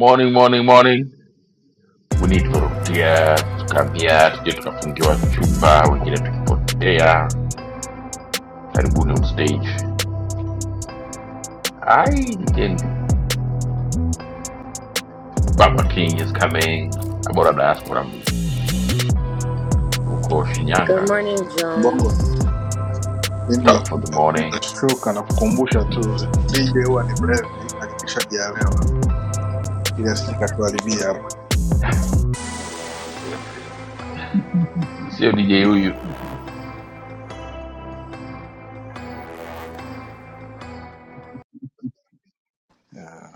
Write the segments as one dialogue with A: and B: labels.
A: Morning, morning, morning. We need kurudia, tukaamia, tuje tukafungiwa chumba, wengine tukipotea. Karibuni on stage. Ai, nigeni. Baba King is coming. Abora diaspora huko
B: Good
A: Shinyanga.
B: morning,
C: Bongo
B: Jones.
C: mimi
A: Talk for the morning.
C: nitashtuka na kukumbusha tu, DJ huwa ni mlevi, hakikisha hajalewa ili asije katuharibia hapo.
A: Sio DJ huyu
C: Yeah.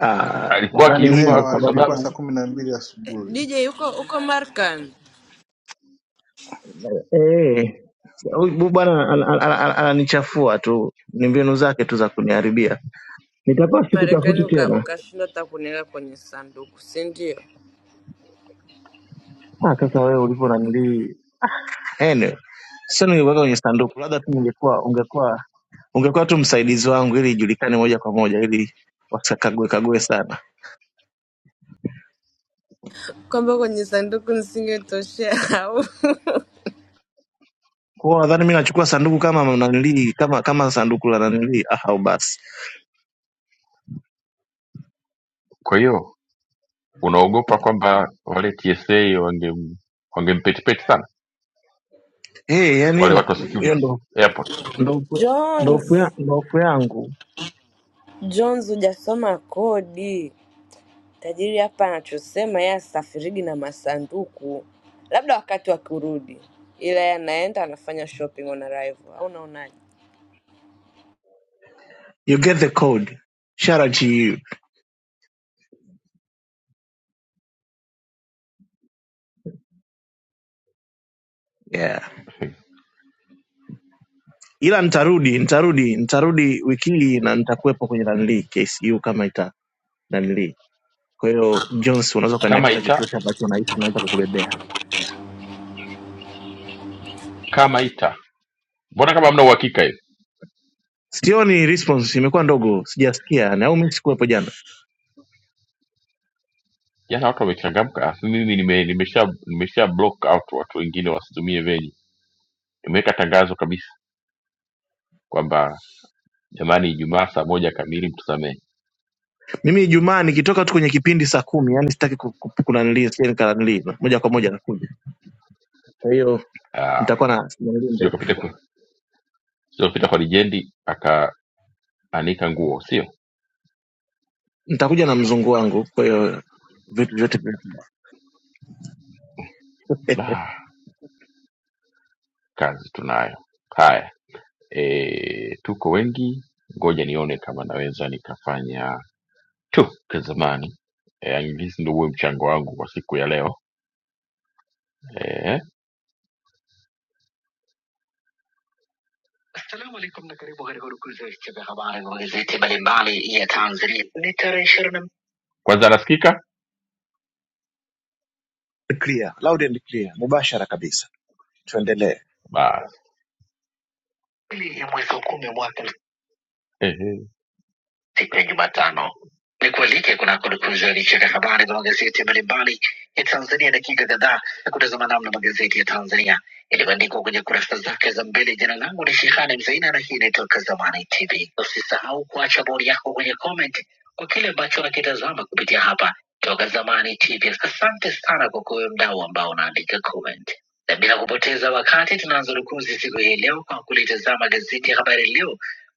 D: Ah,
A: alikuwa
D: nadhani hii
A: akiumba
D: ndo
A: kwa
C: Elewa
D: sababu
C: ilikuwa saa
A: sababu,
C: kumi na mbili asubuhi.
B: DJ uko uko Marekani,
D: eh, huyu bwana ana- ana- ana- ana- ananichafua tu, ni mbinu zake tu za kuniharibia. Nitakuwa
B: Marekani
D: sikutafuti
B: uka-
D: tena.
B: ukashindwa hata kuniweka kwenye sanduku, si ndio?
D: Ah, sasa wewe ulivyo nanilii, anyway, sio ningekuweka kwenye sanduku, labda tu ningekuwa ungekuwa ungekuwa tu msaidizi wangu, ili ijulikane moja kwa moja, ili wasikague kague sana.
B: Kwamba kwenye sanduku nisingetoshea au
D: Kwa hiyo nadhani mi nachukua sanduku kama nanilii, kama kama sanduku la nanilii. Ah, au basi
A: kwa hiyo unaogopa kwamba wale TSA wange wangempetipeti sana
D: eh,
A: wale
D: yani
A: watu wa
D: hiyo
A: security
D: ndo
A: airport.
D: ndo ndo hofu ya-
B: Jones,
D: ndo hofu yangu.
B: Jones, hujasoma kodi. Tajiri hapa anachosema yeye asafirigi na masanduku, labda wakati wa kurudi, ila yeye anaenda anafanya shopping on arrival, au unaonaje?
D: you get the code shout out to you yeah
A: Hey.
D: ila nitarudi nitarudi nitarudi wiki hii na nitakuwepo kwenye nanili ksu kama ita nanili kwa hiyo jones unaweza
A: Kama
D: ukaniagiza
A: ita
D: chochote ambacho nahisi naweza kukubebea
A: kama ita, mbona kama hamna uhakika hivi?
D: sioni response imekuwa ndogo sijasikia na au mi sikuwepo jana
A: jana watu wamechangamka alafu mimi nime, nimesha nimesha block out watu wengine wasitumie venue nimeweka tangazo kabisa kwamba jamani ijumaa saa moja kamili mtusamee
D: mimi ijumaa nikitoka tu kwenye kipindi saa kumi yani sitaki ku- ku- kunanili sieni kananili moja kwa moja nakuja kwa hiyo
A: Ah,
D: nitakuwa na nanili
A: sio
D: ndefu
A: kapita kwa- sio kapita kwa lijendi akaanika nguo sio
D: nitakuja na mzungu wangu kwa hiyo vitu vyote vyote
A: ah, kazi tunayo haya e, tuko wengi ngoja nione kama naweza nikafanya tu kazamani e, hizi ndo huwe mchango wangu kwa siku ya leo E, Assalamu alaikum na karibu katika urukuzi wa vichwa vya habari vya magazeti mbalimbali ya Tanzania. Ni tarehe ishirini na kwanza nasikika
D: clear loud and clear mubashara kabisa tuendelee.
A: basi mbili ya mwezi wa kumi mwaka Ehe. siku ya Jumatano. Ni kualike kunako dukuzi ya vichwa vya habari za magazeti mbalimbali ya Tanzania, dakika kadhaa ya kutazama namna magazeti ya Tanzania yalivyoandikwa kwenye kurasa zake za mbele. Jina langu ni Shehani Mzaina na hii ni Toka Zamani TV. Usisahau kuacha bodi yako kwenye comment kwa kile ambacho unakitazama kupitia hapa Toka Zamani TV. Asante sana kwa kuwe mdau ambao unaandika comment, na bila kupoteza wakati tunaanza dukuzi siku hii leo kwa kulitazama gazeti ya Habari Leo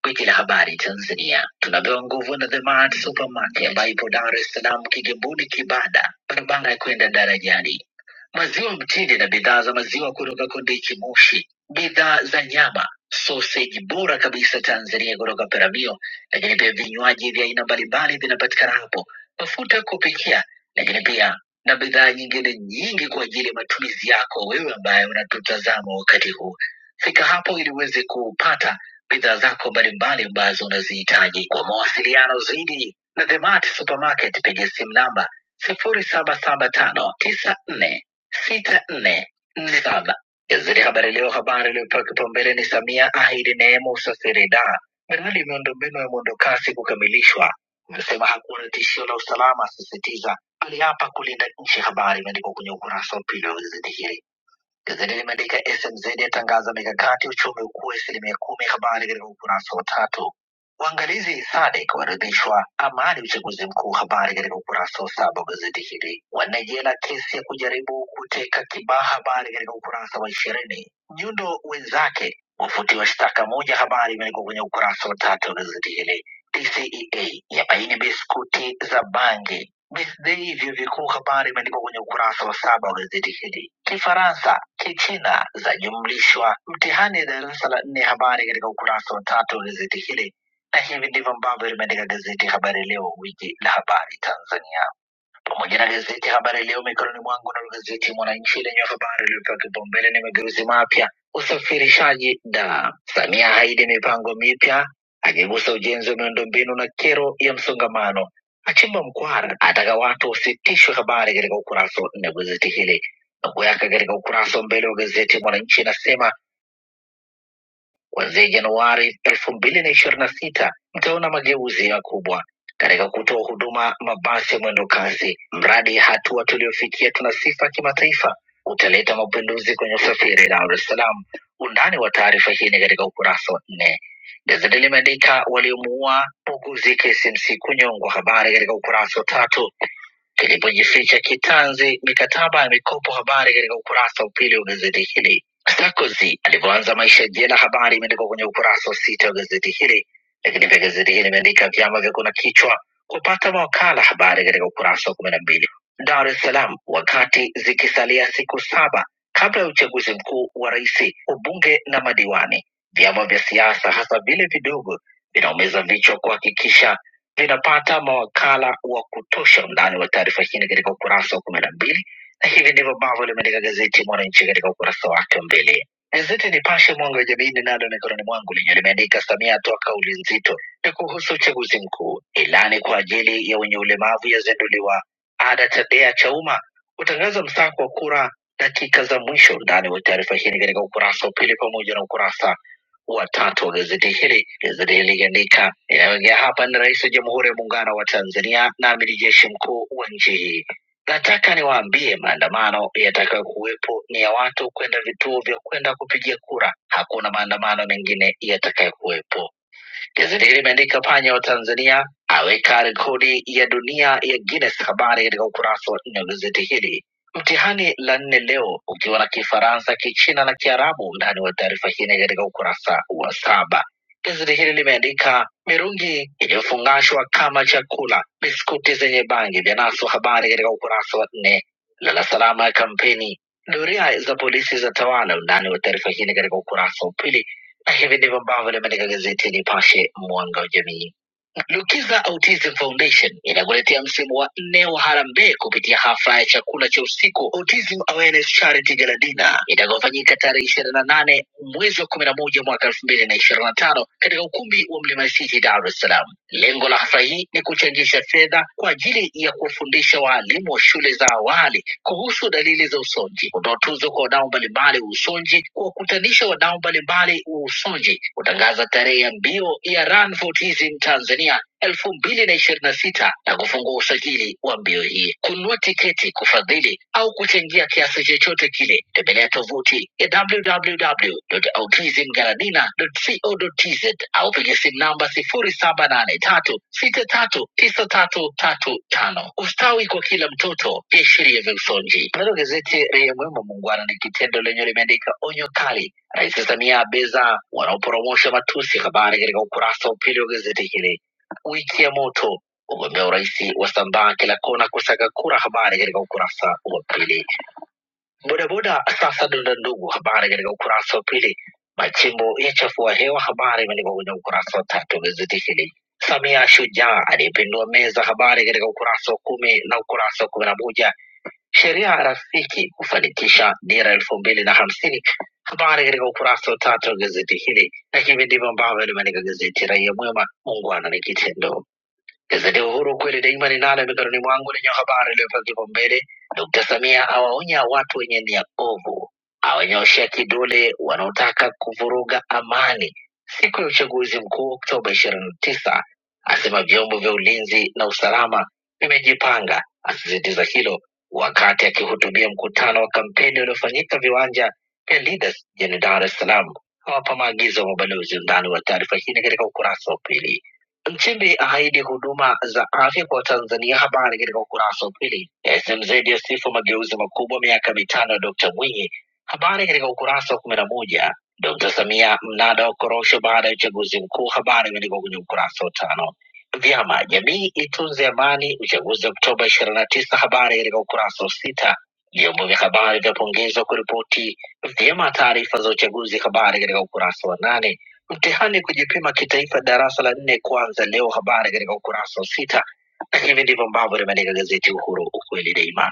A: Gwiji la habari Tanzania tunapewa nguvu na The Mart Supermarket ambayo ipo Dar es Salaam, Kigamboni, Kibada, barabara ya kwenda darajani. Maziwa mtindi na bidhaa za maziwa kutoka Kondiki Moshi, bidhaa za nyama, soseji bora kabisa Tanzania kutoka Peramio, lakini pia vinywaji vya aina mbalimbali vinapatikana hapo, mafuta ya kupikia, lakini pia na bidhaa nyingine nyingi kwa ajili ya matumizi yako wewe ambaye unatutazama wakati huu. Fika hapo ili uweze kupata bidhaa zako mbalimbali ambazo unazihitaji. Kwa mawasiliano zaidi na The Mart Supermarket, piga simu namba sifuri saba saba tano tisa nne sita nne nne saba. Gazeti Habari Leo, habari iliyopewa kipaumbele ni Samia ahidi neema usafiri da miradi ya miundombinu ya mwendokasi kukamilishwa, amesema hakuna tishio la usalama, asisitiza aliapa kulinda nchi. Habari imeandikwa kwenye ukurasa wa pili wa gazeti hili Gazeti limeandika SMZ yatangaza mikakati uchumi ukue asilimia kumi. Habari katika ukurasa wa tatu. Waangalizi SADC waridhishwa amani uchaguzi mkuu. Habari katika ukurasa wa saba wa gazeti hili. Wanajela kesi ya kujaribu kuteka Kibaha. Habari katika ukurasa wa ishirini. Nyundo wenzake wafutiwa shtaka moja. Habari imeandikwa kwenye ukurasa wa tatu wa gazeti hili. TCEA yabaini biskuti za bangi This Day vyuo vikuu habari imeandikwa kwenye ukurasa wa saba wa gazeti hili. Kifaransa, Kichina zajumlishwa mtihani ya darasa la nne, habari katika ukurasa wa tatu wa gazeti hili, na hivi ndivyo ambavyo limeandika gazeti Habari Leo, gwiji la habari Tanzania pamoja na gazeti ya Habari Leo mikononi mwangu. Na gazeti Mwananchi lenye habari iliyopewa kipaumbele ni mageuzi mapya usafirishaji da Samia haidi mipango mipya, akigusa ujenzi wa miundombinu na kero ya msongamano. Achimba mkwara, ataka watu wasitishwe. Habari katika ukurasa wa nne wa gazeti hili. Nukuu yake katika ukurasa wa mbele wa gazeti Mwananchi inasema Kuanzia Januari elfu mbili na ishirini na sita mtaona mageuzi makubwa katika kutoa huduma mabasi ya mwendo kasi. Mradi hatua tuliofikia tuna sifa kimataifa, utaleta mapinduzi kwenye usafiri Dar es Salaam. Undani wa taarifa hii ni katika ukurasa wa nne. Gazeti limeandika waliomuua muuguzi KCMC kunyongwa, habari katika ukurasa wa tatu ilipojificha kitanzi mikataba ya mikopo. Habari katika ukurasa wa pili wa gazeti hili. Sarkozy alivyoanza maisha jela, habari imeandikwa kwenye ukurasa wa sita wa gazeti hili. Lakini pia gazeti hili limeandika vyama vya kuna kichwa kupata mawakala, habari katika ukurasa wa kumi na mbili. Dar es Salaam, wakati zikisalia siku saba kabla ya uchaguzi mkuu wa rais, ubunge na madiwani, vyama vya siasa hasa vile vidogo vinaumiza vichwa kuhakikisha vinapata mawakala wa kutosha. Undani wa taarifa hii ni katika ukurasa wa kumi na mbili na hivi ndivyo ambavyo limeandika gazeti Mwananchi katika ukurasa wake wa mbele. Gazeti Nipashe mwanga wa jamii ninalo mikononi mwangu lenye limeandika Samia atoa kauli nzito ni kuhusu uchaguzi mkuu, ilani kwa ajili ya wenye ulemavu yazinduliwa, ada tabia cha umma utangaza msako wa kura dakika za mwisho. Undani wa taarifa hii ni katika ukurasa wa pili pamoja na ukurasa watatu wa gazeti hili. Gazeti hili likiandika inayoingia hapa ni Rais wa Jamhuri ya Muungano wa Tanzania na Amiri Jeshi Mkuu wa nchi hii. Nataka niwaambie maandamano yatakayo kuwepo ni ya watu kwenda vituo vya kwenda kupigia kura. Hakuna maandamano mengine yatakayo kuwepo. Gazeti hili limeandika panya wa Tanzania aweka rekodi ya dunia ya Guinness. Habari katika ukurasa wa nne wa gazeti hili. Mtihani la nne leo ukiwa na Kifaransa, Kichina na Kiarabu. Ndani wa taarifa hii ni katika ukurasa wa saba. Gazeti hili limeandika mirungi iliyofungashwa kama chakula, biskuti zenye bangi vyanaswa. Habari katika ukurasa wa nne. Lala salama ya kampeni, doria za polisi za tawala. Undani wa taarifa hii ni katika ukurasa wa pili na hivi ndivyo ambavyo limeandika gazeti Nipashe mwanga wa jamii. Lukiza Autism Foundation inakuletea msimu wa nne wa harambee kupitia hafla ya chakula cha usiku Autism Awareness Charity Gala Dinner itakayofanyika tarehe ishirini na nane mwezi wa kumi na moja mwaka elfu mbili na ishirini na tano katika ukumbi wa Mlima City, Dar es Salaam. Lengo la hafla hii ni kuchangisha fedha kwa ajili ya kuwafundisha waalimu wa shule za awali kuhusu dalili za usonji, kutoa tuzo kwa wadau mbalimbali wa usonji, kuwakutanisha wadau mbalimbali wa usonji, kutangaza tarehe ya mbio ya Run for Autism Tanzania Kenya elfu mbili na ishirini na sita na kufungua usajili wa mbio hii. Kununua tiketi, kufadhili au kuchangia kiasi chochote kile, tembelea tovuti ya www.autismgaladina.co.tz au piga simu namba sifuri saba nane tatu sita tatu tisa tatu tatu tano. Ustawi kwa kila mtoto, viashiria vya usonji. Nalo gazeti Raia Mwema Muungwana ni kitendo lenye limeandika onyo kali, Rais Samia abeza wanaoporomosha matusi, habari katika ukurasa wa pili wa gazeti hili Wiki ya moto ugombea urais wasambaa kila kona kusaga kura, habari katika ukurasa wa pili. Bodaboda sasa donda ndugu, habari katika ukurasa wa pili. Machimbo yachafua hewa, habari imeandikwa kwenye ukurasa wa tatu wa gazeti hili. Samia shujaa aliyepindua meza, habari katika ukurasa wa kumi na ukurasa wa kumi na moja. Sheria rafiki kufanikisha dira elfu mbili na hamsini, habari katika ukurasa wa tatu wa gazeti hili, na hivi ndivyo ambavyo limeandika gazeti Raia Mwema, muungwana ni kitendo. Gazeti ya Uhuru kweli daima ninalo mikononi mwangu lenye habari iliyopewa kipaumbele, Dkt. Samia awaonya watu wenye nia ovu, awanyoshea kidole wanaotaka kuvuruga amani siku ya uchaguzi mkuu Oktoba ishirini na tisa, asema vyombo vya ulinzi na usalama vimejipanga, asisitiza hilo wakati akihutubia mkutano wa kampeni uliofanyika viwanja vya Leaders jijini Dar es Salaam. Hawapa maagizo wa mabalozi. Undani wa taarifa hii ni katika ukurasa wa pili. Nchimbi ahaidi huduma za afya kwa Watanzania. Habari katika ukurasa wa pili. SMZ yasifu mageuzi makubwa miaka mitano ya Dkt. Mwinyi. Habari katika ukurasa wa kumi na moja. Dkt. Samia mnada wa korosho baada ya uchaguzi mkuu. Habari imeandikwa kwenye ukurasa wa tano. Vyama jamii itunze amani, uchaguzi Oktoba ishirini na tisa. Habari katika ukurasa wa sita. Vyombo vya habari vyapongezwa kuripoti vyema taarifa za uchaguzi. Habari katika ukurasa wa nane Mtihani kujipima kitaifa darasa la nne kuanza leo, habari katika ukurasa wa sita. Na hivi ndivyo ambavyo limeandika gazeti Uhuru, ukweli daima.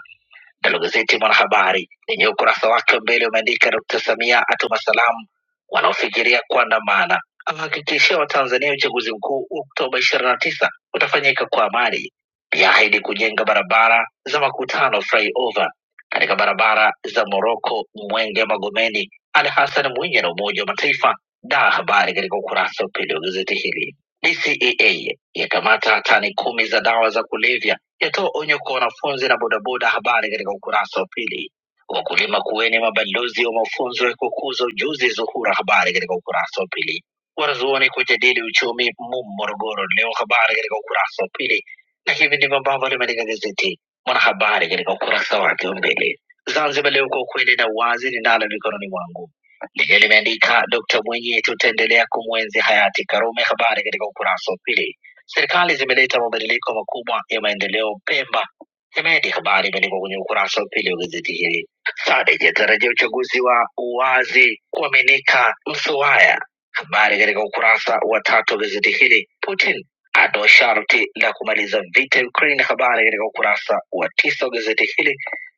A: Nalo gazeti Mwanahabari lenye ukurasa wake wa mbele umeandika Dr. Samia atuma salamu wanaofikiria kuandamana, awahakikishia Watanzania uchaguzi mkuu wa Oktoba 29 utafanyika kwa amani, pia ahidi kujenga barabara za makutano flyover katika barabara za Moroko, Mwenge, Magomeni. Ali Hassan Mwinyi na Umoja wa Mataifa da habari katika ukurasa wa pili wa gazeti hili. BCEA yakamata tani kumi za dawa za kulevya, yatoa onyo kwa wanafunzi na bodaboda. Habari katika ukurasa wa pili. Wakulima kuweni mabalozi wa mafunzo ya kukuza ujuzi. Zuhura, habari katika ukurasa wa pili. Wanazuoni kujadili uchumi MUM Morogoro leo, habari katika ukurasa wa pili. Na hivi ndivyo ambavyo limeandika gazeti Mwanahabari katika ukurasa wake wa mbele. Zanzibar Leo, kwa ukweli na uwazi, ninalo mikononi mwangu Lenyewe limeandika Dkt Mwinyi, tutaendelea kumwenzi hayati Karume. Habari katika ukurasa wa pili. Serikali zimeleta mabadiliko makubwa ya maendeleo Pemba, Hemedi. Habari imeandikwa kwenye ukurasa wa pili wa gazeti hili. SADC yatarajia uchaguzi wa uwazi kuaminika Msuwaya. Habari katika ukurasa wa tatu wa gazeti hili. Putin atoa sharti la kumaliza vita Ukraine. Habari katika ukurasa wa tisa wa gazeti hili,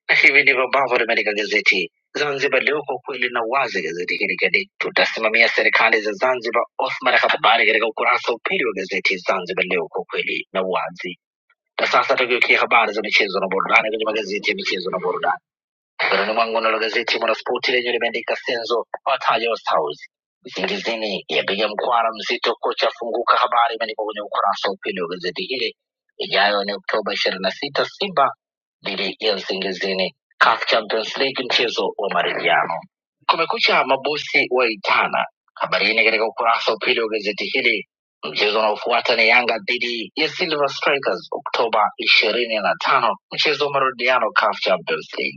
A: na hivi ndivyo ambavyo limeandika gazeti Zanzibar Leo, kwa ukweli na uwazi, gazeti hili gadi tutasimamia serikali za Zanzibar. Othman habari katika ukurasa wa pili wa gazeti Zanzibar Leo, kwa ukweli na uwazi. Na sasa tugeukia habari za michezo na burudani kwenye magazeti ya michezo na burudani. Mikononi mwangu nalo gazeti Mwanaspoti lenye limeandika Senzo wataja wa Stars visingizini, yapiga mkwara mzito, kocha afunguka. Habari imeandikwa kwenye ukurasa wa pili wa gazeti hili. Ijayo ni Oktoba ishirini na sita Simba dhidi ya Usingizini, CAF Champions League, mchezo wa marejeano. Kumekucha, mabosi waitana. Habari hii ni katika ukurasa wa pili wa gazeti hili. Mchezo unaofuata ni Yanga dhidi ya Silver Strikers Oktoba ishirini na tano, mchezo wa marudiano CAF Champions League.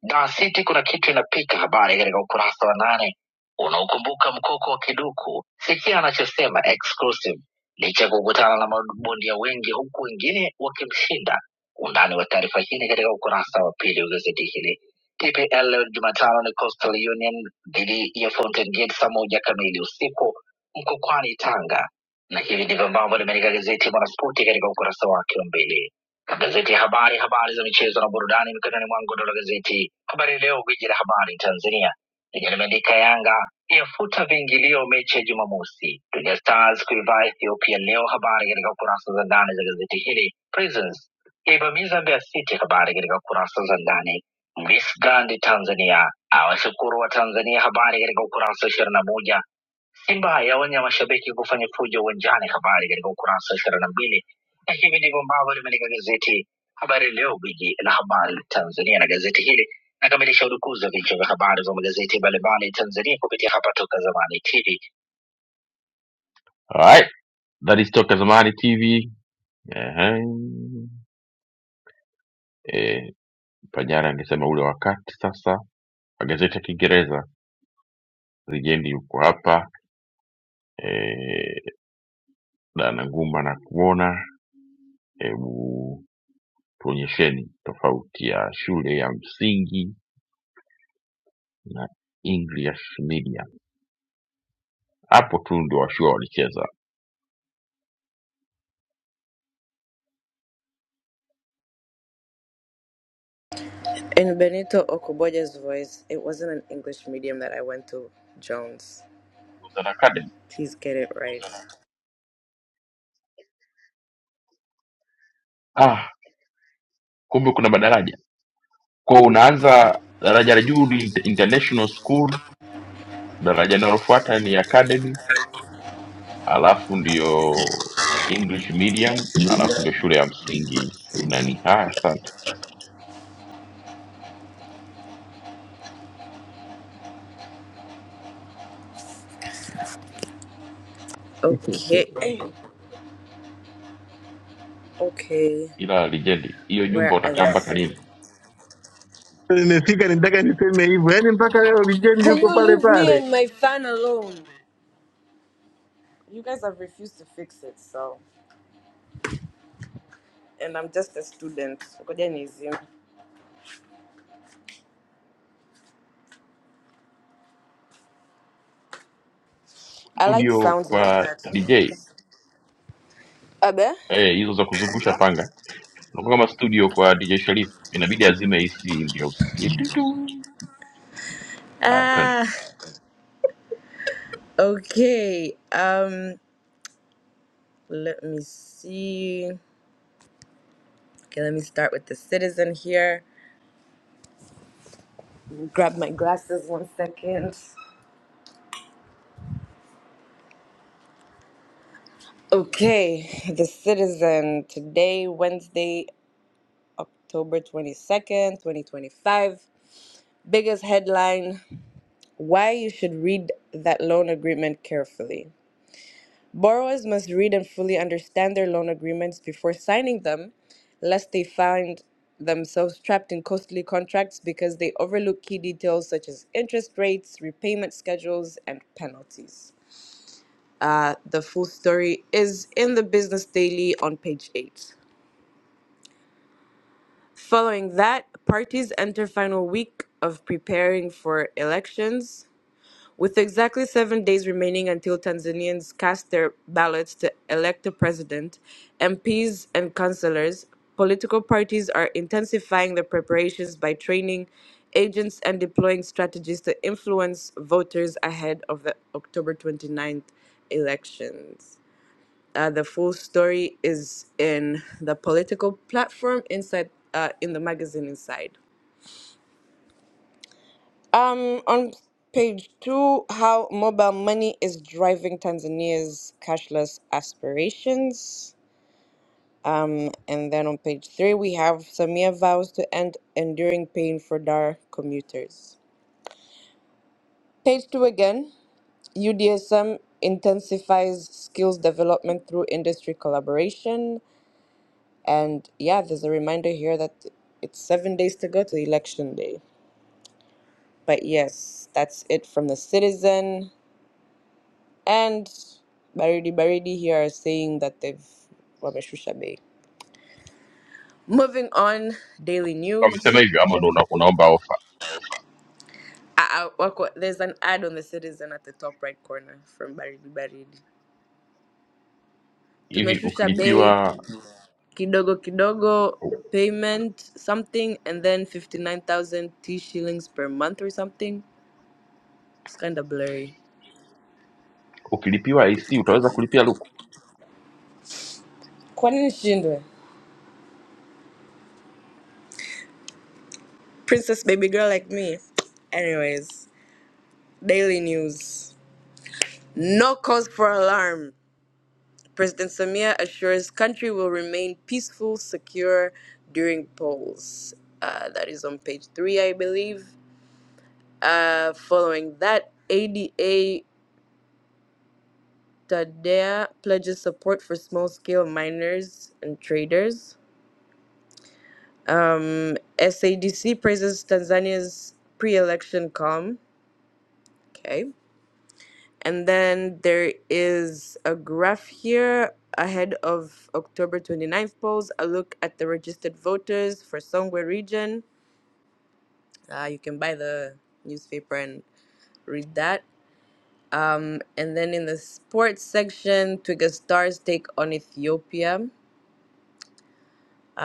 A: Gazeti Kuna Kitu inapita, habari katika ukurasa wa nane. Unaokumbuka mkoko wa kiduku, sikia anachosema exclusive. Licha ya kukutana na mabondia wengi, huku wengine wakimshinda. Undani wa taarifa hii ni katika ukurasa wa pili wa gazeti hili. TPL leo Jumatano ni Coastal Union dhidi ya Fountain Gate saa moja kamili usiku Mkokwani, Tanga. Na hivi ndivyo ambavyo limeandika gazeti ya Mwanaspoti katika ukurasa wake wa mbele. Magazeti ya habari, habari za michezo na burudani mikononi mwangu, nalo gazeti Habari Leo, gwiji la habari Tanzania, lenye limeandika Yanga yafuta viingilio mechi ya Jumamosi, Twiga Stars kuivaa Ethiopia leo, habari katika kurasa za ndani za gazeti hili. Prisons yaivamiza Mbeya City, habari katika kurasa za ndani. Miss Grand Tanzania awashukuru wa Tanzania, habari katika ukurasa wa ishirini na moja. Simba yaonya mashabiki kufanya fujo uwanjani, habari katika ukurasa wa ishirini na mbili. Na hivi ndivyo ambavyo limeandika gazeti Habari Leo, gwiji la habari Tanzania, na gazeti hili nakamilisha udukuzi wa vichwa vya habari vya magazeti mbalimbali Tanzania kupitia hapa Toka Zamani TV. Alright, that is Toka Zamani TV. Ehe. Eh, Panyara angesema ule wakati sasa. Magazeti ya Kiingereza Legendi yuko hapa eh, Dana Nguma na kuona. hebu Tuonyesheni tofauti ya shule ya msingi na English medium. Hapo tu ndio washua walicheza
B: In Benito Okoboja's voice, it wasn't an English medium that I went to, Jones.
A: Usan Academy.
B: Please get it right.
A: Ah, kumbe kuna madaraja kwao. Unaanza daraja la juu ni international school, daraja linalofuata ni academy, alafu ndio English medium, alafu ndio shule ya msingi nani. Haya, asante.
B: Okay. Okay.
A: Ila lijendi, hiyo nyumba
B: Where
A: utakaa mpaka
B: else?
A: lini?
D: Nimefika nitaka niseme hivyo, yaani mpaka leo legend
B: Can
D: yuko
B: you
D: pale
B: leave me
D: pale.
B: and my fan alone? You guys have refused to fix it, so. And I'm just a student. Ukujanizimu. I like
A: Studio
B: sounds like
A: kwa
B: that.
A: DJ
B: Abe?
A: eh, hizo za kuzungusha panga Unakuwa kama studio kwa DJ Sharif, inabidi azime AC ndio usisikie tu tu. Haya, twende.
B: Ah. Okay. Um. Let me see. Okay. Let me start with the citizen here. Grab my glasses one second. Okay, the citizen today, Wednesday. October 22nd, 2025. Biggest headline Why you should read that loan agreement carefully. Borrowers must read and fully understand their loan agreements before signing them, lest they find themselves trapped in costly contracts because they overlook key details such as interest rates, repayment schedules, and penalties. Uh, the full story is in the Business Daily on page 8. Following that, parties enter final week of preparing for elections, with exactly seven days remaining until Tanzanians cast their ballots to elect a president, MPs, and councillors. Political parties are intensifying their preparations by training agents and deploying strategies to influence voters ahead of the October 29th elections. Uh, the full story is in the political platform inside uh, in the magazine inside. Um, on page two, how mobile money is driving Tanzania's cashless aspirations. And then on page three, we have Samia vows to end enduring pain for Dar commuters. Page two again UDSM intensifies skills development through industry collaboration. And yeah, there's a reminder here that it's seven days to go to election day. But yes, that's it from the citizen. And Baridi Baridi here are saying that they've wameshusha bay. Moving on, daily
A: Kama umesema
B: news.
A: hivyo ama ndo una- unaomba ofa
B: I, I, wako- there's an ad on the citizen at the top right corner from Baridi Baridi.
A: hivi?
B: Tumeshusha bay,
A: Ukilipiwa
B: kidogo kidogo, payment something, and then 59,000 T shillings per month or something. It's kind of blurry.
A: ukilipiwa AC utaweza kulipia luku
B: Kwa nini nishindwe? Princess baby girl like me. Anyways, daily news. No cause for alarm. President Samia assures country will remain peaceful, secure during polls. Uh, that is on page three, I believe. Uh, following that, ADA Tadea pledges support for small scale miners and traders. Um, SADC praises Tanzania's pre election calm. Okay. And then there is a graph here ahead of October 29th polls. A look at the registered voters for Songwe region. Uh, you can buy the newspaper and read that. Um, and then in the sports section, Twiga Stars take on Ethiopia.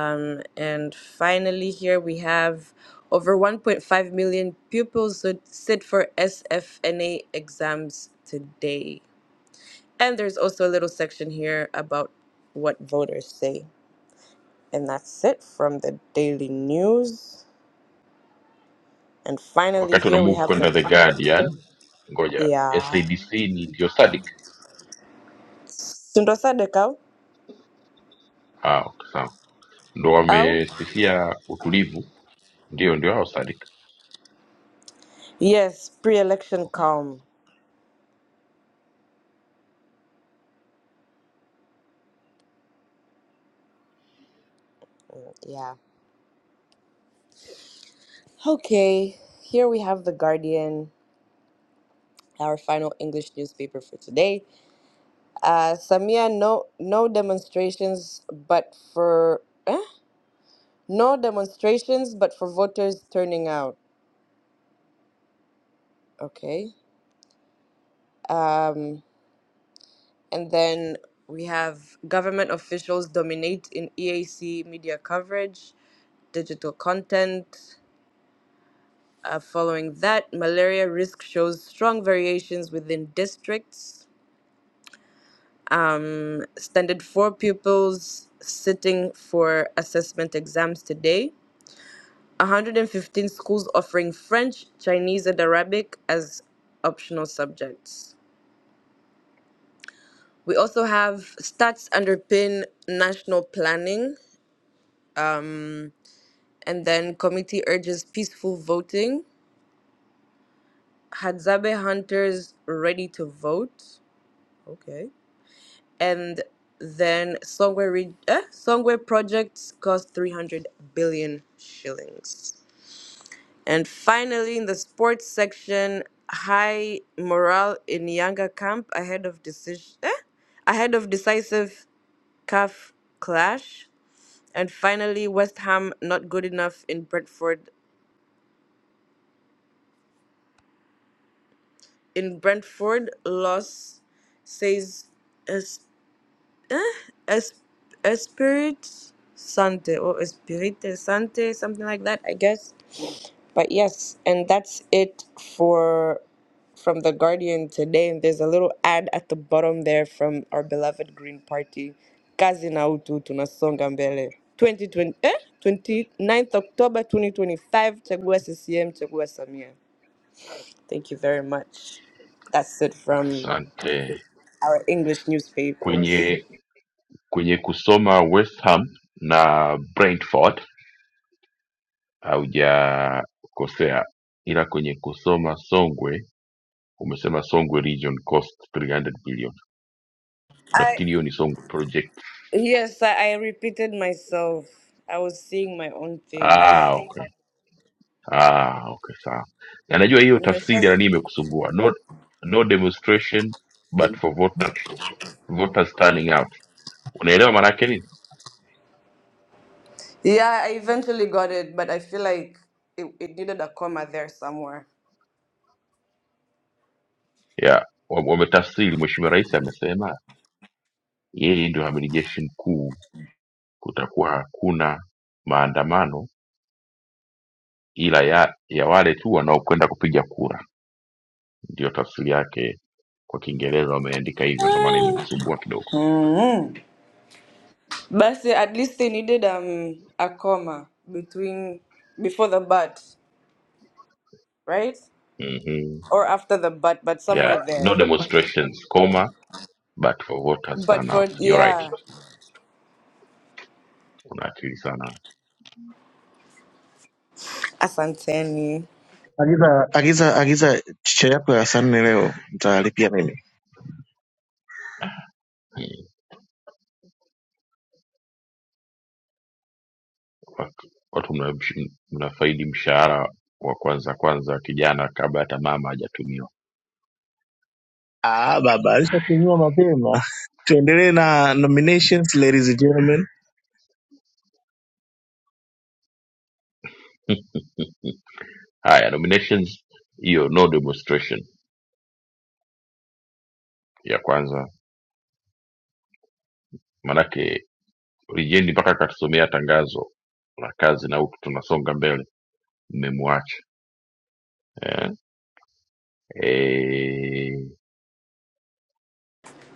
B: Um, and finally, here we have over 1.5 million pupils who sit for SFNA exams today. And there's also a little section here about what voters say. And that's it from the daily news. And finally,
A: wakati una
B: here we
A: move
B: have
A: kwenda the
B: the.
A: Guardian? Ngoja
B: Yeah.
A: SADC ni ndio Sadik.
B: Sundosa Dekau?
A: Ah, okay, sawa, ndo
B: Oh?
A: wamesifia utulivu. Ndio, ndio hao Sadik.
B: Yes, pre election calm. Yeah. Okay, here we have The Guardian, our final English newspaper for today. Uh, Samia, no, no demonstrations, but for. Eh? No demonstrations, but for voters turning out. Okay. Um, And then we have government officials dominate in EAC media coverage, digital content. Uh, following that, malaria risk shows strong variations within districts. Standard 4 pupils sitting for assessment exams today. 115 schools offering French, Chinese, and Arabic as optional subjects. We also have stats underpin national planning. Um, And then committee urges peaceful voting. Hadzabe hunters ready to vote. Okay. And then Songwe, re- eh? Songwe projects cost 300 billion shillings. And finally, in the sports section, high morale in Yanga camp ahead of decision, eh? ahead of decisive CAF clash. And finally, West Ham not good enough in Brentford in Brentford, Los says es, es, Spirit Sante or Espirite Sante, something like that, I guess. But yes, and that's it for from the Guardian today. And there's a little ad at the bottom there from our beloved Green Party. Kazi na utu tunasonga mbele. 2020, eh? Twenty ninth October 2025. Chagua CCM, Chagua Samia. Thank you very much. That's it from
A: Asante.
B: our English newspapers.
A: Kwenye kwenye kusoma West Ham na Brentford haujakosea, ila kwenye kusoma Songwe Umesema Songwe region cost 300 billion.
B: I
A: Nafikiri hiyo ni Songwe project.
B: yes, I, I repeated myself. I was seeing my own things.
A: Ah, okay. Ah, okay, sawa. Na najua hiyo tafsiri
B: Mrs.
A: ya nini imekusumbua. No, no demonstration but for voter, voters turning out. Unaelewa maana yake nini?
B: Yeah, I eventually got it, but I feel like it, it needed a comma there somewhere.
A: Yeah, wa- wametafsiri. Mheshimiwa Rais amesema yeye ndio amiri jeshi mkuu, kutakuwa hakuna maandamano ila ya, ya wale tu wanaokwenda kupiga kura. Ndio tafsiri yake kwa Kiingereza wameandika hivyo, ndio maana imekusumbua kidogo.
B: Mm. But see, at least they needed um a comma between before the but, right?
A: hmm All
B: Or after the but, but
A: Yeah,
B: somewhere
A: right. no
B: there.
A: demonstrations, comma, but for voters
B: But
A: turn
B: for
A: out. You're right.
B: yeah,
A: Kuna akili sana.
B: asanteni.
D: Agiza agiza agiza chicha yako ya saa nne leo, mtalipia mimi.
A: Mm. Watu watu mna- msh- mnafaidi mshahara wa kwanza kwanza kijana kabla hata mama hajatumiwa.
D: Ah, baba alishakunywa mapema. Tuendelee na nominations ladies and gentlemen.
A: Hmm. Haya, nominations hiyo no demonstration ya kwanza. Manake Rijendi mpaka akatusomea tangazo la kazi na huku tunasonga mbele, mmemwacha eh? Eh,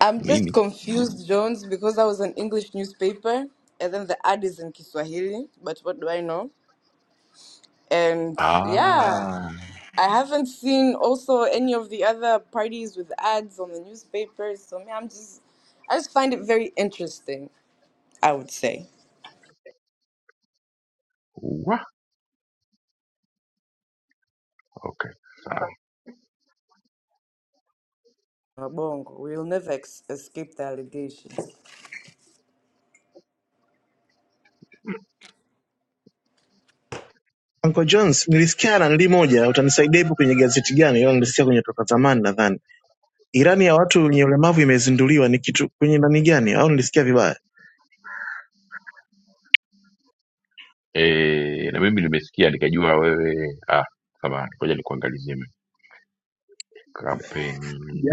B: I'm just
A: mimi
B: confused, Jones, because I was an English newspaper and then the ad is in Kiswahili, but what do I know? And yeah,
A: ah,
B: I haven't seen also any of the other parties with ads on the newspapers. So me, I'm just, I just find it very interesting, I would say.
A: wa, okay sawa
B: Bongo, we'll never ex- escape the allegations.
D: Uncle Jones, nilisikia nanili moja, utanisaidia hivyo kwenye gazeti gani? Hiyo nilisikia kwenye toka zamani nadhani. Irani ya watu wenye ulemavu imezinduliwa, ni kitu kwenye nani gani? Au nilisikia vibaya?
A: Eh, na mimi nimesikia nikajua wewe ah, samahani, ngoja nikuangalizie mimi. kampeni.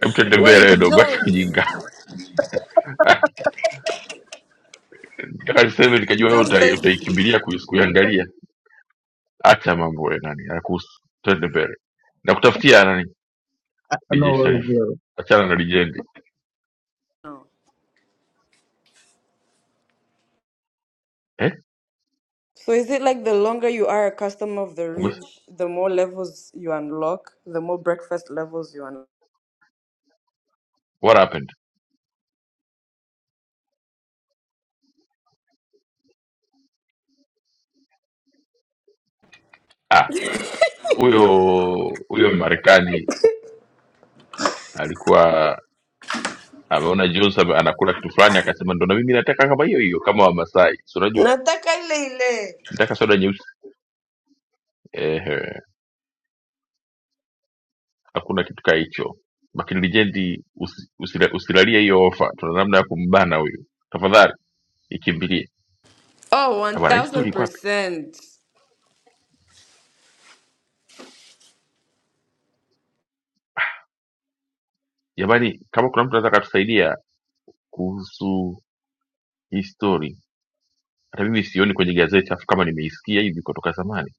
A: Hebu tuende
B: Wait,
A: mbele dogo, acha
B: Jones,
A: ujinga. Nataka niseme nikajua wewe
B: Jones,
A: utai-
B: there's,
A: utaikimbilia kuis- kuiangalia. Acha mambo ya nani, hayakuhusu. Tuende mbele. Nakutafutia nani?
D: Ah,
A: DJ Sharifu.
D: no,
A: Achana na legend.
B: no.
A: Eh?
B: So is it like the longer you are a customer of the
A: Umes-
B: ridge, the more levels you unlock, the more breakfast levels you unlock?
A: What happened? Ah, huyo huyo Marekani alikuwa ameona Jones ame- anakula kitu fulani akasema ndo na mimi nataka kama hiyo hiyo kama Wamasai. Si unajua
B: Nataka ile ile.
A: nataka soda nyeusi ehe, hakuna kitu kaa hicho. Makini Lijendi, usi, usila- usilalie hiyo ofa, tuna namna ya kumbana huyu, tafadhali ikimbilie
B: Oh,
A: Na bwana. Hii story iko wapi
B: 1000%.
A: jamani? Kama kuna mtu anaweza akatusaidia kuhusu hii story, hata mimi sioni kwenye gazeti, afu kama nimeisikia hivi kutoka zamani,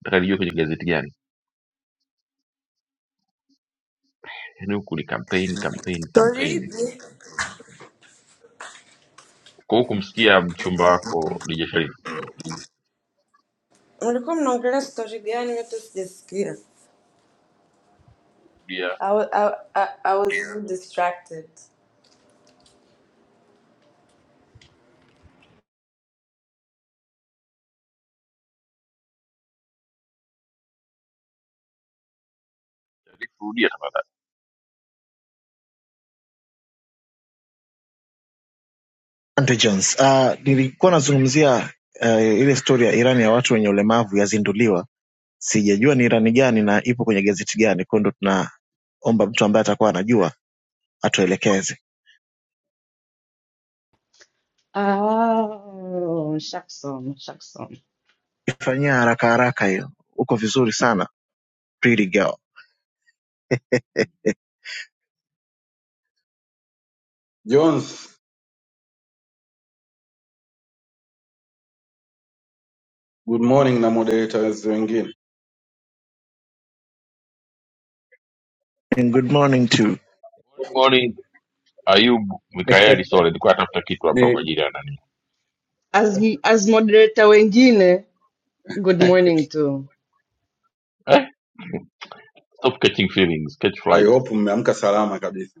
A: nataka nijue kwenye gazeti gani. Yani huku ni campaign campaign
B: Story
A: campaign.
B: zi-
A: Kwa huku kumsikia mchumba wako Dija Sharif,
B: mlikuwa mnaongelea story gani? Mimi Hata sijasikia.
A: rudia
B: I, wa- I, I, I was really distracted.
A: Sharif, rudia tafadhali.
D: Asante Jones. Uh, nilikuwa nazungumzia uh, ile stori ya Irani ya watu wenye ulemavu yazinduliwa. Sijajua ni Irani gani na ipo kwenye gazeti gani, kwa hiyo ndo tunaomba mtu ambaye atakuwa anajua atuelekeze.
B: Oh, Shakson, Shakson.
D: Ifanyia haraka haraka hiyo, uko vizuri sana pretty girl.
E: Jones, good morning na moderators wengine.
D: And good morning too.
A: Good morning Ayub Mikaeli Sole, nilikuwa natafuta kitu hapa kwa
E: Ni
A: ajili ya nani
B: As as moderator wengine, good morning to.
A: of catching feelings catch
E: I
A: flight
E: hope mmeamka salama kabisa.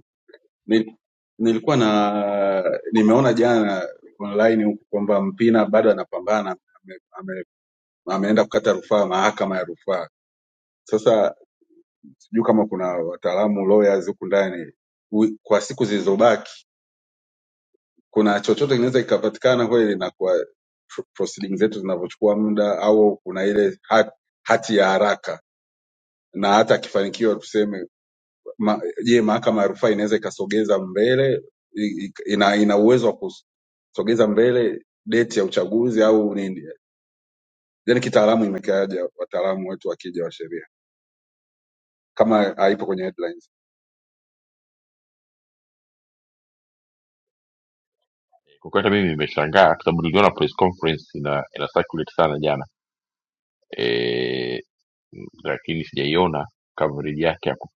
E: Ni, nilikuwa na nimeona jana online huko kwamba Mpina bado anapambana ame, ame, ameenda kukata rufaa mahakama ya rufaa. Sasa sijui kama kuna wataalamu lawyers huku ndani wi- kwa siku zilizobaki kuna chochote kinaweza kikapatikana kweli na kwa pro- proceeding zetu zinavyochukua muda au kuna ile ha- hati ya haraka na hata akifanikiwa tuseme ma, je mahakama ya rufaa inaweza ikasogeza mbele i- i- ina, ina uwezo wa kusogeza mbele deti ya uchaguzi au nini yani kitaalamu imekaaja wataalamu wetu wakija wa sheria kama haipo kwenye headlines
A: kwa kweli hata mimi nimeshangaa kwa sababu niliona press conference ina ina circulate sana jana e, lakini sijaiona coverage yake ya ku-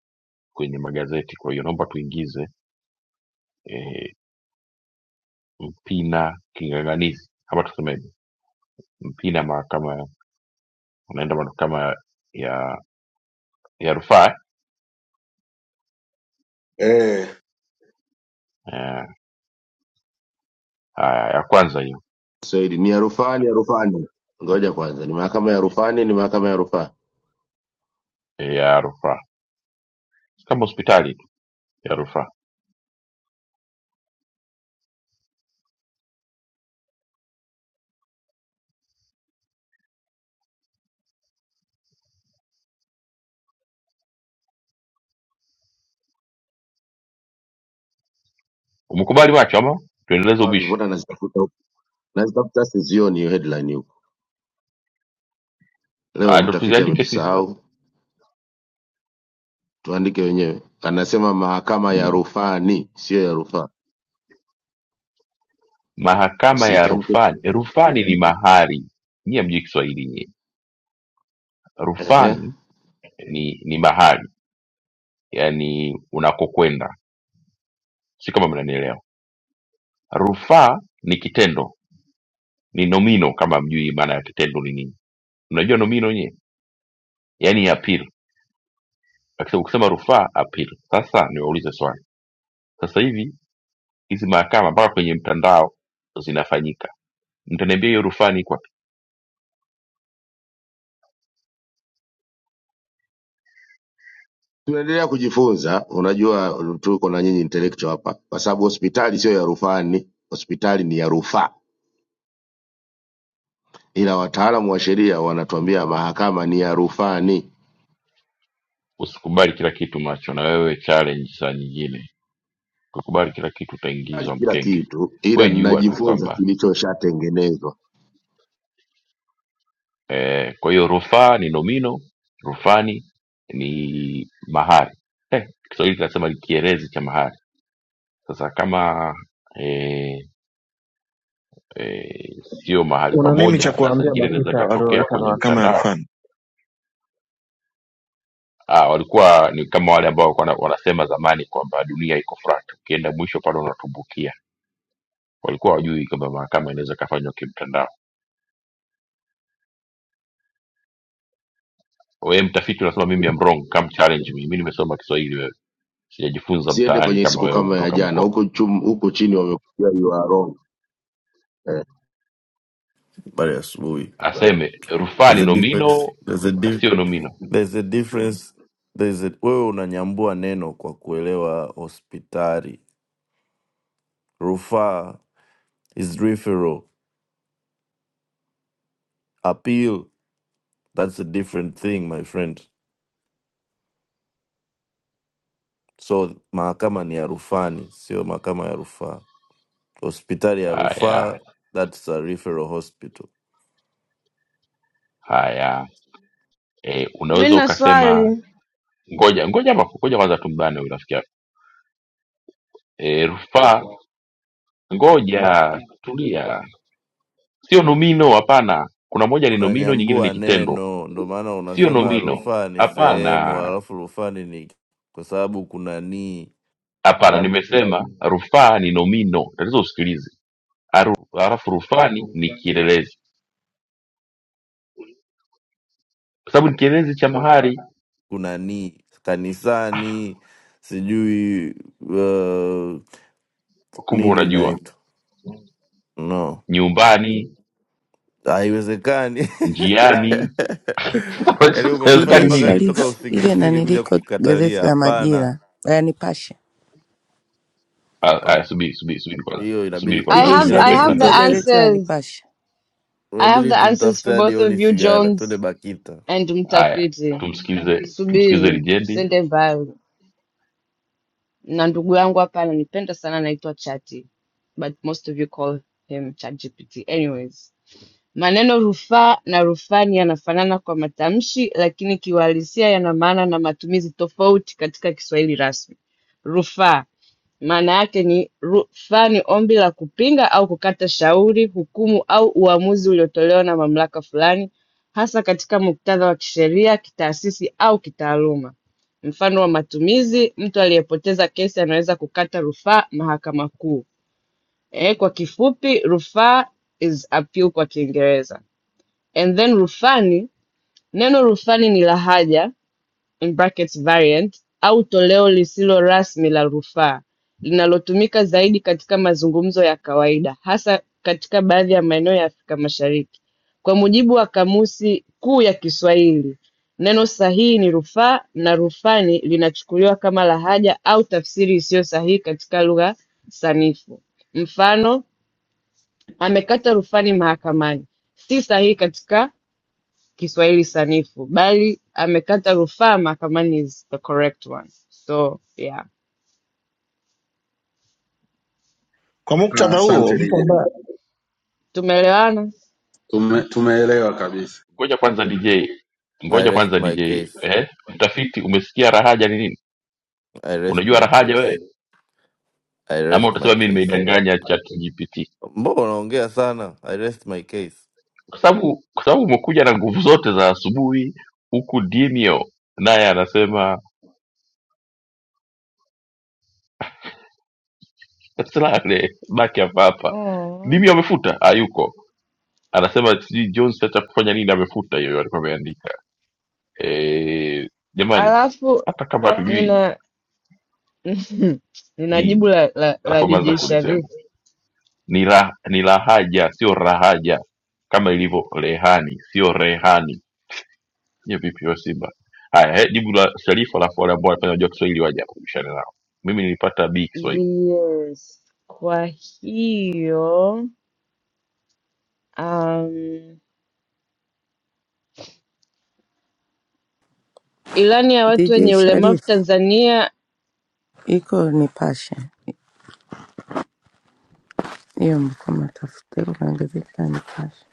A: kwenye magazeti kwa hiyo naomba tuingize e, mpina kinganganizi ama tuseme mpina mahakama unaenda mahakama ya ya rufaa
E: eh
A: eh, haya, ya kwanza hiyo
F: Swahili ni ya rufani, ya rufani. Ngoja kwanza, ni mahakama ya rufani, ni mahakama ya rufaa
A: eh, ya rufaa Si kama hospitali tu ya rufaa umekubali macho ama tuendeleze
F: wapi?
A: ubishi
F: Mbona nazitafuta huku, nazitafuta sizioni hiyo headline huko. Leo
A: Ah, ndo
F: mtafiti
A: tuziandike sisi
F: ametusahau,
A: sasa
F: tuandike wenyewe. Anasema mahakama ya
A: Mm.
F: rufani, sio ya rufaa,
A: mahakama ya
F: sitamke.
A: rufani rufani ni mahari nyie mjui kiswahili nyie
F: Ehe,
A: rufani ni ni mahali yani unakokwenda si kama mnanielewa rufaa ni kitendo ni nomino kama mjui maana ya kitendo ni nini unajua nomino nyie yaani apil akisema ukisema rufaa apil sasa niwaulize swali sasa hivi hizi mahakama mpaka kwenye mtandao zinafanyika mtaniambia hiyo rufaa ni iko wapi
F: tunaendelea kujifunza. Unajua tuko na nyinyi intellectual hapa, kwa sababu hospitali sio ya rufani, hospitali ni ya rufaa, ila wataalamu wa sheria wanatuambia mahakama ni ya rufani.
A: usikubali kila kitu macho na wewe challenge saa nyingine ukikubali kila kitu
F: Kubali
A: utaingizwa
F: kila
A: mkenge
F: kitu ila
A: we jua tu
F: ninajifunza
A: kwamba
F: kilichoshatengenezwa.
A: eh, kwa hiyo rufaa ni nomino rufani ni mahari eh, kiswahili tunasema ni kielezi cha mahari sasa kama eh, eh, sio mahali
D: Una nini cha
A: pamoja na saa
D: kuwaambia
A: nyingine inaweza
D: BAKITA
A: ikatokea
D: walioita na
A: kwenye
D: mahakama ya
A: mtandao
D: rufani?
A: ah, walikuwa ni kama wale ambao walikuwa wana- wanasema zamani kwamba dunia iko flat ukienda mwisho pale unatumbukia walikuwa wajui kwamba mahakama inaweza ikafanywa kimtandao wewe mtafiti unasema mimi am wrong come challenge me mimi nimesoma kiswahili wewe sijajifunza
F: Usiende
A: mtaani
F: kwenye
A: kama
F: siku
A: wewe
F: kama ya
A: ulivyotoka
F: jana
A: Bukoba.
F: huku chum- huku chini wamekuja you are wrong. Eh.
G: but yes, we
A: Aseme rufaa
G: there's
A: ni
G: a difference,
A: nomino,
G: there's a di
A: sio nomino.
G: there's a difference, there's a wewe unanyambua neno kwa kuelewa hospitali. Rufaa is referral, appeal that's a different thing my friend. So mahakama ni ya rufani, sio mahakama ya rufaa. Hospitali ya
A: Haya
G: rufaa that's a referral hospital.
A: haya, e, unaweza
B: Mina
A: ukasema
B: swali.
A: ngoja ngoja hapo, ngoja kwanza tumbane huyu rafiki yako e, rufaa. Ngoja tulia, sio nomino, hapana. Kuna moja ni nomino, nyingine ni
G: Unanyambua
A: kitendo,
G: neno, ndo maana
A: sio
G: unasema
A: nomino,
G: rufaa ni sehemu,
A: hapana.
G: alafu rufani ni kwa sababu kuna nii
A: Hapana, nimesema rufaa ni nomino, tatizo usikilize. Aru- Halafu rufani ni kielelezi, kwa sababu ni kielelezi cha mahari.
G: kunani kanisani sijui uh,
A: Kumbe
G: nini
A: unajua
G: inaitwa no
A: nyumbani
G: haiwezekani
A: njiani
G: yaani umenifanya
A: haiwezekani
H: dj
G: mpaka
A: nini
G: nitoka
H: Sharifu ile
G: usingizini
H: nanili
G: kuja
H: iko
G: kukatalia
H: gazeti la
G: hapana
H: Majira la Nipashe.
A: Ah, ah,
G: hapana
A: subiri subiri subiri kwanza
G: hiyo
A: subiri
G: inabidi
B: I
A: kwanza
H: dj
A: najua
B: have I
G: inabidi
A: mnampenda
H: Sharifu
B: have
A: sana
B: the
H: iko
A: dj
G: tumtafute
A: sharif
H: gazeti la
B: answers.
H: Nipashe.
B: I have
G: inabidi
B: the answers for
G: tumtafute hadi
B: both of
G: oni
B: you
G: sigara twende
B: Jones
G: bakita
B: and
A: haya
B: mtafiti.
A: tumsikize tumsikize
B: Subiri tusende
A: lijendi
B: mbali. Na ndugu yangu hapa ananipenda sana, anaitwa Chati, but most of you call him ChatGPT. Anyways. Maneno rufaa na rufani yanafanana kwa matamshi, lakini kiuhalisia yana maana na matumizi tofauti katika Kiswahili rasmi. Rufaa maana yake ni rufaa ni ombi la kupinga au kukata shauri, hukumu au uamuzi uliotolewa na mamlaka fulani, hasa katika muktadha wa kisheria, kitaasisi au kitaaluma. Mfano wa matumizi: mtu aliyepoteza kesi anaweza kukata rufaa Mahakama Kuu. Eh, kwa kifupi, rufaa is appeal kwa Kiingereza. And then rufani, neno rufani ni lahaja in brackets variant au toleo lisilo rasmi la rufaa linalotumika zaidi katika mazungumzo ya kawaida hasa katika baadhi ya maeneo ya Afrika Mashariki. Kwa mujibu wa Kamusi Kuu ya Kiswahili, neno sahihi ni rufaa na rufani linachukuliwa kama lahaja au tafsiri isiyo sahihi katika lugha sanifu. Mfano, amekata rufani mahakamani, si sahihi katika Kiswahili sanifu bali amekata rufaa mahakamani is the correct one. So yeah,
D: Kwa
E: na
D: muktadha huo,
E: asante
D: mtu
E: Lijen.
D: ambaye
B: tumeelewana.
E: Tume, tumeelewa kabisa
A: ngoja kwanza dj
G: i
A: ngoja
G: rest
A: kwanza
G: my
A: dj
G: case
A: eh? mtafiti umesikia rahaja ni nini
G: i rest
A: unajua
G: my
A: rahaja
G: case
A: wewe
G: i
A: ama
G: rest my
A: utasema mi
G: case
A: nimeidanganya chat gpt
G: mbona unaongea sana i rest my case
A: kwa sababu kwa sababu umekuja na nguvu zote za asubuhi huku dimio naye anasema "Salale, baki hapa hapa
B: Oh.
A: dimio amefuta hayuko anasema sijui Jones sasa kufanya nini, amefuta hiyo alikuwa ameandika. Eh, jamani,
B: Alafu
A: hata kama hatujui
B: nina nina jibu
A: ni
B: la, la, la
A: anapoanza
B: DJ Sharif.
A: kulisema ni ra, ni lahaja, sio rahaja, kama ilivyo rehani, sio rehani. Hiyo vipi hiyo Simba? Haya, he, jibu la Sharifu, alafu wale ambao wanafanya wajua Kiswahili waje hapo bishane nao. Mimi nilipata B Kiswahili.
B: Yes. Kwa hiyo um, ilani ya watu
H: dj
B: wenye ulemavu
H: Sharifu
B: Tanzania.
H: iko Nipashe, hiyo mko matafute kuna gazeti la Nipashe.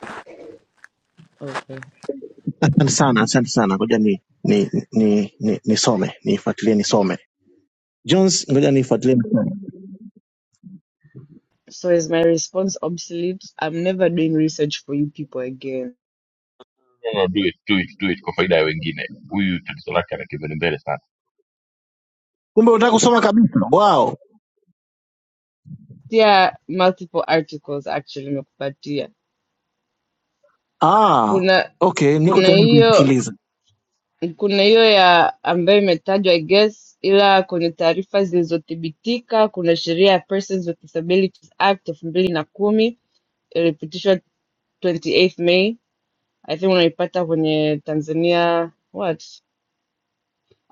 B: Okay.
D: asante sana, asante sana, ngoja ni ni ni nisome ni nisome, nifuatilie nisome. Jones, ngoja nifuatilie.
B: So is my response obsolete? I'm never doing research for you people again.
A: No, no, do it, do it, do it kwa faida ya wengine. Huyu tatizo lake anakimbilia mbele sana.
D: Kumbe unataka kusoma kabisa. Wow.
B: Yeah, multiple articles actually nimekupatia.
D: Ah,
B: Kuna
D: okay, niko
B: kuna
D: tayari
B: hiyo
D: kuisikiliza.
B: kuna hiyo ya ambayo imetajwa I guess, ila kwenye taarifa zilizothibitika kuna sheria ya Persons with Disabilities Act elfu mbili na kumi ilipitishwa 28th May. I think unaipata kwenye Tanzania what?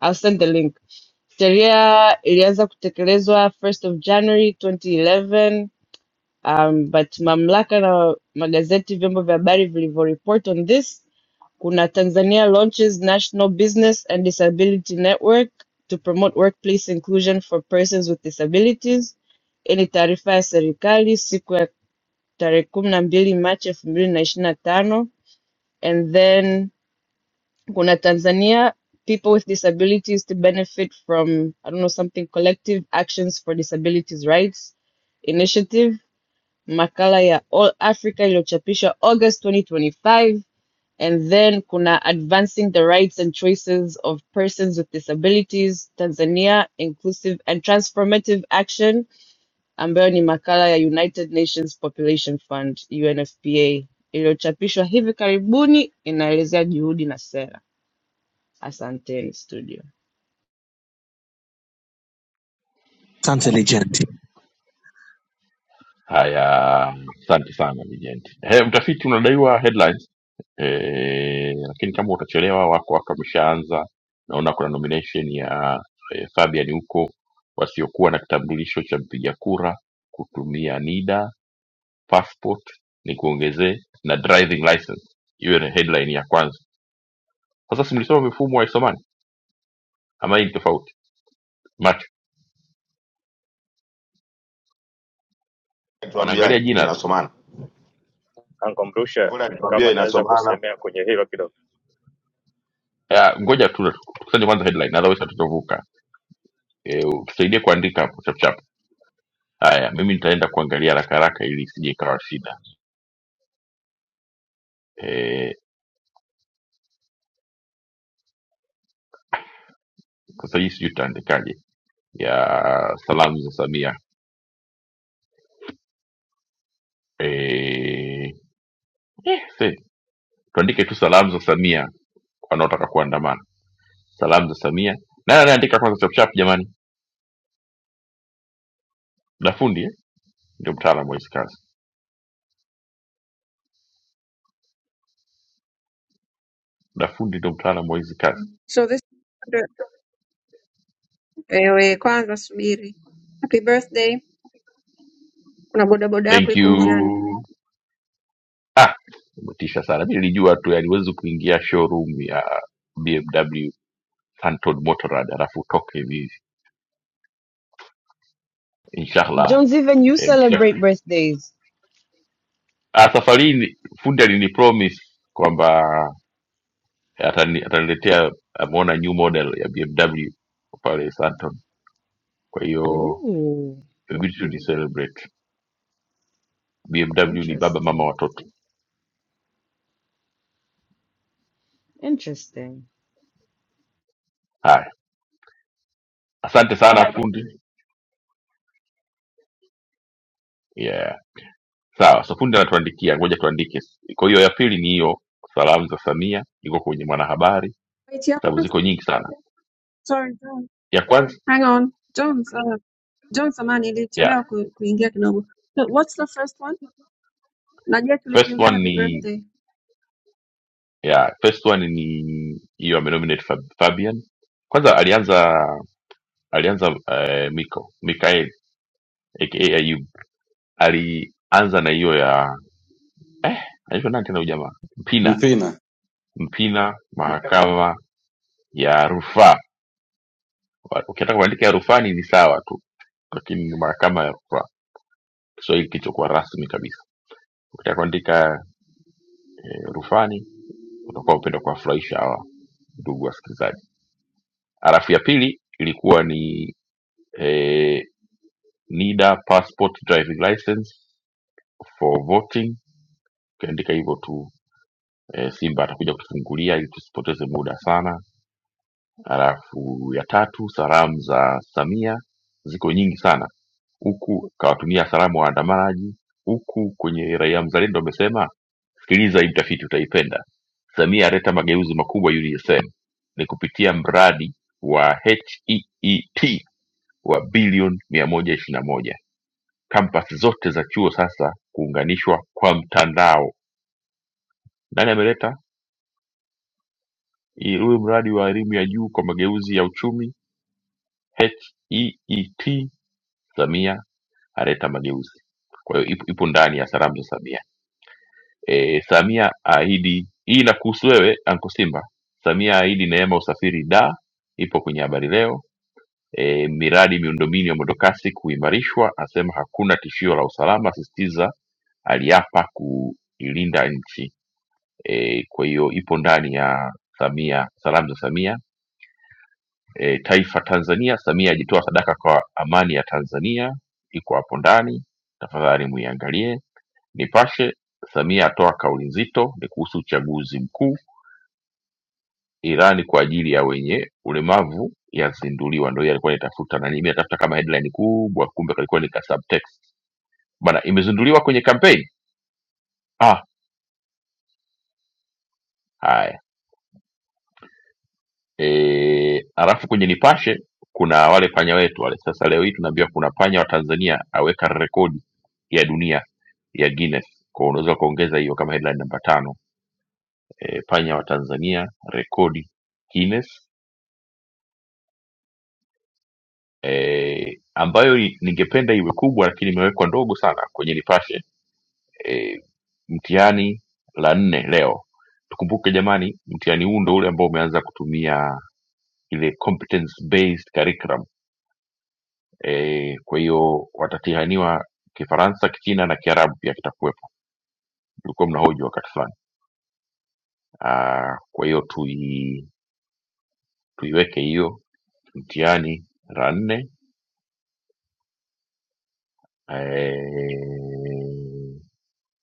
B: I'll send the link. Sheria ilianza kutekelezwa 1st of January 2011 um, but mamlaka na magazeti vyombo vya habari vilivyoreport on this Kuna Tanzania launches National Business and Disability Network to promote workplace inclusion for persons with disabilities. Hii ni taarifa ya serikali siku ya tarehe kumi na mbili Machi elfu mbili na ishirini na tano. And then kuna Tanzania people with disabilities to benefit from I don't know something collective actions for disabilities rights initiative, makala ya All Africa iliyochapishwa August 2025 and then kuna advancing the rights and choices of persons with disabilities Tanzania, inclusive and transformative action, ambayo ni makala ya United Nations Population Fund UNFPA iliyochapishwa hivi karibuni, inaelezea juhudi na sera. Asanteni studio.
D: Asante legend.
A: Haya, asante sana Mijenti. He, mtafiti unadaiwa headlines e, lakini kama utachelewa wako wako wameshaanza. Naona kuna nomination ya e, Fabian huko, wasiokuwa na kitambulisho cha mpiga kura kutumia NIDA passport, ni kuongezee na driving license, hiyo ni headline ya kwanza. Sasa si mlisoma mifumo haisomani ama hii ni tofauti? Macho wanaangalia
F: Tuambiaje
A: jina tu.
F: inasomana.
I: ankumbusha
F: Kule alituambia
I: kama naweza
F: inasomana
I: kusemea kwenye hilo kidogo
A: Ah, Ngoja tu tukusanye kwanza headline, otherwise hatutavuka. E, utusaidie kuandika hapo chap chap. Haya, mimi nitaenda kuangalia haraka haraka ili isije ikawa shida. Eh, sasa hii sijui tutaandikaje ya salamu za Samia. Eh, eh, se- tuandike tu salamu za Samia kwa wanaotaka kuandamana. Salamu za Samia. Nani anaandika kwanza chap chap jamani? Dafundi eh? Ndio mtaalamu wa hizi kazi. Dafundi ndio mtaalamu wa hizi kazi.
J: So this wewe kwanza subiri. Happy birthday. Kuna bodaboda yako
A: Thank
J: iko
A: you.
J: njiani.
A: Ah, umetisha sana. Mimi nilijua tu yani huwezi kuingia showroom ya BMW Anton Motorrad alafu utoke hivi. Inshallah
B: Jones, even you
A: Eh,
B: celebrate birthdays.
A: Ah, safari hii ni- fundi alinipromise kwamba atani- ataniletea ameona new model ya BMW pale Santon. Kwa hiyo
B: Ooh,
A: inabidi tu ni celebrate. BMW ni baba mama
B: interesting,
A: watoto.
B: interesting.
A: Haya, asante sana fundi. Yeah. Sawa, so fundi anatuandikia, ngoja tuandike. Kwa hiyo ya pili ni hiyo, salamu za Samia, iko kwenye mwanahabari,
J: Wait yako
A: sababu
J: kwanza.
A: ziko nyingi sana.
J: Sorry, John.
A: Ya kwanza,
J: Hang on. John, uh, John samani
A: yeah.
J: ilichelewa ku, kuingia kidogo. So, What's the first one? Najua
A: First
J: tulikuimbia
A: one
J: happy
A: ni
J: birthday.
A: yeah, first one ni hiyo ame nominate Fabian. Kwanza alianza alianza eh, Miko Mikael aka Ayub alianza na hiyo ya eh, anaitwa nani tena huyu jamaa Mpina
E: mpina
A: Mpina, mahakama ya rufaa. Ukitaka kuandika ya rufani ni sawa tu, lakini ni mahakama ya rufaa, Kiswahili kilichokuwa rasmi kabisa. Ukitaka kuandika eh, rufani, utakuwa upenda kuwafurahisha hawa ndugu wasikilizaji. Halafu ya pili ilikuwa ni eh, NIDA passport driving license for voting, ukiandika hivyo tu e, Simba atakuja kutufungulia ili tusipoteze muda sana. Halafu ya tatu, salamu za Samia ziko nyingi sana, huku kawatumia salamu waandamanaji, huku kwenye Raia Mzalendo amesema, sikiliza hii mtafiti utaipenda, Samia aleta mageuzi makubwa UDSM ni kupitia mradi wa HEET wa bilioni mia moja ishirini na moja kampasi zote za chuo sasa kuunganishwa kwa mtandao. Nani ameleta hii- huyu mradi wa elimu ya juu kwa mageuzi ya uchumi? HEET Samia aleta mageuzi. Kwa hiyo ipo, ipo ndani ya salamu za Samia. E, Samia ahidi hii inakuhusu wewe Anko Simba. Samia ahidi neema usafiri da, ipo kwenye habari leo. E, miradi miundombinu ya mwendokasi kuimarishwa, asema hakuna tishio la usalama, asisitiza aliapa kuilinda nchi. E, kwa hiyo ipo ndani ya Samia, salamu za Samia e, taifa Tanzania. Samia ajitoa sadaka kwa amani ya Tanzania, iko hapo ndani, tafadhali muiangalie. Nipashe, Samia atoa kauli nzito, ni kuhusu uchaguzi mkuu. Irani kwa ajili ya wenye ulemavu yazinduliwa, ndio hiyo alikuwa nitafuta nani, mimi natafuta kama headline kubwa, kumbe kalikuwa ni ka subtext bana, imezinduliwa kwenye kampeni ah, haya e, alafu kwenye nipashe kuna wale panya wetu wale sasa leo hii tunaambiwa kuna panya wa tanzania aweka rekodi ya dunia ya guinness kwa unaweza ukaongeza hiyo kama headline namba tano e, panya wa tanzania rekodi guinness e, ambayo i- ningependa iwe kubwa lakini imewekwa ndogo sana kwenye nipashe e, mtihani la nne leo tukumbuke jamani mtihani huu ndo ule ambao umeanza kutumia ile competence based curriculum e, kwa hiyo watatihaniwa kifaransa kichina na kiarabu pia kitakuwepo tulikuwa mnahoji wakati fulani Ah, kwa hiyo tui, tuiweke hiyo mtihani la nne Eh,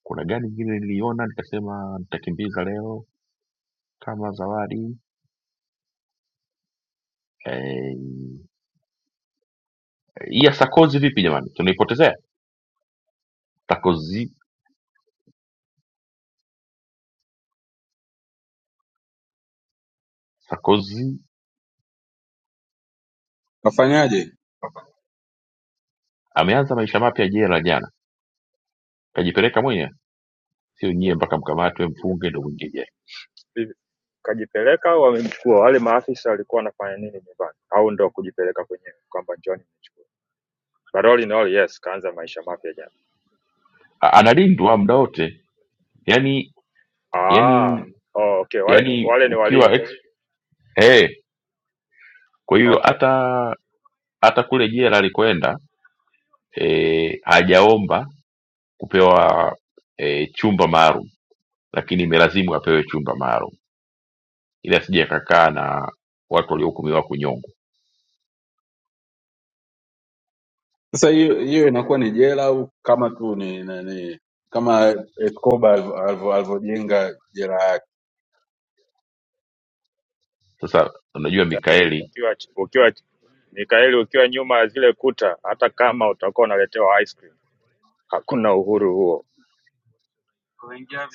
A: kuna gani ingine niliona nikasema nitakimbiza leo kama zawadi Eh, hii ya sakozi vipi jamani tunaipotezea sakozi sakozi
E: nafanyaje
A: ameanza maisha mapya jela jana kajipeleka mwenye sio nyie mpaka mkamatwe mfunge ndo mwingie jela
I: Vivi, kajipeleka au wamemchukua wale maafisa walikuwa wanafanya nini nyumbani au ndo kujipeleka kwenyewe kwamba njoni mchukua but all in all yes kaanza maisha mapya jana
A: A- analindwa muda wote yani
I: ah
A: yani
I: oh, okay wale,
A: yani
I: wale ni
A: ukiwa ex
I: walinzi
A: eh kwa hiyo
I: okay
A: hata hata kule jela alikwenda eh hajaomba kupewa eh, chumba maalum lakini imelazimu apewe chumba maalum ili asije akakaa na watu waliohukumiwa kunyongwa
E: sasa hiyo hiyo inakuwa ni jela au kama tu ni nani kama Escobar alivyo- alivyo- alivyojenga jela yake
A: sasa unajua
I: Nika, Mek-
A: mikaeli
I: ukiwa ukiwa Mikaeli ukiwa nyuma ya zile kuta hata kama utakuwa unaletewa ice cream hakuna uhuru huo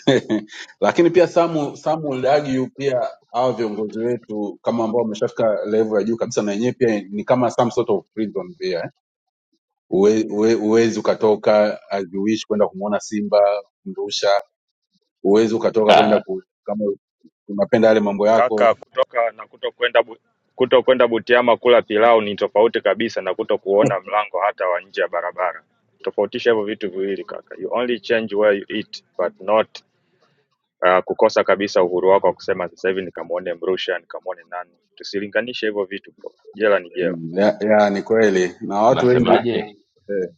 E: lakini pia some, some will argue pia hawa viongozi wetu kama ambao wameshafika level ya juu kabisa na yenyewe pia ni kama some sort of prison pia eh. Uwe- uwe- Huwezi ukatoka as you wish kwenda kumwona Simba Mrusha, huwezi ukatoka kwenda
A: ah,
E: ku, kama unapenda yale mambo yako
I: Kaka, kutoka na kutokwenda Bu- kutokwenda Butiama kula pilau ni tofauti kabisa na kutokuona mlango hata wa nje ya barabara. Tofautisha hivyo vitu viwili kaka. You only change where you eat but not uh, kukosa kabisa uhuru wako wa kusema sasa hivi nikamwone Mrusha, nikamwone nani. Tusilinganishe hivyo vitu bro. Jela ni jela.
E: mm, ya, ya, ni kweli na watu wengi
A: nasemaje
E: eh,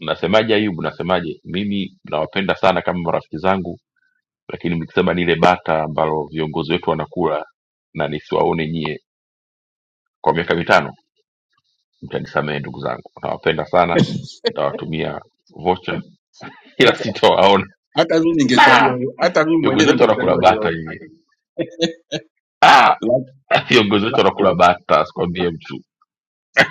A: nasemaje ayubu nasemaje mimi nawapenda sana kama marafiki zangu lakini mkisema nile bata ambalo viongozi wetu wanakula na nisiwaone nyie kwa miaka mitano mtanisamehe ndugu zangu nawapenda sana nitawatumia vocha ila
E: hata
A: sitawaona
E: hata mimi
A: Da!
E: ningechagua hiyo- hata mimi
A: viongozi
E: mwenyewe
A: wetu wanakula
E: ningechagua hiyo
A: bata nyie Ah!
E: option
A: viongozi wetu wanakula bata sikwambie mtu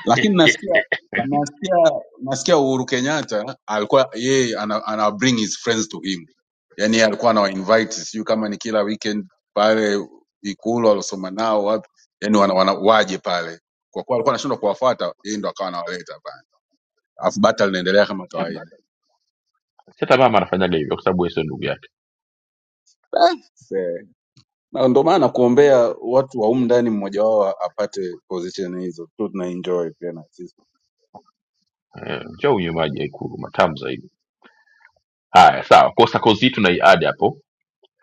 E: lakini nasikia nasikia nasikia Uhuru Kenyatta alikuwa yeye ana, ana bring his friends to him, yani yeye alikuwa anawa invite, sijui kama ni kila weekend pale Ikulu alosoma nao wapi, yani wana, wana, waje pale, kwa kuwa alikuwa anashindwa kuwafuata, yeye ndo akawa anawaleta pale, alafu bata linaendelea kama kawaida.
A: hata mama anafanyaga hivyo kwa sababu yeye sio ndugu yake
E: Ah, see. Na ndo maana kuombea watu wa humu ndani mmoja wao apate position hizo tu, tunaenjoy pia na sisi
A: Eh, njoo unywe maji ya ikulu matamu zaidi haya sawa kwa sakozi tunaiadi hapo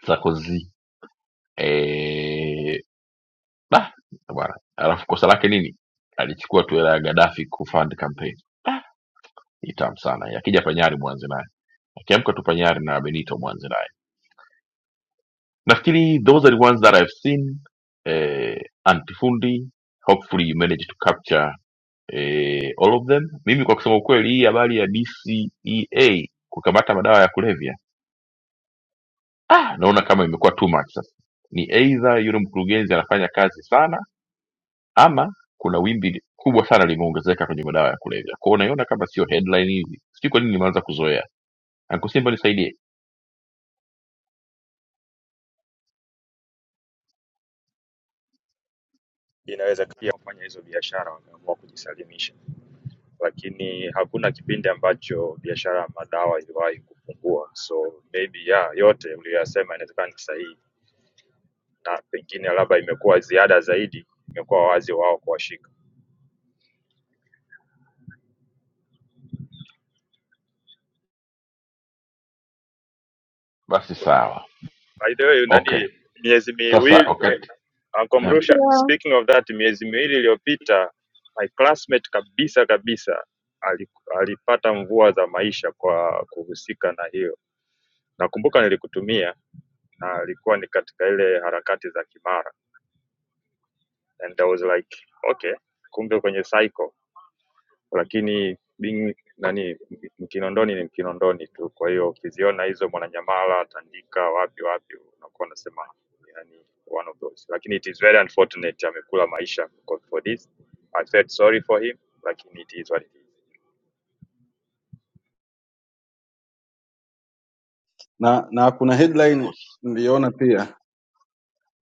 A: sakozi eh, bah, bwana alafu kosa lake nini alichukua tu hela ya gadafi kufund campaign Ah, ni tamu sana hii. akija panyari mwanze naye akiamka tu panyari na benito mwanze naye nafikiri those are the ones that i've seen eh, antifundi hopefully you manage to capture eh, all of them mimi kwa kusema ukweli hii habari ya dcea kukamata madawa ya kulevya ah, naona kama imekuwa too much sasa ni either yule mkurugenzi anafanya kazi sana ama kuna wimbi kubwa sana limeongezeka kwenye madawa ya kulevya kwao unaiona kama sio headline hivi sijui kwa nini nimeanza kuzoea ankusimba nisaidie
I: Inawezekana kufanya hizo biashara wakaamua kujisalimisha, lakini hakuna kipindi ambacho biashara ya madawa iliwahi kupungua. So maybe yeah, yote uliyoyasema inawezekana ni sahihi na pengine labda imekuwa ziada zaidi, imekuwa wazi wao kuwashika.
A: basi sawa
I: By the way,
A: okay
I: nani miezi
A: sasa
I: miwili mi,
A: wakati
I: Uncle Mrusha,
J: Yeah.
I: speaking of that, miezi miwili iliyopita my classmate kabisa kabisa ali- alipata mvua za maisha kwa kuhusika na hiyo. Nakumbuka nilikutumia na alikuwa ni katika ile harakati za Kimara and I was like okay, kumbe kwenye cycle lakini Bing nani Mkinondoni ni Mkinondoni tu. Kwa hiyo ukiziona hizo Mwananyamala, Tandika, wapi wapi, unakuwa unasema yani one of those, lakini it is very unfortunate, amekula maisha for for this. I felt sorry for him, lakini it is what it is.
E: na na kuna headline niliona pia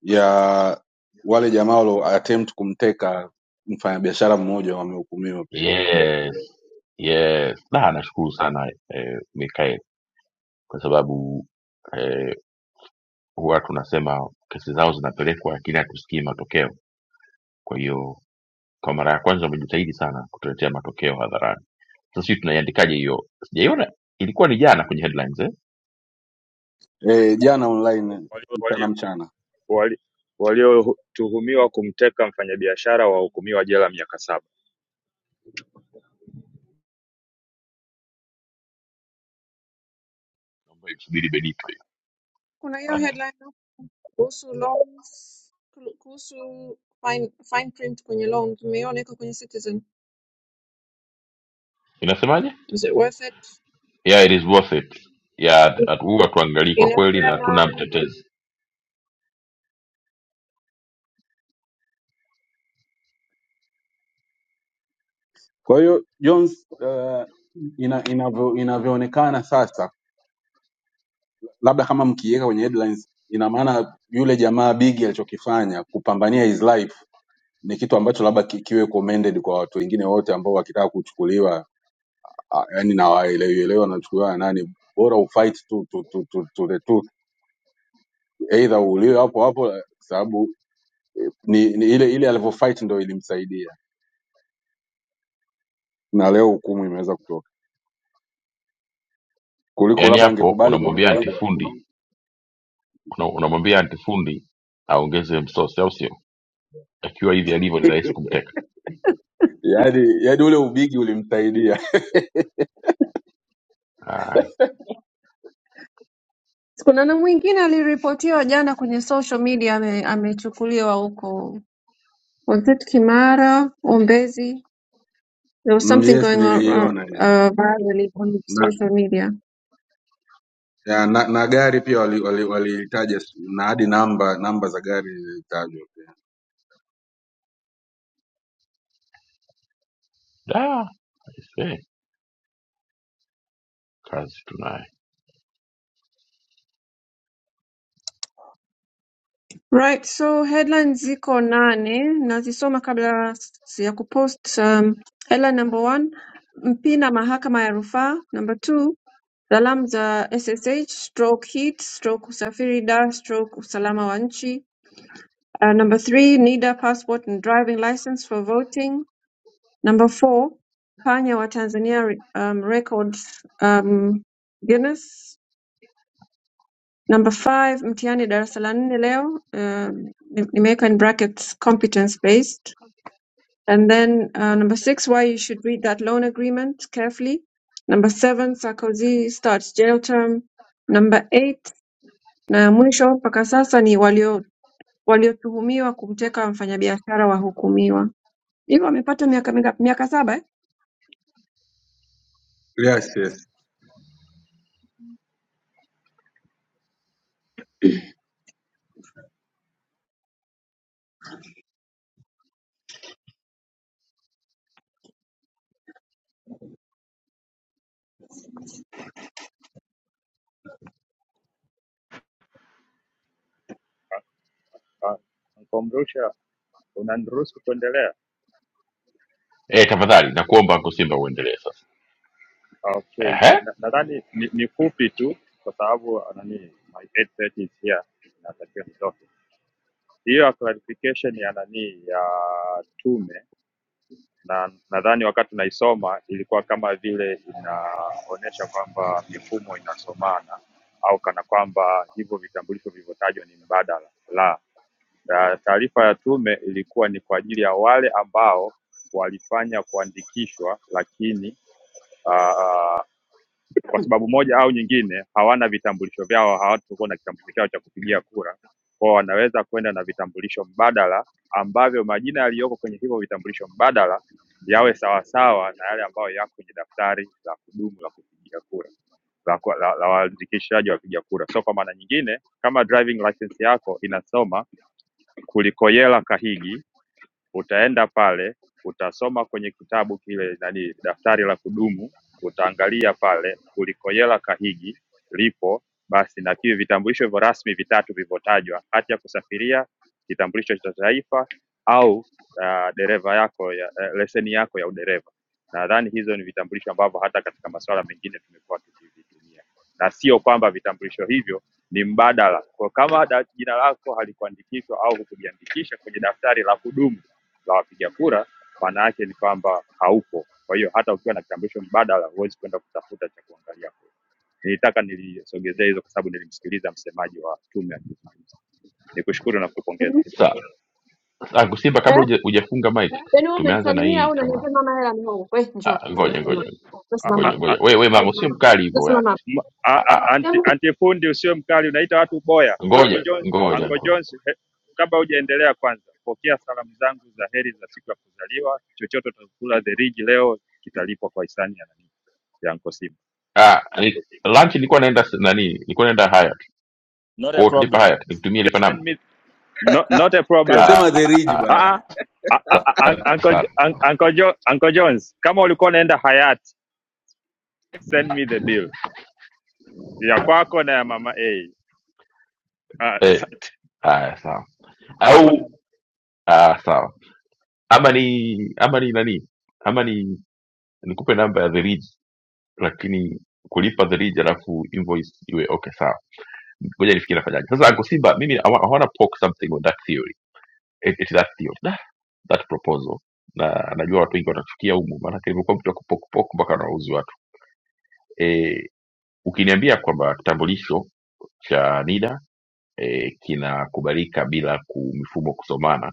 E: ya wale jamaa walio attempt kumteka mfanyabiashara mmoja wamehukumiwa pia
A: Yes, yes. Na nashukuru sana eh, Mikael kwa sababu eh, huwa tunasema kesi zao zinapelekwa lakini hatusikii matokeo. Kwa hiyo kwa mara ya kwanza wamejitahidi sana kutuletea matokeo hadharani. Sasa sisi tunaiandikaje hiyo? Sijaiona, ilikuwa ni jana kwenye headlines eh?
E: e, jana online
I: Walio-
E: mchana
I: walio-
E: mchana
I: wali- Waliotuhumiwa kumteka mfanyabiashara wahukumiwa jela miaka saba.
A: Naomba imsubiri Benito hiyo.
J: Kuna hiyo headline hapo kuhusu loans, ku- kuhusu fine, fine print kwenye loan. Tumeiona iko kwenye Citizen.
A: Inasemaje?
J: Is it worth it?
A: Yeah, it is worth it. Yeah, hatu- huwa tuangalii kwa kweli na hatuna
J: Inasema
A: mtetezi.
E: kwa hiyo jones uh, ina, inavyo, inavyoonekana sasa labda kama mkiiweka kwenye headlines ina maana yule jamaa bigi alichokifanya kupambania his life ni kitu ambacho labda ki- kiwe commended kwa watu wengine wote ambao wakitaka kuchukuliwa ah, yani na waelewelewa wanachukuliwa na nani bora ufight tu, tu, tu, tu, to the tooth either uuliwe hapo hapo eh, kwa sababu ni, ni ile ile alivyofight ndo ilimsaidia na leo hukumu imeweza kutoka kuliko
A: Yaani
E: labda
A: hapo
E: angekubali
A: unamwambia
E: kuchukuliwa
A: antifundi una- unamwambia antifundi aongeze msosi au sio akiwa hivi alivyo ni rahisi kumteka
E: yaani yaani ule ubigi ulimsaidia
A: ah,
J: Kuna na mwingine aliripotiwa jana kwenye social media ame, amechukuliwa huko was it Kimara, Ombezi. There was
E: mm,
J: something
E: yes
J: going on uh,
E: niliiona hiyo.
J: uh, virally on
E: na,
J: social media.
E: ya, na, na gari pia walilitaja wali, wali walilitaja s- na hadi namba namba za gari zilitajwa
A: da, I say, kazi tunayo
J: Right, so headlines ziko nane nazisoma kabla s- ya kupost. Um, headline number one, Mpina mahakama ya rufaa. Number two, salamu za SSH stroke heat stroke usafiri da stroke usalama wa nchi. Uh, number three, NIDA passport and driving license for voting. Number four, panya wa Tanzania um, Records um, Guinness. Number five, mtihani darasa la nne leo um, ni- nimeweka in brackets competence based. And then uh, number six, why you should read that loan agreement carefully. Number seven, Sarkozy starts jail term. Number eight, na ya mwisho mpaka sasa ni walio waliotuhumiwa kumteka mfanyabiashara wahukumiwa. Hivyo amepata miaka mingapi? Miaka saba eh?
E: yes, yes.
I: Ah, ah, Uncle Mrusha, unaniruhusu kuendelea?
A: eh tafadhali nakuomba anko simba uendelee sasa
I: Okay,
A: Ehe,
I: nadhani na, na- nadhani ni, ni fupi tu kwa sababu ah, nani my 8:30 is here, natakiwa nitoke. Hiyo ya clarification ya nani ya tume, na nadhani wakati tunaisoma ilikuwa kama vile inaonyesha kwamba mifumo inasomana au kana kwamba hivyo vitambulisho vilivyotajwa ni mbadala la na taarifa ya tume ilikuwa ni kwa ajili ya wale ambao walifanya kuandikishwa lakini uh, kwa sababu moja au nyingine hawana vitambulisho vyao, hawatakuwa na kitambulisho chao cha kupigia kura, kwao wanaweza kwenda na vitambulisho mbadala ambavyo majina yaliyoko kwenye hivyo vitambulisho mbadala yawe sawasawa na yale ambayo yako kwenye daftari la kudumu la kupigia kura la, kwa- la, la waandikishaji wa wapiga kura. So kwa maana nyingine, kama driving license yako inasoma Kulikoyela Kahigi, utaenda pale utasoma kwenye kitabu kile nani, daftari la kudumu utaangalia pale Kulikoyela Kahigi lipo basi na pia vitambulisho hivyo rasmi vitatu vilivyotajwa, hati ya kusafiria, kitambulisho cha taifa au uh, dereva yako ya, eh, leseni yako ya udereva. Nadhani hizo ni vitambulisho ambavyo hata katika masuala mengine tumekuwa tukivitumia, na sio kwamba vitambulisho hivyo ni mbadala. Kwa kama da, jina lako halikuandikishwa au hukujiandikisha kwenye daftari la kudumu la wapiga kura, maana yake ni kwamba haupo kwa hiyo hata ukiwa na kitambulisho mbadala huwezi kwenda kutafuta cha kuangalia kule. Nilitaka nilisogezea hizo kwa sababu nilimsikiliza msemaji wa tume akizungumza. Nikushukuru na kukupongeza.
J: Mhm.
A: sawa anko simba kabla huja- hujafunga mic
J: Yaani wewe
A: tumeanza na
J: umenisalimia
A: hii
J: au
A: kama
J: unaniambia mama hela ni hongo. Wewe njoo.
A: ah,
J: Njoo
A: ngoja
J: simama.
A: ngoja
J: Njoo simama.
A: ngoja
J: hapa.
I: A-
A: ngoja we we
I: a-
A: mango sio mkali
J: Njoo
A: hivyo wewe.
J: simama. hapa.
I: m- a-
A: Ah,
I: a-
A: ah,
I: anti-
J: Nikiamka
I: Antifundi usiwe mkali, unaita watu boya. Uncle
A: ngoja
I: John,
A: ngoja
I: Uncle
A: ngoja.
I: Jones, he- kabla hujaendelea, kwanza pokea salamu zangu za heri za siku ya kuzaliwa. Chochote utakula the ridge leo kitalipwa kwa hisani ya nani ya Uncle Simba.
A: ah ni, lunch nilikuwa naenda s- nani nilikuwa naenda Hyatt kwa hiyo tulipa Hyatt nikutumie lipa
I: Send
A: namba
I: me, no, not a problem.
A: ah,
E: kasema the ridge
A: ah,
E: bwana
I: Ah, ah, ah, ah, ah, ah,
A: ah,
I: Uncle, Jo-
A: sawa
I: un- Uncle, Jo, Uncle Jones, kama ulikuwa unaenda Hayat, send me the bill ya kwako na ya mama A. Ah,
A: eh
I: sa-
A: haya sawa au Ah, sawa. Ama ni ama ni nani? Ama ni nikupe namba ya The Ridge lakini kulipa The Ridge alafu invoice iwe okay sawa. Ngoja nifikirie nafanyaje. Sasa Uncle Simba mimi I, wa- I want to poke something on that theory. It, it that theory. Nah, that proposal. Na najua watu wengi watachukia humu maana nimekuwa mtu wa kupoke poke mpaka nauzi watu. Eh, ukiniambia kwamba kitambulisho cha NIDA eh, kinakubalika bila ku mifumo kusomana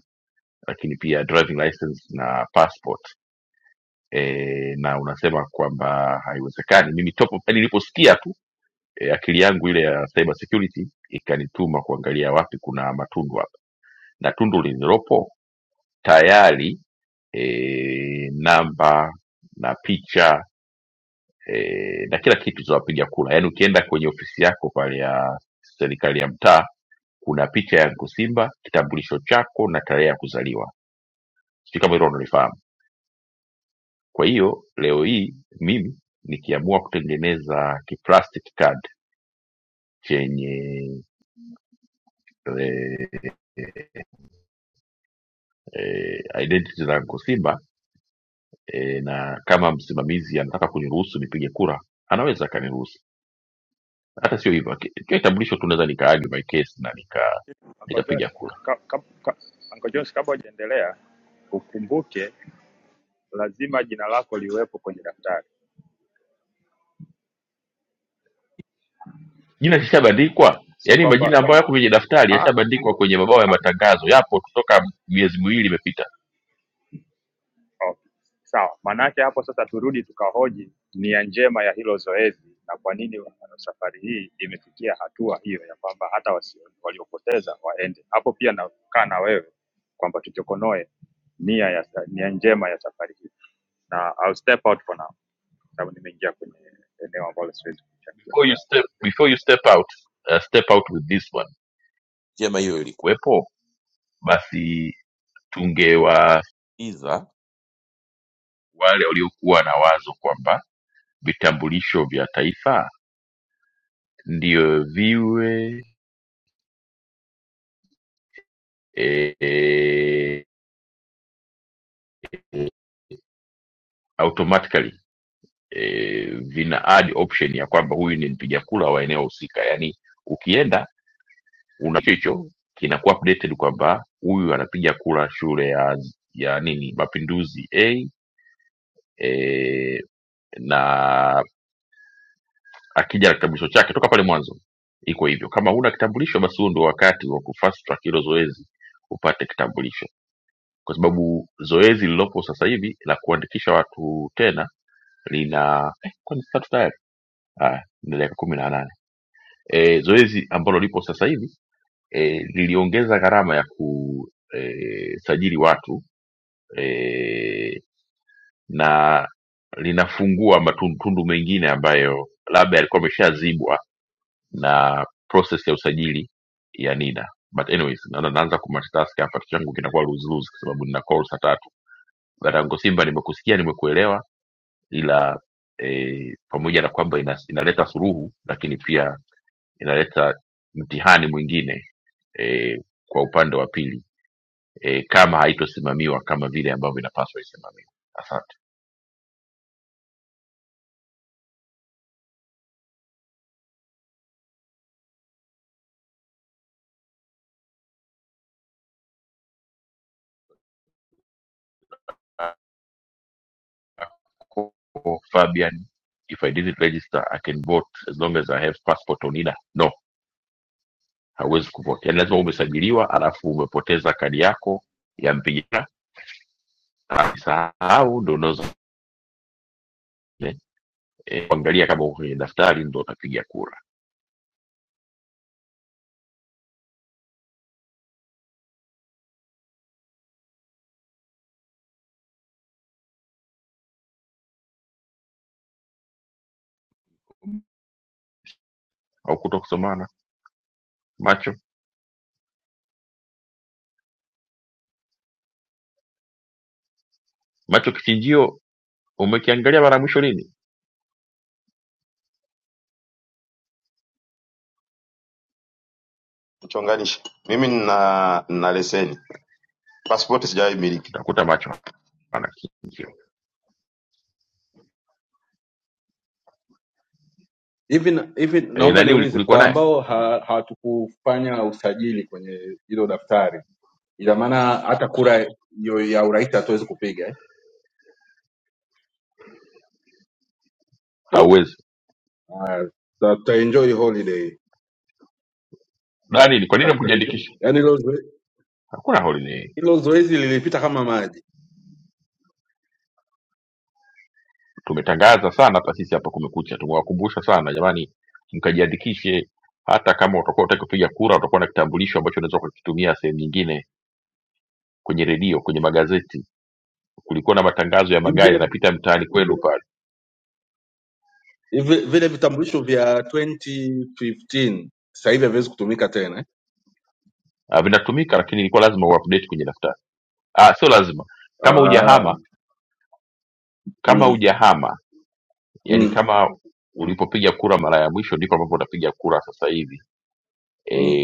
A: lakini pia driving license na passport e, na unasema kwamba haiwezekani mimi topo yani niliposikia tu e, akili yangu ile ya cyber security ikanituma kuangalia wapi kuna matundu hapa na tundu lililopo tayari e, namba na picha e, na kila kitu za wapiga kura yaani ukienda kwenye ofisi yako pale ya serikali ya mtaa kuna picha ya Nkusimba kitambulisho chako na tarehe ya kuzaliwa sijui kama hilo unalifahamu kwa hiyo leo hii mimi nikiamua kutengeneza kiplastic card chenye eh, eh, identity zangu Simba eh, na kama msimamizi anataka kuniruhusu nipige kura anaweza akaniruhusu. Hata sio hivyo, ki- kiwa kitambulisho tu naweza nika argue my case na nika
I: Uncle
A: nikapiga
I: Jones,
A: kura.
I: ka, ka, ka, Uncle Jones, kabla hujaendelea ukumbuke lazima jina lako liwepo kwenye daftari,
A: Jina kishabandikwa,
I: sio
A: yaani
I: kwamba
A: majina ambayo yako kwenye daftari
I: ah,
A: yashabandikwa kwenye mabao ya matangazo, yapo kutoka miezi miwili imepita.
I: Okay. Sawa, maanake hapo sasa turudi tukahoji nia njema ya hilo zoezi na kwa nini safari hii imefikia hatua hiyo ya kwamba hata wasio- waliopoteza waende hapo. Pia nakaa na wewe kwamba tuchokonoe nia ya sa- nia njema ya safari hii, na I'll step out for now, sababu nimeingia kwenye eneo ambalo siwezi kuchangia.
A: Before you step, before you step out uh, step out with this one njema hiyo ingekuwepo, basi tungewasikiza wale waliokuwa na wazo kwamba vitambulisho vya taifa ndiyo viwe e, e, automatically e, vina add option ya kwamba huyu ni mpiga kura wa eneo husika, yaani ukienda una hicho hicho kinakuwa updated kwamba huyu anapiga kura shule ya ya nini Mapinduzi A e, na akija na kitambulisho chake toka pale mwanzo iko hivyo kama huna kitambulisho basi huo ndio wakati wa kufast track hilo zoezi upate kitambulisho kwa sababu zoezi lililopo sasa hivi la kuandikisha watu tena lina eh, kwani si tatu tayari haya ni dakika kumi na nane e, zoezi ambalo lipo sasa hivi e, liliongeza gharama ya kusajili e, watu e, na linafungua matundu tundu mengine ambayo labda yalikuwa ameshazibwa na process ya usajili ya NIDA. But anyways, naona naanza kumultitask hapa, kichwa changu kinakuwa luzuluzu kwa sababu nina call saa tatu. Dadangu Simba, nimekusikia, nimekuelewa, ila e, pamoja na kwamba ina, inaleta suluhu, lakini pia inaleta mtihani mwingine e, kwa upande wa pili e, kama haitosimamiwa kama vile ambavyo inapaswa isimamiwe. Asante Kwa- kwa Fabian, if I didn't register I can vote as long as I have passport on NIDA. No, hauwezi kupokea. Ni lazima umesajiliwa, alafu umepoteza kadi yako ya mpiga kura, ukisahau ndo unaweza eh, kuangalia kama uko kwenye daftari ndo utapiga kura au kuto kusomana. Macho macho kichinjio umekiangalia mara ya mwisho lini?
F: tuchonganishe. Mimi nina nina leseni. Pasipoti sijawahi miliki.
A: Utakuta macho hana kichinjio.
E: hivi na- hivi
A: E,
E: naomba
A: nani uli-
E: niulize
A: ulikuwa
E: kwa
A: naye?
E: ambao ha- hawatukufanya usajili kwenye hilo daftari ina maana hata kura yo- ya urais hatuwezi kupiga eh?
A: Hauwezi.
E: Ah, tuta- tutaenjoy holiday.
A: Nani? Kwa nini Hakuna. hukujiandikisha?
E: Yaani hilo zoe-
A: Hakuna holiday.
E: hilo zoezi lilipita kama maji.
A: tumetangaza sana hata sisi hapa kumekucha tumewakumbusha sana jamani mkajiandikishe hata kama utakuwa utaki kupiga kura utakuwa na kitambulisho ambacho unaweza ukakitumia sehemu nyingine kwenye redio kwenye magazeti kulikuwa na matangazo ya
E: Hivi
A: magari
E: vile
A: yanapita mtaani kwenu pale
E: hivi vile vitambulisho vya 2015 sasa hivi haviwezi kutumika tena. eh?
A: Ah, vinatumika lakini ilikuwa lazima uupdate kwenye daftari ah, sio lazima kama
E: Ah,
A: hujahama kama
E: mm,
A: hujahama yani
E: mm,
A: kama ulipopiga kura mara ya mwisho ndipo ambapo unapiga kura sasa hivi
E: mm,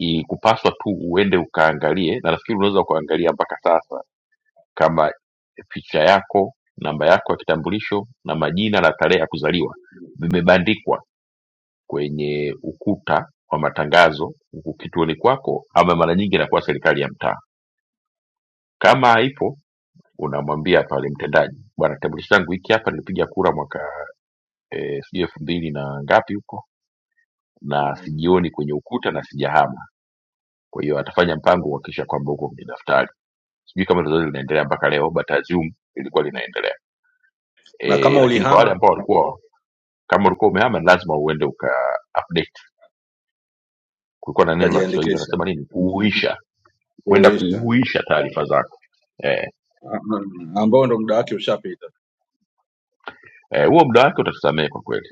A: e, kupaswa tu uende ukaangalie na nafikiri unaweza ukaangalia mpaka sasa kama picha yako, namba yako ya kitambulisho na majina na tarehe ya kuzaliwa vimebandikwa kwenye ukuta wa matangazo huku kituoni kwako, ama mara nyingi inakuwa serikali ya mtaa. Kama haipo unamwambia pale mtendaji, bwana, kitambulisho changu hiki hapa, nilipiga kura mwaka eh, sijui elfu mbili na ngapi huko, na
E: mm,
A: sijioni kwenye ukuta na sijahama. Kwa hiyo atafanya mpango
E: mm.
A: kuhakikisha kwamba huko kwenye daftari. Sijui kama hilo zoezi linaendelea mpaka leo, but I assume ilikuwa linaendelea
E: Na
A: e,
E: kama
A: lakini kwa wale
E: ulihama
A: ambao walikuwa kama ulikuwa umehama lazima uende uka update kulikuwa na neno la kiswahili
E: ukajiandikisha
A: wanasema nini kuuisha kwenda
E: kuisha,
A: kuuisha taarifa zako eh,
E: Ah, ah, ambao ndo muda wake ushapita.
A: eh, huo muda wake utatusamehe kwa kweli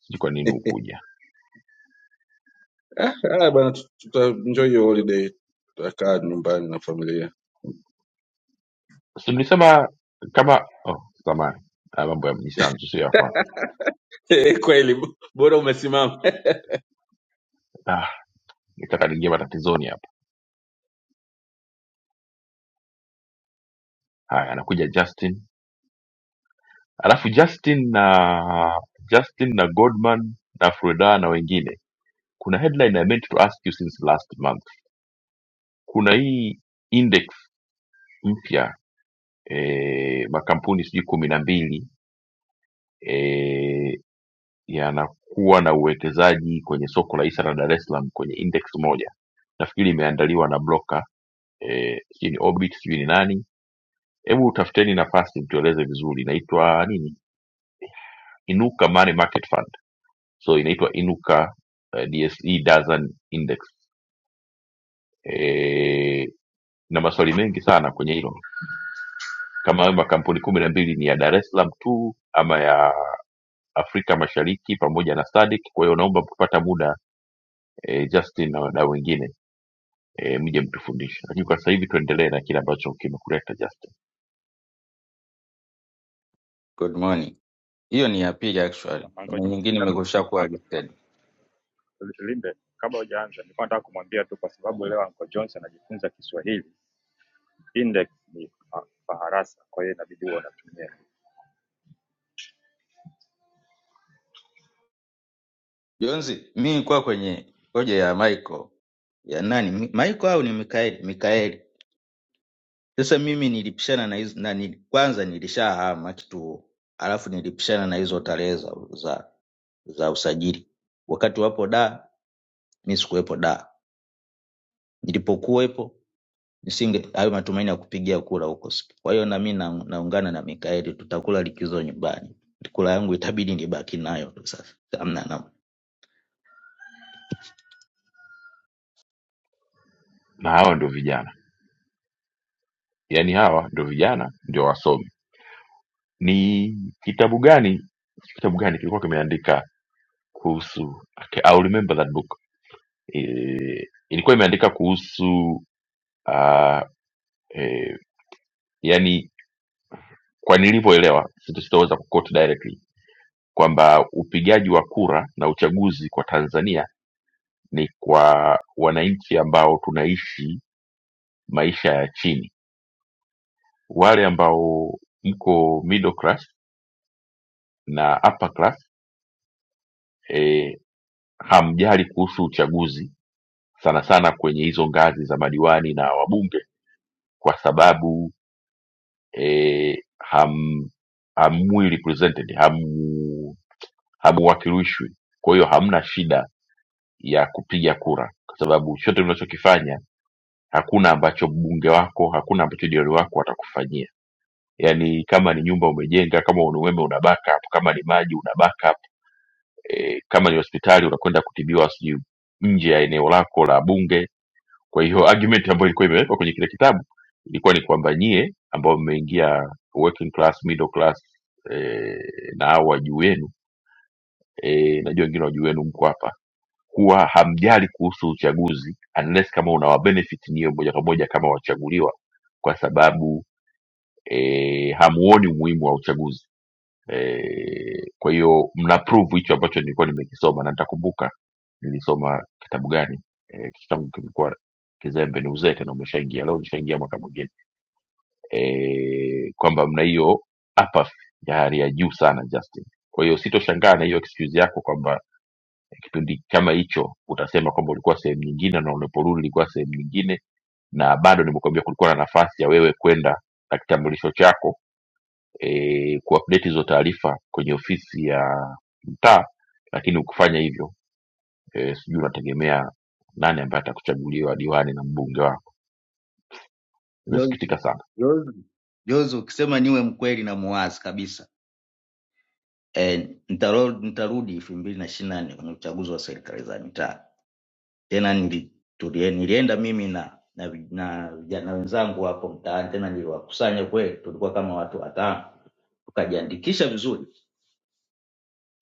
A: sijui kwa nini hukuja
E: Ah, ah, bwana, tu- tutaenjoy hiyo holiday, tutakaa nyumbani na familia.
A: si mlisema kama oh, samani mambo ya mjisanzu sio ya kwako
E: Kweli, bora umesimama.
A: ah, nitaka niingia matatizoni hapa haya anakuja justin alafu justin na justin na godman na freda na wengine kuna headline I meant to ask you since last month kuna hii index mpya e, makampuni sijui kumi na mbili e, yanakuwa na uwekezaji kwenye soko la hisa la Dar es Salaam kwenye index moja, nafikiri imeandaliwa na broker eh, sijui ni Orbit sijui ni nani. Hebu tafuteni nafasi mtueleze vizuri, inaitwa nini? Inuka Money Market Fund, so inaitwa Inuka eh, DSE Dozen Index. Eh, na maswali mengi sana kwenye hilo kama hayo makampuni kumi na mbili ni ya dar es salaam tu ama ya afrika mashariki pamoja na sadik kwa hiyo naomba kupata muda e, justin na wadau wengine e, mje mtufundishe lakini kwa sasa hivi tuendelee na kile ambacho kimekuleta justin
K: Good morning. Hiyo ni ya pili actually.
I: Uncle
K: Kuna
I: Johnson,
K: nyingine
I: nataka-
K: imekwishakuwa
I: Uncle-
K: listed.
I: Uncle- Limbe, kabla hujaanza, nilikuwa nataka kumwambia tu, kwa sababu leo Uncle Johnson anajifunza Kiswahili Index ni fa- faharasa kwa hiyo inabidi huwa unatumia.
K: Jonzi, mi nilikuwa kwenye hoja ya Michael. Ya nani? Mi- Michael au ni Mikaeli? Mikaeli. Sasa mimi nilipishana na hizo na nili, kwanza nilishahama kituo. Alafu nilipishana na hizo tarehe za, za za usajili. Wakati wapo da, mi sikuwepo da. Nilipokuwepo nisinge hayo matumaini ya kupigia kura huko siku. Kwa hiyo nami na, naungana na Mikaeli, tutakula likizo nyumbani. Kura yangu itabidi nibaki nayo tu sasa, hamna namna.
A: na hawa ndio vijana yaani hawa ndio vijana ndio wasomi ni kitabu gani kitabu gani kilikuwa kimeandika kuhusu okay, I'll remember that book e, ilikuwa imeandika kuhusu uh, e, yani kwa nilivyoelewa sita- sitaweza kuquote directly kwamba upigaji wa kura na uchaguzi kwa Tanzania ni kwa wananchi ambao tunaishi maisha ya chini, wale ambao mko middle class na upper class eh, hamjali kuhusu uchaguzi sana sana kwenye hizo ngazi za madiwani na wabunge, kwa sababu eh, ham hamwi represented hamu hamuwakilishwi, kwa hiyo hamna shida ya kupiga kura kwa sababu chochote unachokifanya hakuna ambacho mbunge wako hakuna ambacho diwani wako watakufanyia yaani kama ni nyumba umejenga kama ni umeme una backup kama ni maji una backup e, kama ni hospitali unakwenda kutibiwa sijui nje ya eneo lako la bunge kwa hiyo argument ambayo ilikuwa imewekwa kwenye kile kitabu ilikuwa ni kwamba nyie ambao mmeingia working class middle class e, na hao wa juu yenu e, najua wengine wa juu yenu mko hapa kuwa hamjali kuhusu uchaguzi unless kama unawabenefit nyewe moja kwa moja kama wachaguliwa kwa sababu e, hamuoni umuhimu wa uchaguzi e, kwa hiyo mnaprove hicho ambacho nilikuwa nimekisoma na nitakumbuka nilisoma kitabu gani e, kichwa changu kilikuwa kizembe ni uzee tena umeshaingia leo nishaingia mwaka mwingine e, kwamba mna hiyo apathy ya hali ya juu sana justin kwa hiyo sitoshangaa na hiyo excuse yako kwamba kipindi kama hicho utasema kwamba ulikuwa sehemu nyingine na unaporudi ulikuwa sehemu nyingine na bado nimekuambia kulikuwa na nafasi ya wewe kwenda na kitambulisho chako e, kuupdate hizo taarifa kwenye ofisi ya mtaa lakini ukufanya hivyo e, sijui unategemea nani ambaye atakuchaguliwa diwani na mbunge wako
K: Jozi,
A: nimesikitika sana
K: Jozi, Jozi, ukisema niwe mkweli na muwazi kabisa, E, nitarudi nitarudi elfu mbili na ishirini na nane kwenye uchaguzi wa serikali za mitaa tena nili, tulie, nilienda mimi na na vi- na vijana wenzangu hapo mtaani, tena niliwakusanya kweli, tulikuwa kama watu watano, tukajiandikisha vizuri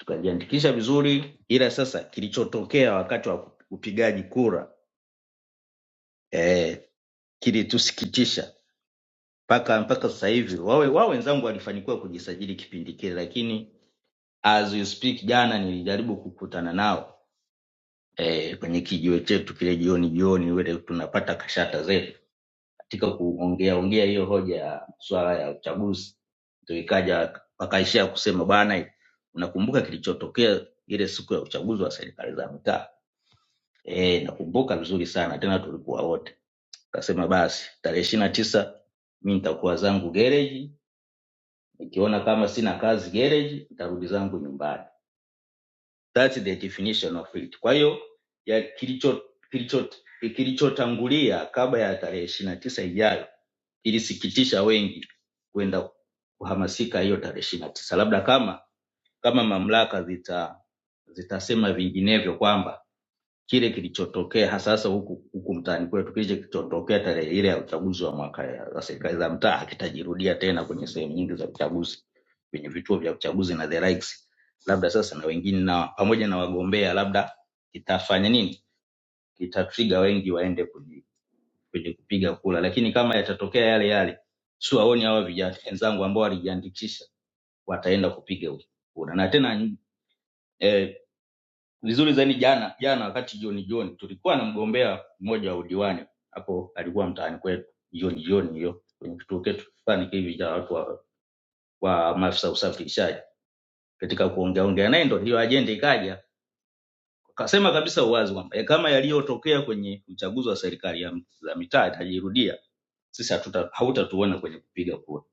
K: tukajiandikisha vizuri, ila sasa kilichotokea wakati wa upigaji kura eh, kilitusikitisha mpaka mpaka sasa hivi. Wawe wao wenzangu walifanikiwa kujisajili kipindi kile, lakini as you speak, jana nilijaribu kukutana nao eh, kwenye kijiwe chetu kile jioni jioni, wile tunapata kashata zetu katika kuongea ongea hiyo hoja ya swala ya uchaguzi, ndio ikaja wakaishia kusema bwana, unakumbuka kilichotokea ile siku ya uchaguzi wa serikali za mitaa e, nakumbuka vizuri sana tena tulikuwa wote kasema basi tarehe ishirini na tisa mi nitakuwa zangu gereji nikiona kama sina kazi gereji nitarudi zangu nyumbani That's the definition of it kwa hiyo ya kilicho kilicho kilichotangulia kabla ya tarehe ishirini na tisa ijayo ilisikitisha wengi kwenda kuhamasika hiyo tarehe ishirini na tisa labda kama kama mamlaka zita zitasema vinginevyo kwamba kile kilichotokea hasa hasa huku huku mtaani kwetu, kile kilichotokea tarehe ile ya uchaguzi wa mwaka ya za serikali za mtaa hakitajirudia tena kwenye sehemu nyingi za uchaguzi, kwenye vituo vya uchaguzi na the likes. Labda sasa na wengine na pamoja na wagombea, labda kitafanya nini, kitatriga wengi waende kwenye kwenye kupiga kura, lakini kama yatatokea yale yale, siwaoni hawa vijana wenzangu ambao walijiandikisha wataenda kupiga kura na tena e, vizuri zaidi jana jana wakati jioni jioni tulikuwa na mgombea mmoja wa udiwani hapo alikuwa mtaani kwetu jioni jioni hiyo kwenye kituo chetu fulani hivi cha watu wa, wa maafisa usafirishaji katika kuongea ongea naye ndo hiyo ajenda ikaja akasema kabisa uwazi kwamba "Eh, kama yaliyotokea kwenye uchaguzi wa serikali ya, za mitaa itajirudia sisi hatuta- hautatuona kwenye kupiga kura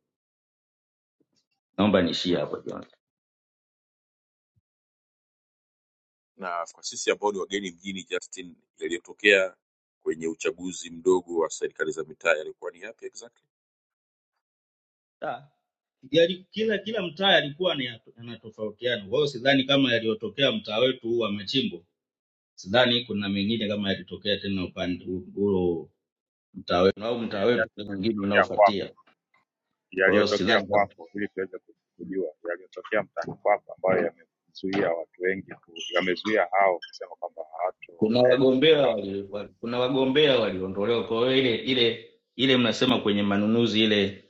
K: naomba niishie hapo jioni
A: na kwa sisi ambao ni wageni mjini justin yaliyotokea kwenye uchaguzi mdogo wa serikali za mitaa yalikuwa ni yapi exactly
K: Ah, yali, kila kila mtaa yalikuwa ni- yanatofautiana. Kwa hiyo sidhani kama yaliyotokea mtaa wetu huu wa Machimbo, sidhani kuna mengine kama yalitokea tena upande huo mtaa wetu au
I: Tuambie
K: mtaa wetu ule
I: Justin
K: mwingine
I: yaliyotokea kwako,
K: unaofuatia. Kwa hiyo
I: yaliyotokea
K: sidhani kama
I: kwako ili tuweze ku- kujua yaliyotokea mtaani kwako ambayo yamezuia watu wengi ku, yamezuia hao kusema kwamba
K: kuna
I: hawatoenda
K: wagombea
I: na
K: wali, wali, kuna wagombea waliondolewa. Kwa hiyo ile ile ile mnasema kwenye manunuzi ile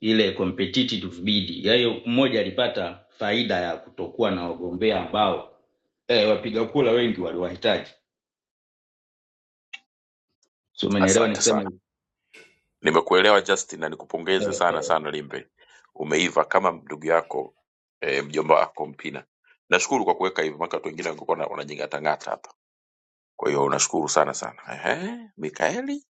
K: ile competitive bid, yaani mmoja alipata faida ya kutokuwa na wagombea ambao eh, wapiga kura wengi waliwahitaji. si umenielewa
A: asante sana
K: nikisema hivi
A: Nimekuelewa Justin na nikupongeze
K: eh,
A: sana
K: eh.
A: sana Limbe, umeiva kama ndugu yako e, mjomba wako Mpina. Nashukuru kwa kuweka hivyo, maana watu wengine wangekuwa na- wanajingatangata hapa. Kwa hiyo nashukuru sana sana. Ehe, Mikaeli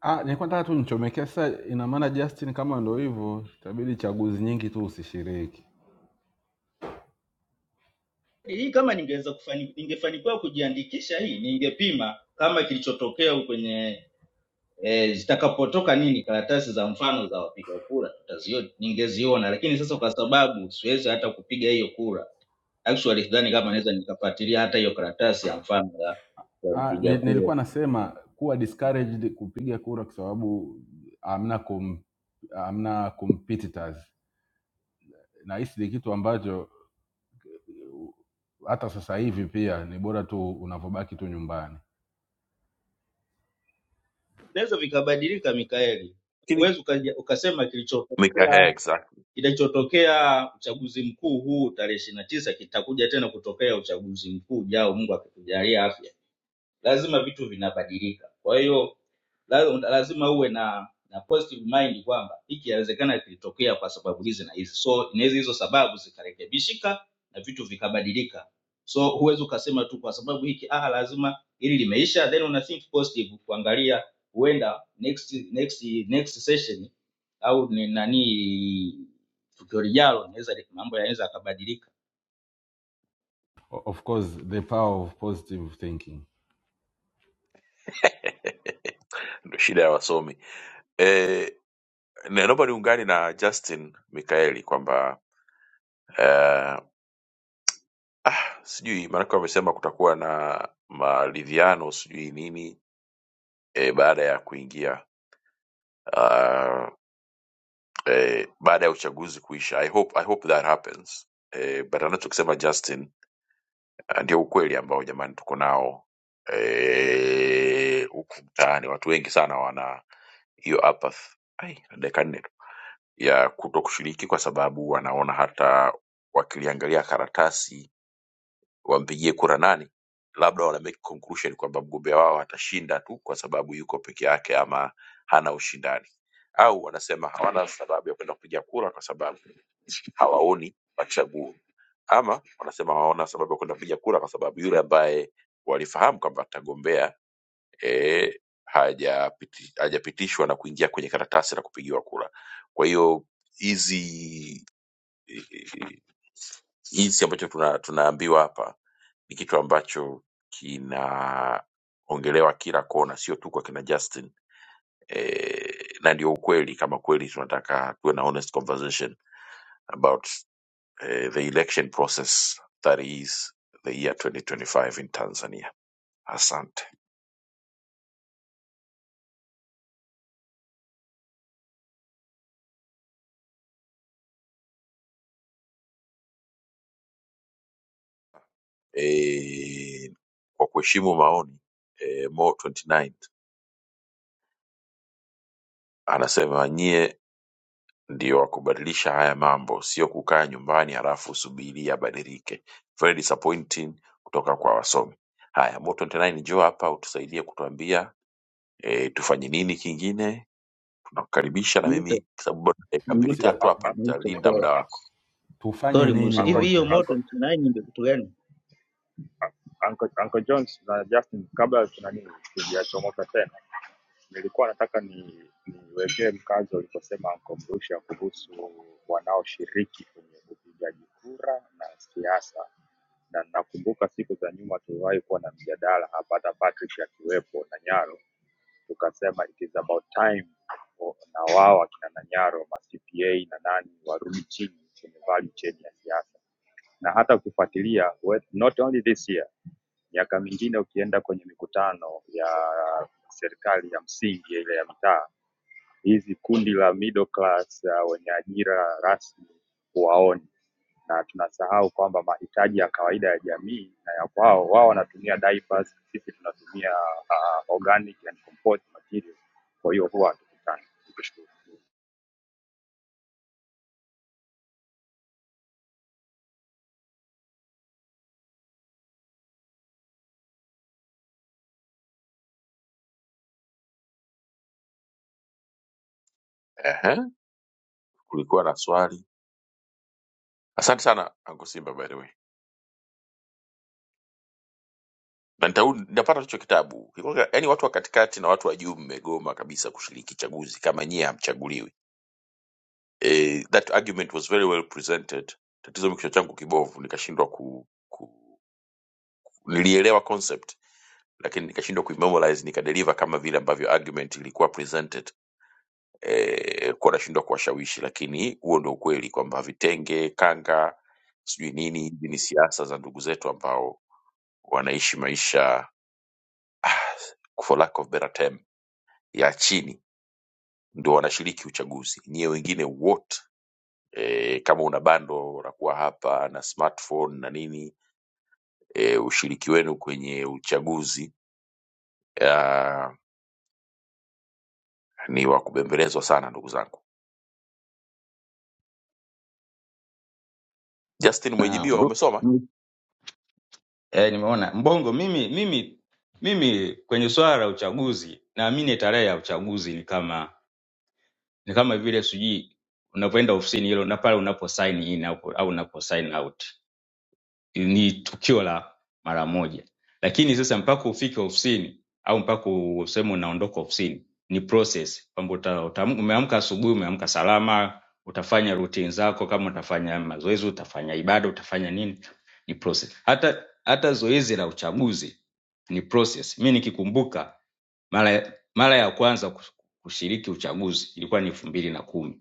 E: Ah, nilikuwa nataka tu nichomekea sasa. Ina maana Justin, kama ndo hivyo, itabidi chaguzi nyingi tu usishiriki.
K: hii kama ningeweza kufani, ningefanikiwa kujiandikisha hii ningepima kama kilichotokea kwenye e, zitakapotoka nini karatasi za mfano za wapiga kura tutaziona ningeziona lakini sasa kwa sababu siwezi hata kupiga hiyo kura actually sidhani kama naweza nikafuatilia hata hiyo karatasi ya mfano ya, ya
E: Ah,
K: mpiga
E: ni-
K: kura
E: nilikuwa nasema kuwa discouraged kupiga kura kwa sababu hamna com, hamna competitors. Nahisi ni kitu ambacho hata sasa hivi pia ni bora tu unavyobaki tu nyumbani.
K: vinaweza vikabadilika mikaeli
A: Lakini-
K: huwezi ukaja- ukasema
A: Mika,
K: kilichotokea
A: eh, exactly.
K: Kinachotokea uchaguzi mkuu huu tarehe ishirini na tisa kitakuja tena kutokea uchaguzi mkuu ujao, Mungu akitujalia afya. Lazima vitu vinabadilika, kwa hiyo la- lazima uwe na na positive mind kwamba hiki inawezekana kilitokea kwa sababu hizi na hizi so inaweza hizo sababu zikarekebishika na vitu vikabadilika so huwezi ukasema tu kwa sababu hiki ah lazima hili limeisha then una think positive kuangalia huenda next next next session au ni nani tukio lijalo inaweza li- mambo yanaweza yakabadilika
E: O- Of course the power of positive thinking.
A: Ndio shida ya wasomi e, naomba niungane na Justin Mikaeli kwamba eh, ah, sijui maanake wamesema kutakuwa na maridhiano sijui nini eh, baada ya kuingia ah, eh, baada ya uchaguzi kuisha. I hope, I hope that happens. Eh, but anachokisema Justin eh, ndio ukweli ambao jamani tuko nao eh, huku mtaani. Watu wengi sana wana hiyo apathy. Ai, na dakika nne tu ya kuto kushiriki kwa sababu wanaona hata wakiliangalia karatasi wampigie kura nani, labda wana make conclusion kwamba mgombea wao atashinda tu kwa sababu yuko peke yake ama hana ushindani, au wanasema hawana sababu ya kwenda kupiga kura kwa sababu hawaoni machaguo ama wanasema hawaona sababu ya kwenda kupiga kura kwa sababu yule ambaye walifahamu kwamba atagombea eh, hajapiti- hajapitishwa na kuingia kwenye karatasi la kupigiwa kura. Kwa hiyo hizi hizi ambacho tuna, tunaambiwa hapa ni kitu ambacho kinaongelewa kila kona, sio tu kwa kina Justin eh, na ndio ukweli, kama kweli tunataka tuwe na honest conversation about eh, the election process that is the year 2025 in Tanzania. Asante. Eh, kwa kuheshimu maoni eh, Mo 29 anasema nyie ndio wa kubadilisha haya mambo, sio kukaa nyumbani halafu usubiri yabadilike. Very disappointing kutoka kwa wasomi. Haya, Mo 29 njoo hapa utusaidie kutuambia eh, tufanye nini kingine. Tunakukaribisha na
K: Mrusha,
A: mimi kwa sababu bado dakika mbili
E: Si,
K: mrusha,
A: tatu
E: eh,
A: hapa
K: mrusha,
A: nitalinda muda
K: sorry.
A: wako.
E: tufanye
K: Sorry,
E: nini
K: mrusha. Hivi hiyo
E: wote?
I: Uncle,
K: moto ni tsunami ndio kitu gani?
I: Uncle, Uncle Jones na Justin, kabla tuna nini tujachomoka tena, nilikuwa nataka ni niwekee mkazo uliposema Uncle Mrusha kuhusu wanaoshiriki kwenye upigaji kura na siasa, na nakumbuka siku za nyuma tuliwahi kuwa na mjadala hapa, hata Patrick akiwepo na Nyaro, tukasema it is about time o- na wao akina Nanyaro ma CPA na nani warudi chini kwenye value chain ya siasa, na hata ukifuatilia we- not only this year Miaka mingine ukienda kwenye mikutano ya serikali ya msingi ile ya mitaa, hizi kundi la middle class uh, wenye ajira rasmi huwaoni, na tunasahau kwamba mahitaji ya kawaida ya jamii na ya kwao, wao wanatumia diapers, sisi tunatumia uh, organic and compost material, kwa hiyo huwa hatukutani. Nikushukuru.
A: Ehe, kulikuwa na swali Asante sana Anko Simba, by the way, na nitau- nitapata hicho kitabu. Kikweli, Yaani watu wa katikati na watu wa juu mmegoma kabisa kushiriki chaguzi kama nyie hamchaguliwi. Eh, that argument was very well presented. Tatizo ni kichwa changu kibovu, nikashindwa ku, ku nilielewa concept lakini nikashindwa kuimemorize nikadeliver kama vile ambavyo argument ilikuwa presented. Eh, kuwa nashindwa kuwashawishi, lakini huo ndio ukweli kwamba vitenge kanga sijui nini hizi ni siasa za ndugu zetu ambao wanaishi maisha for lack of better term ya chini ndio wanashiriki uchaguzi. Nyie wengine wote e, kama una bando unakuwa hapa na smartphone na nini e, ushiriki wenu kwenye uchaguzi ah, ni wa kubembelezwa sana ndugu zangu. Justin Mwejibiwa,
K: Naam.
A: umesoma?
K: Eh, nimeona Mbongo. Mimi mimi mimi kwenye swala la uchaguzi naamini tarehe ya uchaguzi ni kama ni kama vile sijui unavyoenda ofisini hilo na pale unapo sign in au, au unapo sign out ni tukio la mara moja lakini sasa mpaka ufike ofisini au mpaka useme unaondoka ofisini ni process kwamba uta- utaam- umeamka asubuhi umeamka salama utafanya routine zako kama utafanya mazoezi utafanya ibada utafanya nini ni process hata hata zoezi la uchaguzi ni process mi nikikumbuka mara mara ya kwanza kus- kushiriki uchaguzi ilikuwa ni elfu mbili na kumi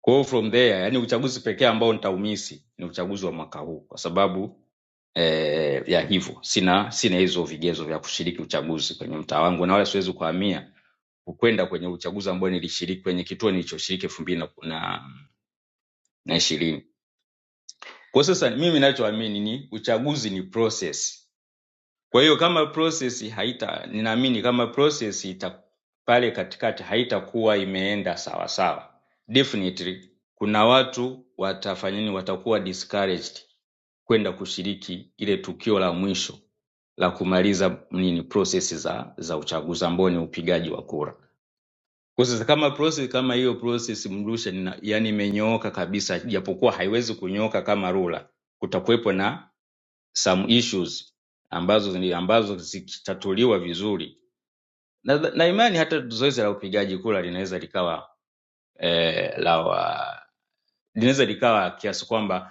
K: kwa hiyo from there yani uchaguzi pekee ambao nitaumisi ni uchaguzi wa mwaka huu kwa sababu eh, ya hivyo sina sina hizo vigezo vya kushiriki uchaguzi kwenye mtaa wangu, na wala siwezi kuhamia kwenda kwenye uchaguzi ambao nilishiriki kwenye kituo nilichoshiriki elfu mbili na na- na ishirini. Kwa sasa mimi ninachoamini ni uchaguzi ni process. Kwa hiyo kama process haita, ninaamini kama process ita pale katikati haitakuwa imeenda sawa sawa, definitely kuna watu watafanya nini, watakuwa discouraged kwenda kushiriki ile tukio la mwisho la kumaliza nini process za za uchaguzi ambao ni upigaji wa kura. Kwa sasa kama process kama hiyo process mrusha nina, yani imenyooka kabisa, japokuwa haiwezi kunyooka kama rula, kutakuwepo na some issues ambazo ni- ambazo zikitatuliwa vizuri na, na imani hata zoezi la upigaji kula linaweza likawa eh, la wa- linaweza likawa kiasi kwamba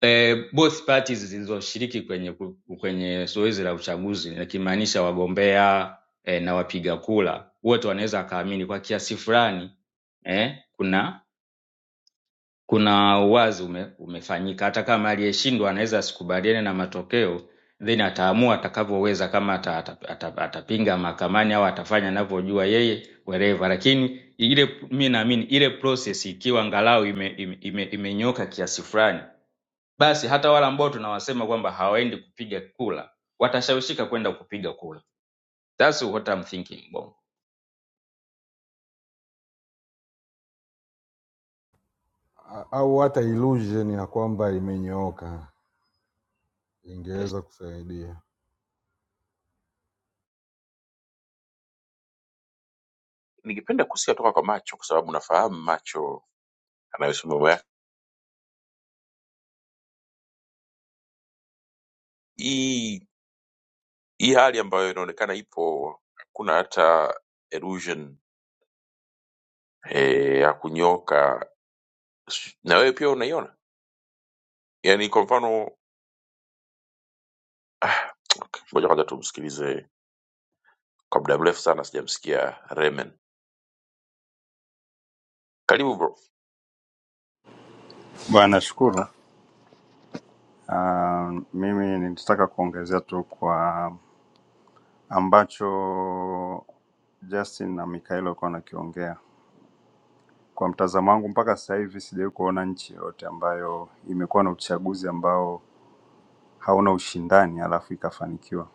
K: eh, both parties zilizoshiriki kwenye ku- kwenye zoezi la uchaguzi nikimaanisha wagombea eh, na wapiga kura wote wanaweza wakaamini kwa kiasi fulani eh, kuna kuna uwazi ume, umefanyika hata kama aliyeshindwa anaweza asikubaliane na matokeo then ataamua atakavyoweza kama ata, ata, ata, atapinga mahakamani au atafanya anavyojua yeye wherever lakini ile mi naamini ile process ikiwa angalau imenyoka ime, ime, ime imenyoka kiasi fulani basi hata wale ambao tunawasema kwamba hawaendi kupiga kura watashawishika kwenda kupiga kura. That's what I'm thinking, Bongo.
E: A- au hata illusion ya kwamba imenyooka
K: Yes.
E: ingeweza kusaidia.
A: Ningependa kusikia toka kwa Macho kwa sababu nafahamu Macho anayosoma mambo yake. Hii hii hali ambayo inaonekana ipo, hakuna hata illusion eh, ya kunyoka, na wewe pia unaiona? Yani kwa mfano, ah, ngoja kwanza tumsikilize kwa muda mrefu sana sijamsikia Remen. Karibu bro.
L: Bwana, shukuru. Uh, mimi nilitaka kuongezea tu kwa ambacho Justin na Mikael walikuwa wanakiongea. Kwa mtazamo wangu, mpaka sasa hivi sijawahi kuona nchi yoyote ambayo imekuwa na uchaguzi ambao hauna ushindani alafu ikafanikiwa.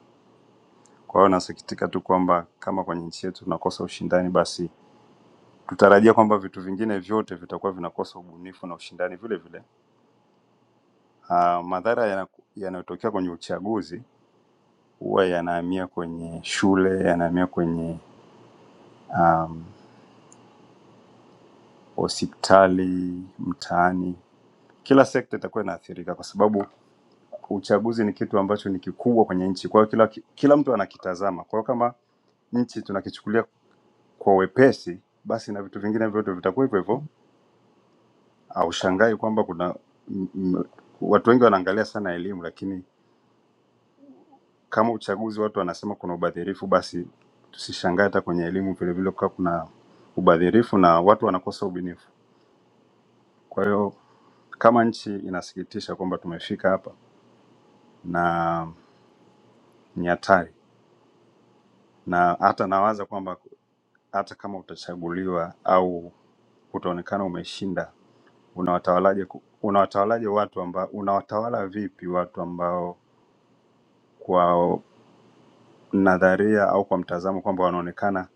L: Kwa hiyo nasikitika tu kwamba kama kwenye nchi yetu tunakosa ushindani, basi tutarajia kwamba vitu vingine vyote vitakuwa vinakosa ubunifu na ushindani vile vile. Uh, madhara yanaku- yanayotokea kwenye uchaguzi huwa yanahamia kwenye shule, yanahamia kwenye um, hospitali, mtaani. Kila sekta itakuwa inaathirika kwa sababu uchaguzi ni kitu ambacho ni kikubwa kwenye nchi. Kwa hiyo kila, kila mtu anakitazama. Kwa hiyo kama nchi tunakichukulia kwa wepesi, basi na vitu vingine vyote vitakuwa hivyo hivyo. Aushangai kwamba kuna m, m, watu wengi wanaangalia sana elimu, lakini Kama uchaguzi watu wanasema kuna ubadhirifu, basi tusishangae hata kwenye elimu vilevile kukawa kuna ubadhirifu na watu wanakosa ubunifu. Kwa hiyo kama nchi inasikitisha kwamba tumefika hapa na ni hatari, na hata nawaza kwamba hata kama utachaguliwa au utaonekana umeshinda, unawatawalaje? ku- Unawatawalaje watu ambao unawatawala vipi watu ambao kwa nadharia au kwa mtazamo kwamba wanaonekana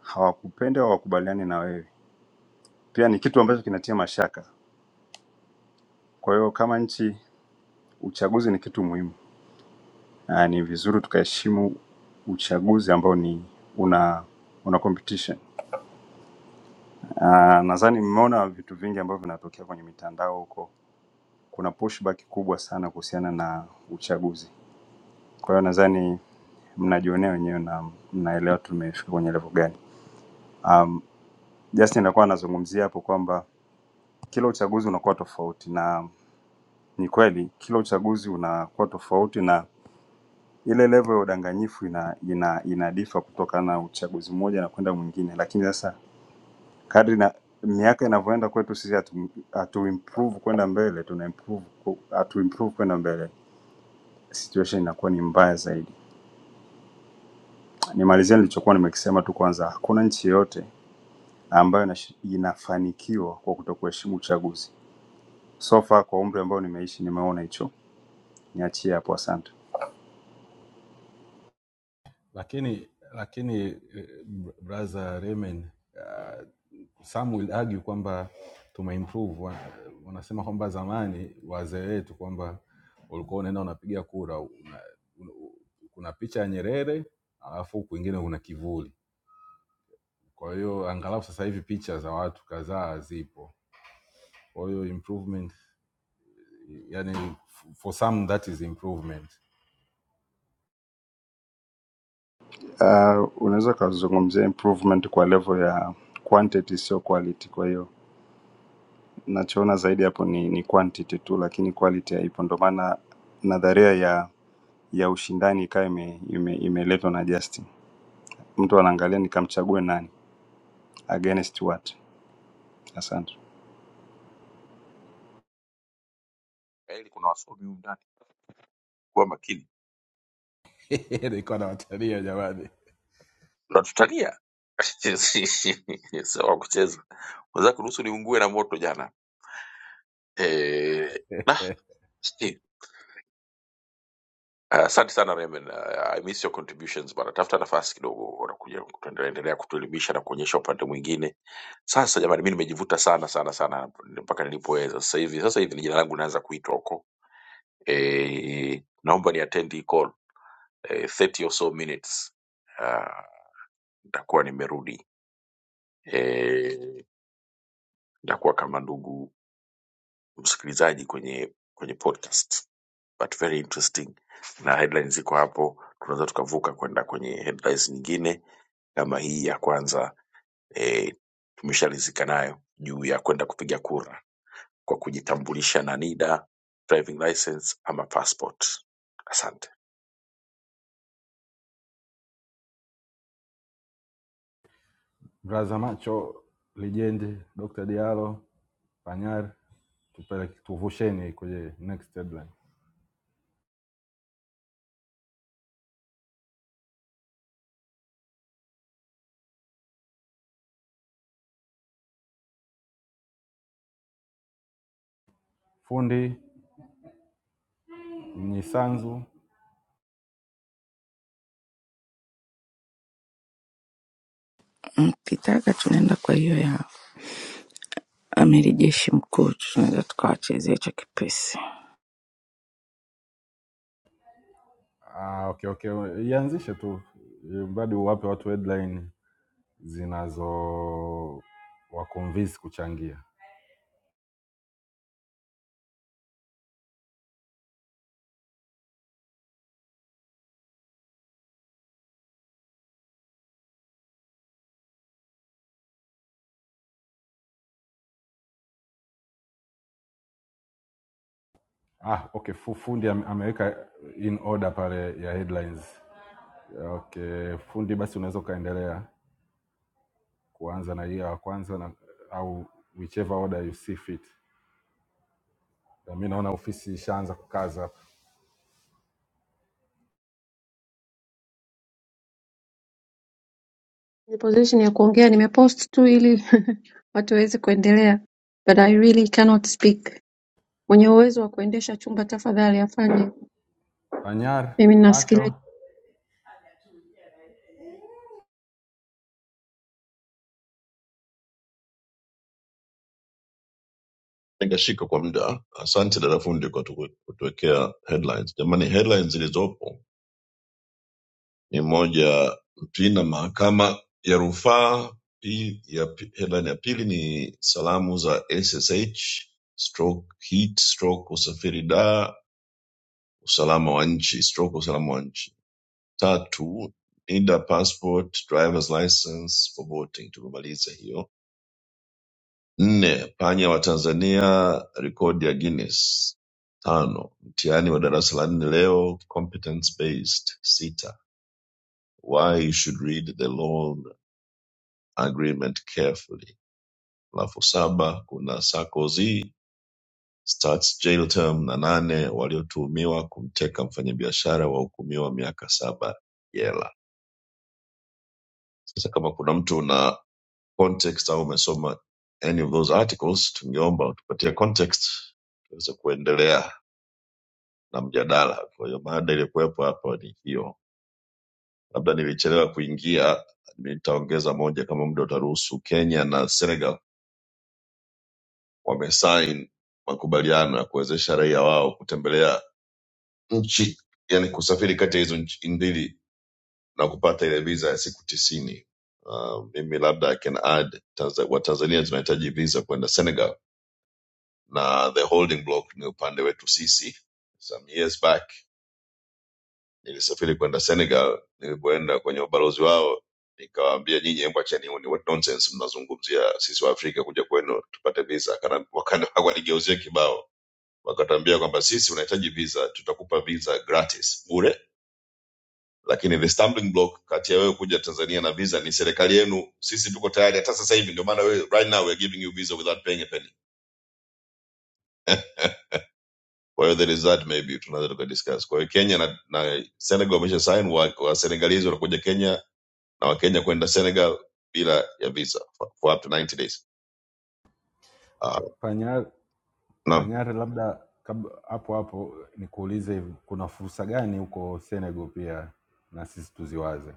L: hawakupendi au hawakubaliani na wewe? Pia ni kitu ambacho kinatia mashaka. Kwa hiyo kama nchi, uchaguzi ni kitu muhimu na ni vizuri tukaheshimu uchaguzi ambao ni una una competition. Ah, Nadhani mmeona vitu vingi ambavyo vinatokea kwenye mitandao huko, kuna pushback kubwa sana kuhusiana na uchaguzi. Kwa hiyo nadhani mnajionea wenyewe na mnaelewa tumefika kwenye level gani. Um, Justin alikuwa anazungumzia hapo kwamba kila uchaguzi unakuwa tofauti, na ni kweli kila uchaguzi unakuwa tofauti na ile level ya udanganyifu ina ina inadifa kutokana na uchaguzi mmoja na kwenda mwingine, lakini sasa kadri na miaka inavyoenda kwetu sisi hatu, hatu improve kwenda mbele, tuna improve ku- hatu improve kwenda mbele, situation inakuwa ni mbaya zaidi. Nimalizia nilichokuwa nimekisema tu kwanza, hakuna nchi yoyote ambayo inash- inafanikiwa kwa kutokuheshimu uchaguzi. So far kwa umri ambao nimeishi nimeona hicho, niachie hapo, asante.
E: lakini lakini eh, br- brother Raymond, uh, some will argue kwamba tumeimprove Wa- wanasema kwamba zamani wazee wetu kwamba ulikuwa unaenda unapiga kura una, una, kuna picha ya Nyerere alafu kwingine kuna kivuli. Kwa hiyo angalau sasa hivi picha za watu kadhaa zipo, kwa hiyo improvement, yani for some that is improvement.
L: Uh, unaweza ukazungumzia improvement kwa level ya quantity, sio quality, kwa hiyo nachoona zaidi hapo ni, ni quantity tu, lakini quality haipo. Ndo maana nadharia ya ya ushindani ikawa imeletwa ime, ime, imeletwa na Justin. Mtu anaangalia nikamchague nani against what. Asante.
A: Kweli kuna wasomi humu ndani, kuwa makini,
E: nilikuwa nawatalia jamani.
A: unatutalia sawa wa kucheza weza kuruhusu niungue na moto jana. Eh,
E: Eh,
A: nah, si. Ah, Asante sana Remen, Ah, I miss your contributions bana. Tafuta nafasi kidogo, unakuja tuendelea kutuelimisha na kuonyesha upande mwingine. Sasa jamani, mi nimejivuta sana sana sana mpaka nilipoweza. Sasa hivi sasa hivi jina langu linaanza kuitwa huko. Eh, naomba ni attend hii call eh, 30 or so minutes ah, nitakuwa nimerudi eh, nitakuwa kama ndugu msikilizaji kwenye kwenye podcast but very interesting na headlines ziko hapo tunaweza tukavuka kwenda kwenye headlines nyingine kama hii ya kwanza eh, tumeshalizika nayo juu ya kwenda kupiga kura kwa kujitambulisha na NIDA, driving license ama passport. Asante.
E: Mlaza macho lijendi Dr. Diallo Panyari, tupeleke tuvusheni kwenye next headline. Fundi Mnyisanzu.
H: Mkitaka tunaenda kwa hiyo ya amiri jeshi mkuu, tunaweza tukawachezea hicho kipesi.
E: Ah, okay, okay. Ianzishe tu ili mradi uwape watu headline zinazo waconvince kuchangia. Ah, okay. fu- Fundi ame- ameweka in order pale ya headlines. Okay, fundi, basi unaweza ukaendelea kuanza na hiyo ya kwanza na, au whichever order you see fit. Na Mi naona ofisi ishaanza kukaza.
J: ni position ya kuongea nimepost tu ili watu waweze kuendelea. But I really cannot speak. Mwenye uwezo wa kuendesha chumba tafadhali afanye.
E: Panyar
J: Mimi ninasikiliza.
E: macho
M: Ningashika kwa muda. Asante dada fundi kwa tuku- kutuwekea headlines. Jamani, headlines zilizopo ni moja, Mpina mahakama ya rufaa. Hii ya pi- headline ya pili ni salamu za SSH stroke heat stroke usafiri da usalama wa nchi stroke usalama wa nchi. Tatu, NIDA passport drivers license for boating. Tumemaliza hiyo nne Panya wa Tanzania rekodi ya Guinness tano Mtihani wa darasa la nne leo competence based sita Why you should read the loan agreement carefully alafu saba kuna Sarkozy starts jail term na nane waliotuhumiwa kumteka mfanyabiashara wahukumiwa miaka saba jela. Sasa kama kuna mtu una context au umesoma any of those articles, tungeomba utupatie context tuweze kuendelea na mjadala. Kwa hiyo mada iliyokuwepo hapa ni hiyo, labda nilichelewa kuingia, nitaongeza moja kama muda utaruhusu. Kenya na Senegal wamesain makubaliano ya kuwezesha raia wao kutembelea nchi, yani kusafiri kati ya hizo nchi mbili na kupata ile visa ya siku tisini. Uh, mimi labda I can add Tanza- Watanzania tunahitaji visa kwenda Senegal na the holding block ni upande wetu sisi some years back nilisafiri kwenda senegal nilipoenda kwenye ubalozi wao nikawaambia nyinyi hebu acheni huu ni what nonsense mnazungumzia sisi wa afrika kuja kwenu tupate visa Kana- wakana- waligeuzie kibao wakatuambia kwamba sisi unahitaji visa tutakupa visa gratis bure lakini the stumbling block kati ya wewe kuja tanzania na visa ni serikali yenu sisi tuko tayari hata sasa hivi ndio maana wewe- right now we're giving you visa without paying a penny kwa hiyo there is that maybe tunaweza tukadiscuss kwa hiyo kenya na, na senegal wamesha sign wa, wa senegalizi wanakuja kenya na wakenya kwenda senegal bila ya visa for, for up to 90 days uh,
E: pa, panyar
M: naam
E: Panyar, labda kab- hapo hapo nikuulize, hivi, kuna fursa gani huko Senegal pia na sisi tuziwaze?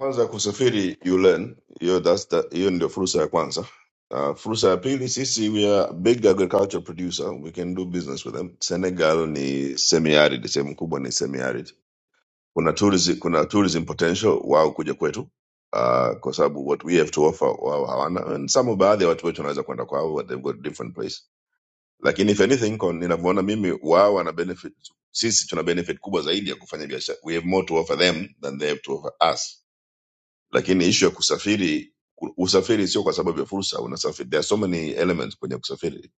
M: kwanza kusafiri you learn hiyo that's the- hiyo ndio fursa ya kwanza uh, fursa ya pili sisi we are a big agriculture producer we can do business with them senegal ni semi arid sehemu kubwa ni semi arid kuna tourism, kuna tourism potential wao kuja kwetu uh, kwa sababu what we have to offer wao hawana and some of baadhi ya watu wetu wanaweza kwenda kwao but they've got different place lakini if anything kwa ninavyoona mimi wao wana benefit sisi tuna benefit kubwa zaidi ya kufanya biashara we have more to offer them than they have to offer us lakini ishu ya kusafiri u- usafiri sio kwa sababu ya fursa unasafiri there are so many elements kwenye kusafiri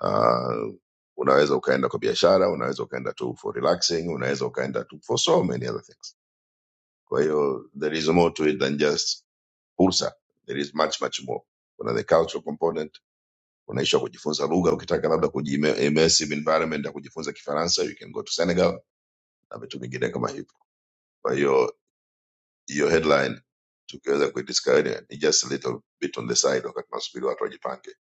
M: uh, unaweza ukaenda kwa biashara unaweza ukaenda tu for relaxing unaweza ukaenda tu for so many other things kwa hiyo there is more to it than just fursa there is much much more kuna the cultural component unaisha kujifunza lugha ukitaka labda kuji- immersive environment ya kujifunza kifaransa you can go to senegal na vitu vingine kama hivyo kwa hiyo hiyo headline tukiweza kuidiscover ni just a little bit on the side wakati tunasubiri watu wajipange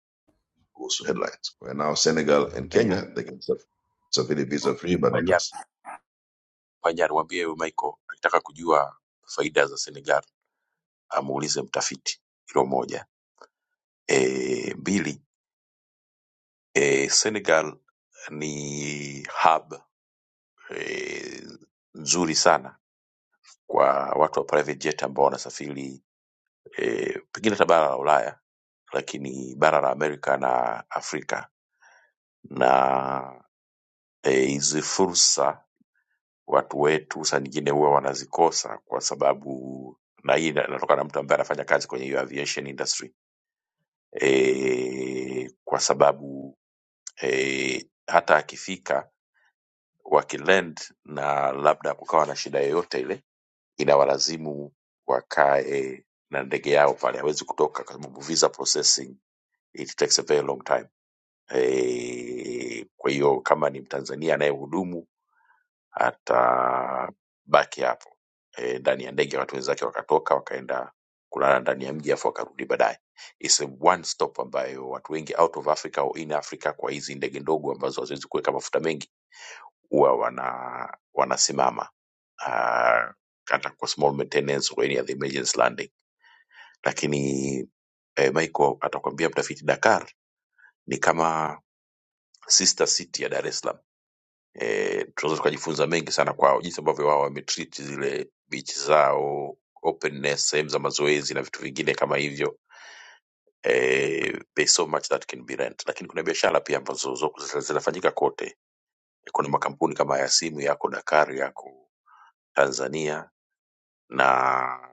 M: kuhusu headlines kwa hiyo now senegal and
A: Panyar,
M: kenya they can saf- safiri visa free but not
A: Panyar,
M: us
A: Panyar mwambie huyo Michael akitaka kujua faida za Senegal amuulize mtafiti hilo moja e, mbili e, Senegal ni hub e, nzuri sana kwa watu wa private jet ambao wanasafiri e, pengine hata bara la Ulaya lakini bara la Amerika na Afrika na eh, hizi e, fursa watu wetu saa nyingine huwa wanazikosa kwa sababu na hii ina- inatoka na mtu ambaye anafanya kazi kwenye hiyo aviation industry e, kwa sababu eh, hata akifika wakilend na labda kukawa na shida yoyote ile inawalazimu wakae na ndege yao pale hawezi kutoka kwa sababu visa processing it takes a very long time e, kwa hiyo kama ni mtanzania anayehudumu atabaki hapo eh, ndani ya ndege watu wenzake wakatoka wakaenda kulala ndani ya mji afu wakarudi baadaye It's a one stop ambayo watu wengi out of africa au in africa kwa hizi ndege ndogo ambazo haziwezi kuweka mafuta mengi huwa wana wanasimama ah, hata kwa small maintenance or any other emergency landing lakini eh, Michael atakwambia mtafiti Dakar ni kama sister city ya Dar es Salaam. Eh, tunaweza tukajifunza mengi sana kwao, jinsi ambavyo wao wametreat zile beach zao, openness, sehemu za mazoezi na vitu vingine kama hivyo. Eh, there's so much that can be learned. Lakini kuna biashara pia ambazo zo- zina- zinafanyika kote. Kuna makampuni kama ya simu yako Dakar, yako Tanzania, na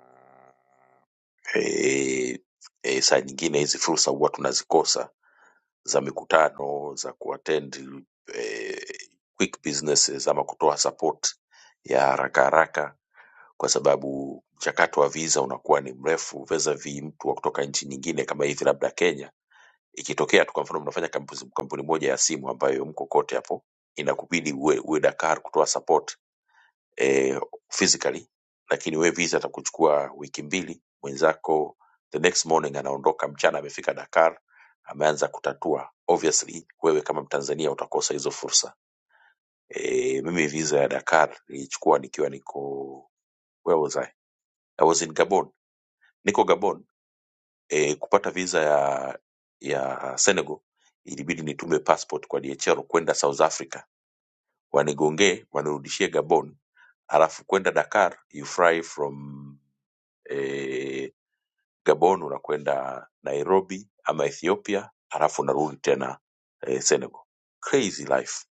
A: eh, eh, saa nyingine hizi fursa huwa tunazikosa za mikutano za kuattend eh, quick businesses ama kutoa support ya haraka haraka kwa sababu mchakato wa visa unakuwa ni mrefu vis mtu wa kutoka nchi nyingine kama hivi labda Kenya ikitokea tu kwa mfano mnafanya kampuni, kampuni moja ya simu ambayo mko kote hapo inakubidi uwe, uwe Dakar kutoa support eh, physically lakini wewe visa atakuchukua wiki mbili mwenzako the next morning anaondoka mchana amefika dakar ameanza kutatua obviously wewe kama mtanzania utakosa hizo fursa e, mimi visa ya dakar nilichukua nikiwa niko where was I? I was in gabon niko gabon e, kupata visa ya ya senegal ilibidi nitume passport kwa dhr kwenda south africa wanigongee wanirudishie gabon alafu kwenda dakar you fly from eh, Gabon unakwenda Nairobi ama Ethiopia halafu unarudi tena eh, Senegal. Crazy life.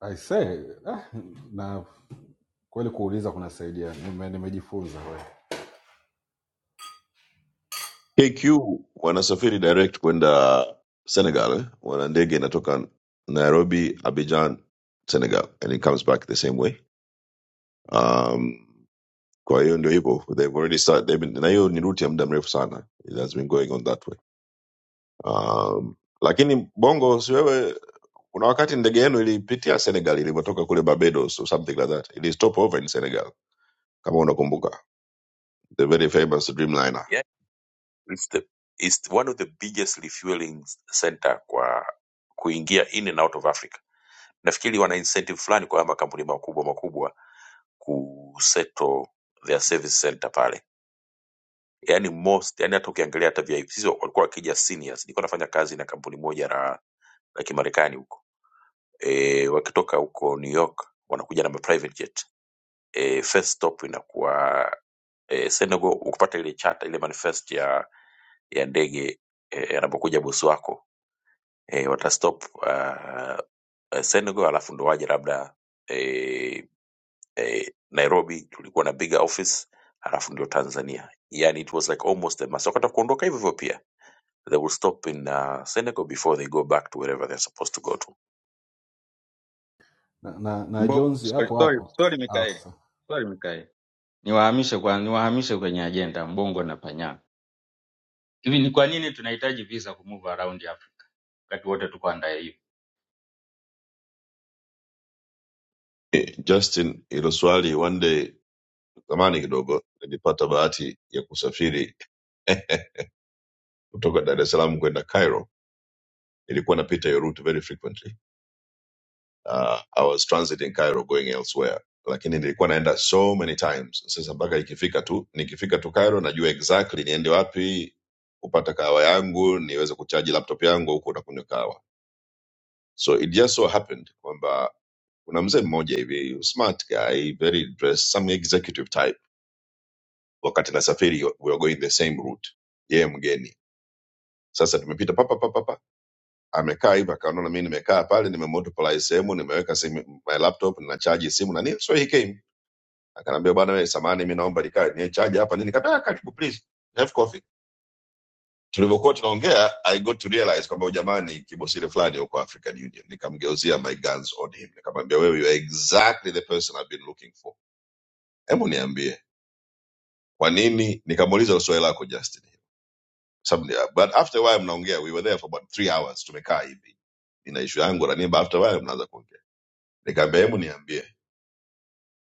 E: I say, ah, na kweli kuuliza kunasaidia, nime- nimejifunza kweli.
M: kq wanasafiri direct kwenda senegal eh? wana ndege inatoka nairobi abidjan senegal and it comes back the same way um, kwa hiyo ndio hivyo they've already start, they've been, na hiyo ni route ya muda mrefu sana it has been going on that way um, lakini bongo si wewe kuna wakati ndege yenu ilipitia senegal ilivyotoka kule barbados or something like that ili stop over in senegal kama unakumbuka the very famous dreamliner
A: Yeah. It's the it's one of the biggest refueling center kwa kuingia in and out of Africa. Nafikiri wana incentive fulani kwa haya makampuni makubwa makubwa kusettle their service center pale yani most yani hata ukiangalia hata VIPs walikuwa wakija seniors nilikuwa nafanya kazi na kampuni moja la la kimarekani huko e, wakitoka huko New York wanakuja na private jet e, first stop inakuwa e, Senegal. Ukipata ile chata ile manifest ya ya ndege e, anapokuja bosi wako e, watastop uh, Senegal, alafu ndo waje labda e, e, Nairobi tulikuwa na bigger office, alafu ndio Tanzania. Yani it was like almost the must. Wakati wa kuondoka hivyo hivyo pia they will stop in uh, Senegal before they go back to wherever they're supposed to go to.
E: na, na, na
K: Mbo,
E: Jones
K: sorry,
E: hapo
K: sorry,
E: hapo
K: sorry
E: ah, okay.
K: Mikael.
E: sawa.
K: Sorry Mikael. Niwahamishe kwa niwahamishe kwenye ajenda Mbongo na Panyako. Hivi ni kwa nini tunahitaji visa ku move around Africa? Wakati wote tuko under
M: Eh, justin hilo swali one day zamani kidogo nilipata bahati ya kusafiri kutoka Dar es Salaam kwenda Cairo. Nilikuwa napita hiyo route very frequently. Uh, I was transiting Cairo going elsewhere, lakini nilikuwa naenda so many times. Sasa mpaka ikifika tu nikifika tu Cairo najua exactly niende wapi kupata kahawa yangu niweze kuchaji laptop yangu huku na kunywa kahawa. So it just so happened kwamba kuna mzee mmoja hivi smart guy very dressed, some executive type. Wakati nasafiri we were going the same route, yeye mgeni Sasa tumepita papa papa papa, amekaa hivyo, akaona na mimi nimekaa pale, nimemotopolize sehemu, nimeweka simu, my laptop ninachaji simu na nini, so he came akaniambia, bwana wewe, samani, mimi naomba nikae ni charge hapa nini, kataa, karibu please have coffee. Tulivyokuwa tunaongea, I got to realize kwamba "Oh, jamani, kibosile fulani yuko African Union. Nikamgeuzia my guns on him, nikamwambia wewe, you are exactly the person I've been looking for. Hebu niambie kwa nini, nikamuuliza swali lako Justin some, but after a while mnaongea we were there for about three hours tumekaa hivi ina ishu yangu na nini, but after a while mnaanza kuongea nikaambia hebu niambie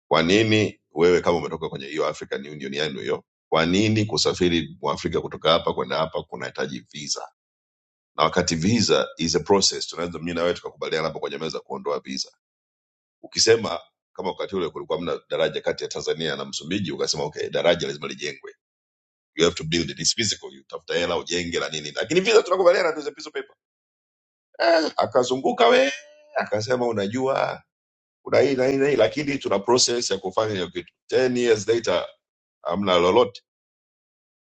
M: kwa nini wewe kama umetoka kwenye hiyo african union yenu hiyo kwa nini kusafiri mwafrika kutoka hapa kwenda hapa kunahitaji visa na wakati visa is a process tunaweza mimi na wewe tukakubaliana hapo kwenye meza kuondoa visa ukisema kama wakati ule kulikuwa mna daraja kati ya tanzania na msumbiji ukasema okay daraja lazima lijengwe you have to build it. It's physical. You tafuta hela ujenge na nini, lakini visa tunakubaliana tu, is a piece of paper. eh, akazunguka we akasema unajua kuna hii na hii na hii lakini tuna process ya kufanya hiyo kitu 10 years later hamna lolote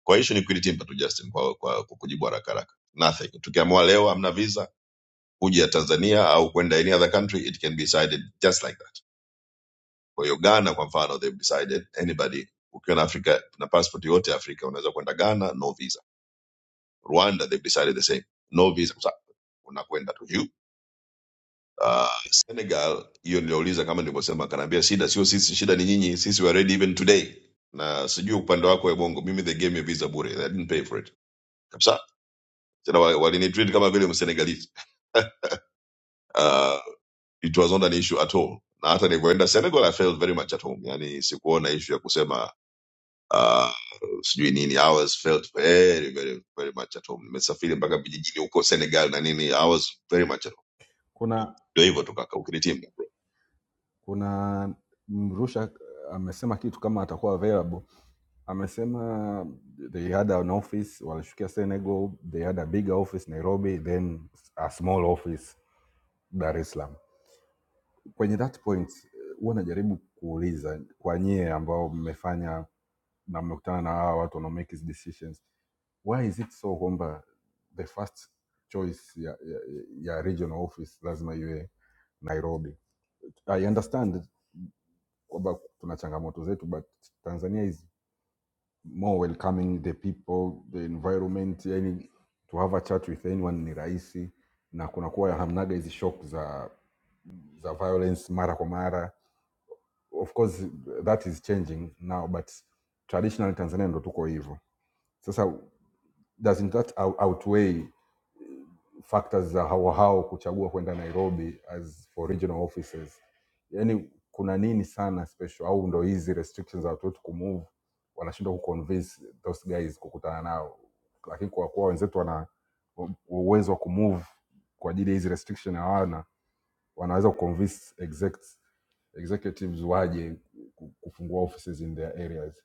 M: kwa hiyo ni kulitimba tu Justin kwa, kwa, kwa kujibu haraka haraka nothing tukiamua leo hamna visa kuja ya Tanzania au kwenda any other country it can be decided just like that kwa hiyo Ghana kwa mfano they've decided anybody ukiwa na Afrika na passport yote ya Afrika unaweza kwenda Ghana no visa Rwanda they've decided the same no visa Sa- unakwenda tu uh, Senegal hiyo niliouliza kama nilivyosema, akaniambia shida sio sisi, shida ni nyinyi, sisi we are ready even today. Na sijui upande wako Ebongo, mimi they gave me visa bure, I didn't pay for it kabisa. Tena wa- walinitreat kama vile msenegalese uh, it was not an issue at all. Na hata nilivyoenda Senegal, I felt very much at home, yani sikuona issue ya kusema uh, sijui nini. I was felt very very very much at home. Nimesafiri mpaka vijijini huko Senegal na nini, I was very much at home.
E: Kuna
M: Ndio hivyo tu kaka, ukinitimu.
E: kuna Mrusha amesema kitu kama atakuwa available amesema they had an office walishukia senegal they had a big office nairobi then a small office dar es salaam kwenye that point eh, huwa najaribu kuuliza kwa nyie ambao mmefanya na mmekutana na hawa watu wanao make hizi decisions why is it so kwamba the first choice ya, ya, ya regional office lazima iwe nairobi i understand kwamba tuna changamoto zetu but tanzania is more welcoming the people the environment yani to have a chat with anyone ni rahisi na kunakuwa hamnaga hizi shock za za violence mara kwa mara of course that is changing now but traditionally tanzania ndo tuko hivyo sasa doesn't that out- outweigh factors za hao hao kuchagua kwenda Nairobi as for regional offices. Yani kuna nini sana special, au ndo hizi restrictions za watu wetu kumove wanashindwa kuconvince those guys kukutana nao, lakini kwa kuwa wenzetu wana u- uwezo wa kumove kwa ajili ya hizi restriction hawana, wanaweza kuconvince exec, executives waje ku- kufungua offices in their areas.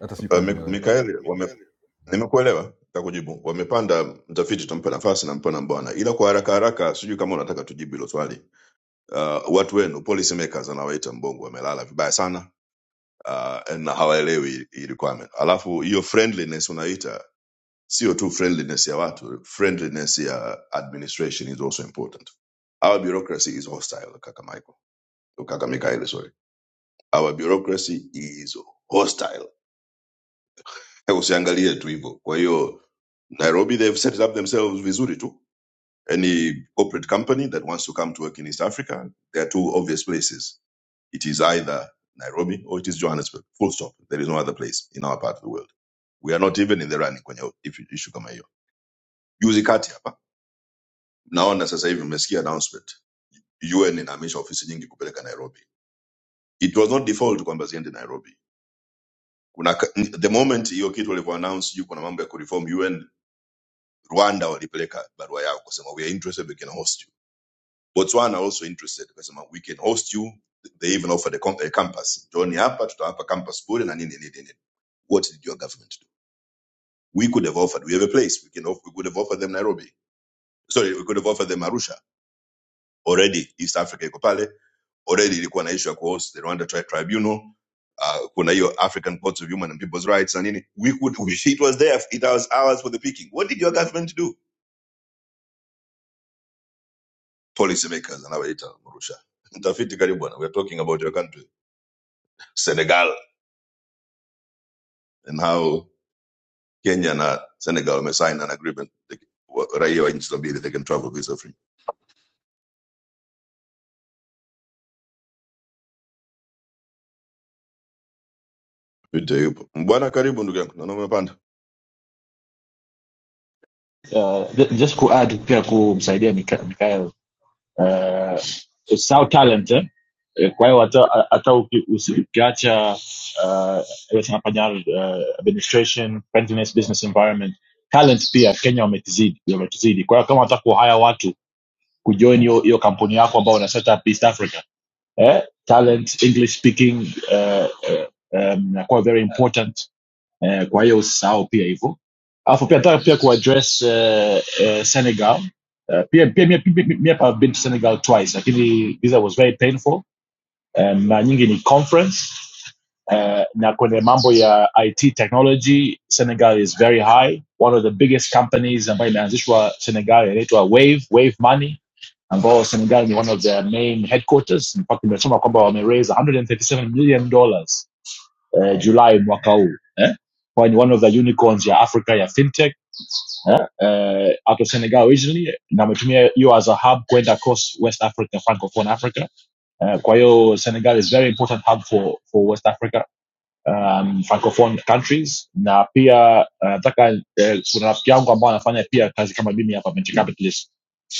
E: Hata sijui
M: Uh,
E: kama nimeeleweka.
M: Mikael, Nimekuelewa, nitakujibu. Wamepanda mtafiti, tutampa nafasi, nampa na mbwana, ila kwa haraka haraka, sijui kama unataka tujibu hilo swali. Uh, watu wenu policy makers anawaita Mbongo wamelala vibaya sana uh, na hawaelewi hii hii requirement. Alafu hiyo friendliness unaita sio tu friendliness ya watu, friendliness ya administration is also important. Our bureaucracy is hostile, kaka Michael, kaka Mikael, sorry. Our bureaucracy is hostile, usiangalie tu hivyo. Kwa hiyo Nairobi they've set it up themselves vizuri tu Any corporate company that wants to come to work in East Africa, there are two obvious places. It is either Nairobi or it is Johannesburg. Full stop. There is no other place in our part of the world. We are not even in the running kwenye if- issue kama hiyo. Juzi kati hapa naona sasa hivi mmesikia announcement UN inahamisha ofisi nyingi kupeleka Nairobi. It was not default kwamba ziende Nairobi. Kuna ka- the moment hiyo kitu walivyoannounce juu kuna mambo ya kureform UN, Rwanda walipeleka barua yao kusema we are interested we can host you." Botswana also interested wakasema we can host you they even offered a, campus Johnny hapa tutawapa campus bure na nini nini nini what did your government do we could have offered we have a place we can off- we could have offered them Nairobi sorry we could have offered them Arusha already East Africa iko pale already ilikuwa na issue ya kuhost the Rwanda tri Tribunal uh, kuna hiyo African Court of Human and People's Rights na nini we could it was there it was ours for the picking what did your government do Policymakers makers anawaita Mrusha mtafiti karibu bwana we are talking about your country Senegal and how Kenya na Senegal wamesign an agreement they- wa- raia wa nchi hizo mbili they can travel visa free. Mtafiti yupo bwana, karibu ndugu yangu, naona umepanda.
N: uh, ju- just kuadd pia kumsaidia Mika- Mikael uh, saw talent eh? Eh, kwa hiyo hata hata uki- usi- ukiacha uh, ile tunafanya uh, administration friendliness business environment talent pia Kenya wametuzidi wametuzidi kwa hiyo kama unataka kuhaya watu kujoin hiyo hiyo kampuni yako ambao una set up East Africa eh? talent English speaking uh, uh, um, inakuwa very important eh, kwa hiyo usisahau pia hivyo alafu pia nataka pia kuaddress eh, eh, senegal eh, pia pia mia pia, pia, pia I've been to senegal twice lakini visa was very painful eh, na nyingi ni conference eh, na kwenye mambo ya it technology senegal is very high one of the biggest companies ambayo imeanzishwa senegal inaitwa wave wave money ambao senegal ni one of their main headquarters In fact, nimesoma kwamba wameraise 137 million dollars eh, julai mwaka huu eh? Kwa ni one of the unicorns ya africa ya fintech eh? eh, out of senegal originally na ametumia hiyo as a hub kwenda across west africa francophone africa eh, kwa hiyo senegal is very important hub for, for west africa um, francophone countries na pia uh, nataka eh, kuna rafiki yangu ambao anafanya pia kazi kama mimi hapa venture capitalist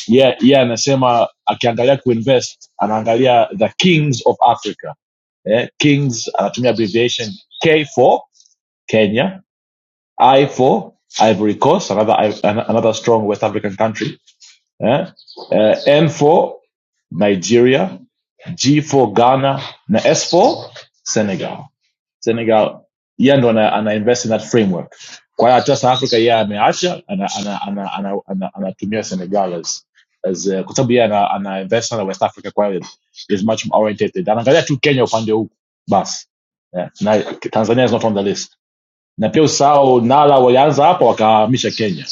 N: yeye yeah, yeah, anasema akiangalia kuinvest anaangalia the kings of africa eh, kings anatumia abbreviation k4 Kenya. I for Ivory Coast, another another strong West African country. eh? Uh, N for Nigeria, G for Ghana, na S for Senegal. Senegal yeye ndo ana, ana invest in that framework. Kwa hiyo hata South Africa yeye ameacha ana, ana, ana, ana, ana, anatumia ana Senegal as, as uh, kwa sababu yeye ana, ana invest sana West Africa, kwa hiyo is much more oriented. Anaangalia tu Kenya upande huu basi. Yeah. Na Tanzania is not on the list. na pia usao nala walianza hapa wakahamisha kenya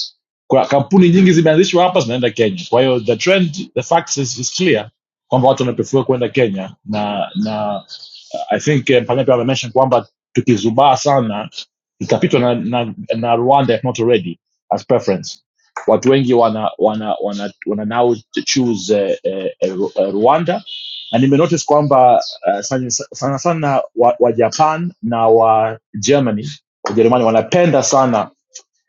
N: kwa kampuni nyingi zimeanzishwa hapa zinaenda kenya kwa hiyo the trend the facts is, is clear kwamba watu wanaprefer kwenda kenya na na I think eh, Mpanyaka amesema kwamba tukizubaa sana tutapitwa na, na, na Rwanda if not already as preference. Watu wengi wana wana wana, wana now choose eh, eh, eh, Ru- eh, Rwanda na nimenotice kwamba uh, sana sana, sana wa, wa Japan na wa Germany Wajerumani wanapenda sana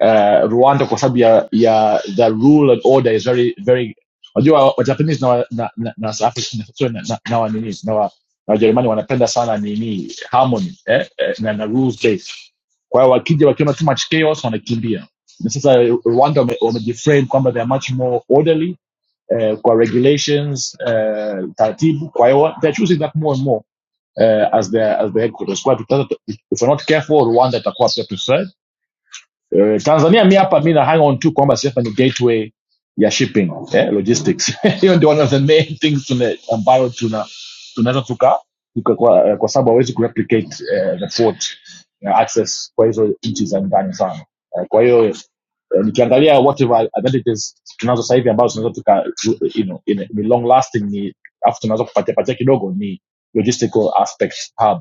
N: uh, Rwanda kwa sababu ya, ya the rule and order is very very unajua wa Japanese na wa- na na na South African sorry, na na na wa nini na wa na Wajerumani wanapenda sana nini harmony eh, eh, na, na rules based. Kwa hiyo wakija wakiona too much chaos wanakimbia. Na sasa Rwanda wame- wamejiframe kwamba they are much more orderly eh, kwa regulations eh, taratibu. Kwa hiyo they are choosing that more and more eh, as their as their headquarters. Kwa hiyo tutaanza- if we're not careful Rwanda itakuwa pia preferred Eh, tanzania mi hapa mi na hang on tu kwamba sisi hapa ni gateway ya shipping eh, logistics hiyo ndio one of the main things tuna, ambayo tuna tunaweza tuka, tuka kwa, eh, kwa sababu hawezi kureplicate eh, the port eh, access kwa hizo nchi za ndani sana eh, kwa hiyo eh, nikiangalia whatever advantages tunazo sasa hivi ambazo tunaweza tuka you know, in, ni long lasting ni afu tunaweza kupatia patia kidogo ni logistical aspect hub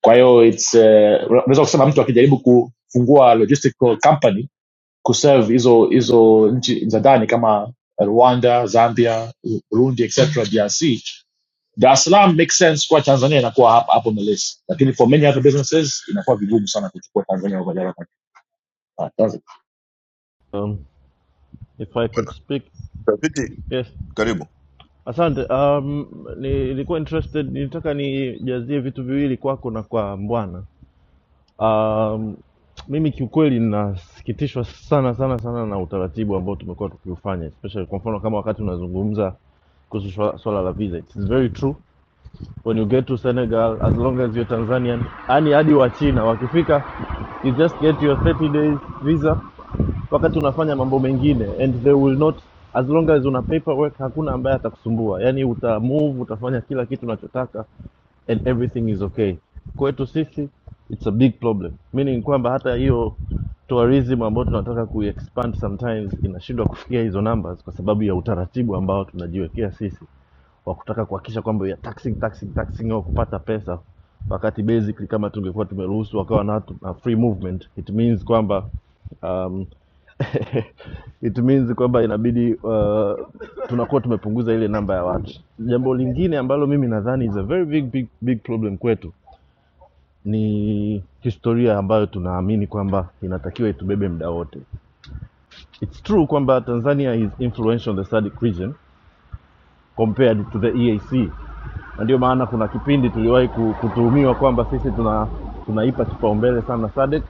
N: kwa hiyo it's eh, una- unaweza kusema mtu akijaribu kufungua logistical company kuserve hizo hizo nchi za ndani kama rwanda zambia U- burundi etc drc dar es salaam makes sense kwa tanzania inakuwa hapo hapo on the list lakini for many other businesses inakuwa vigumu sana kuchukua tanzania over there.
G: Um, if I could speak
M: Mtafiti
G: Yes.
M: karibu.
G: Asante. Um, nilikuwa interested, nilitaka nijazie vitu viwili kwako na kwa Mbwana. Um, mimi kiukweli nasikitishwa sana sana sana na utaratibu ambao tumekuwa tukiufanya, especially kwa mfano kama wakati unazungumza kuhusu swala swala la visa. It's very true. When you get to Senegal, as long as you're Tanzanian, yani hadi wa China wakifika, you just get your 30 days visa wakati unafanya mambo mengine and they will not as long as una paperwork hakuna ambaye atakusumbua yani uta move utafanya kila kitu unachotaka and everything is okay kwetu sisi it's a big problem meaning kwamba hata hiyo tourism ambayo tunataka kuexpand sometimes inashindwa kufikia hizo numbers kwa sababu ya utaratibu ambao tunajiwekea sisi wa kutaka kuhakikisha kwamba ya taxing taxing taxing au kupata pesa wakati basically kama tungekuwa tumeruhusu wakawa na, na free movement it means kwamba um it means kwamba inabidi uh, tunakuwa tumepunguza ile namba ya watu. Jambo lingine ambalo mimi nadhani is a very big, big, big problem kwetu ni historia ambayo tunaamini kwamba inatakiwa itubebe muda wote. It's true kwamba Tanzania is influential on the SADC region compared to the EAC, na ndio maana kuna kipindi tuliwahi ku- kutuhumiwa kwamba sisi tuna tunaipa kipaumbele sana SADC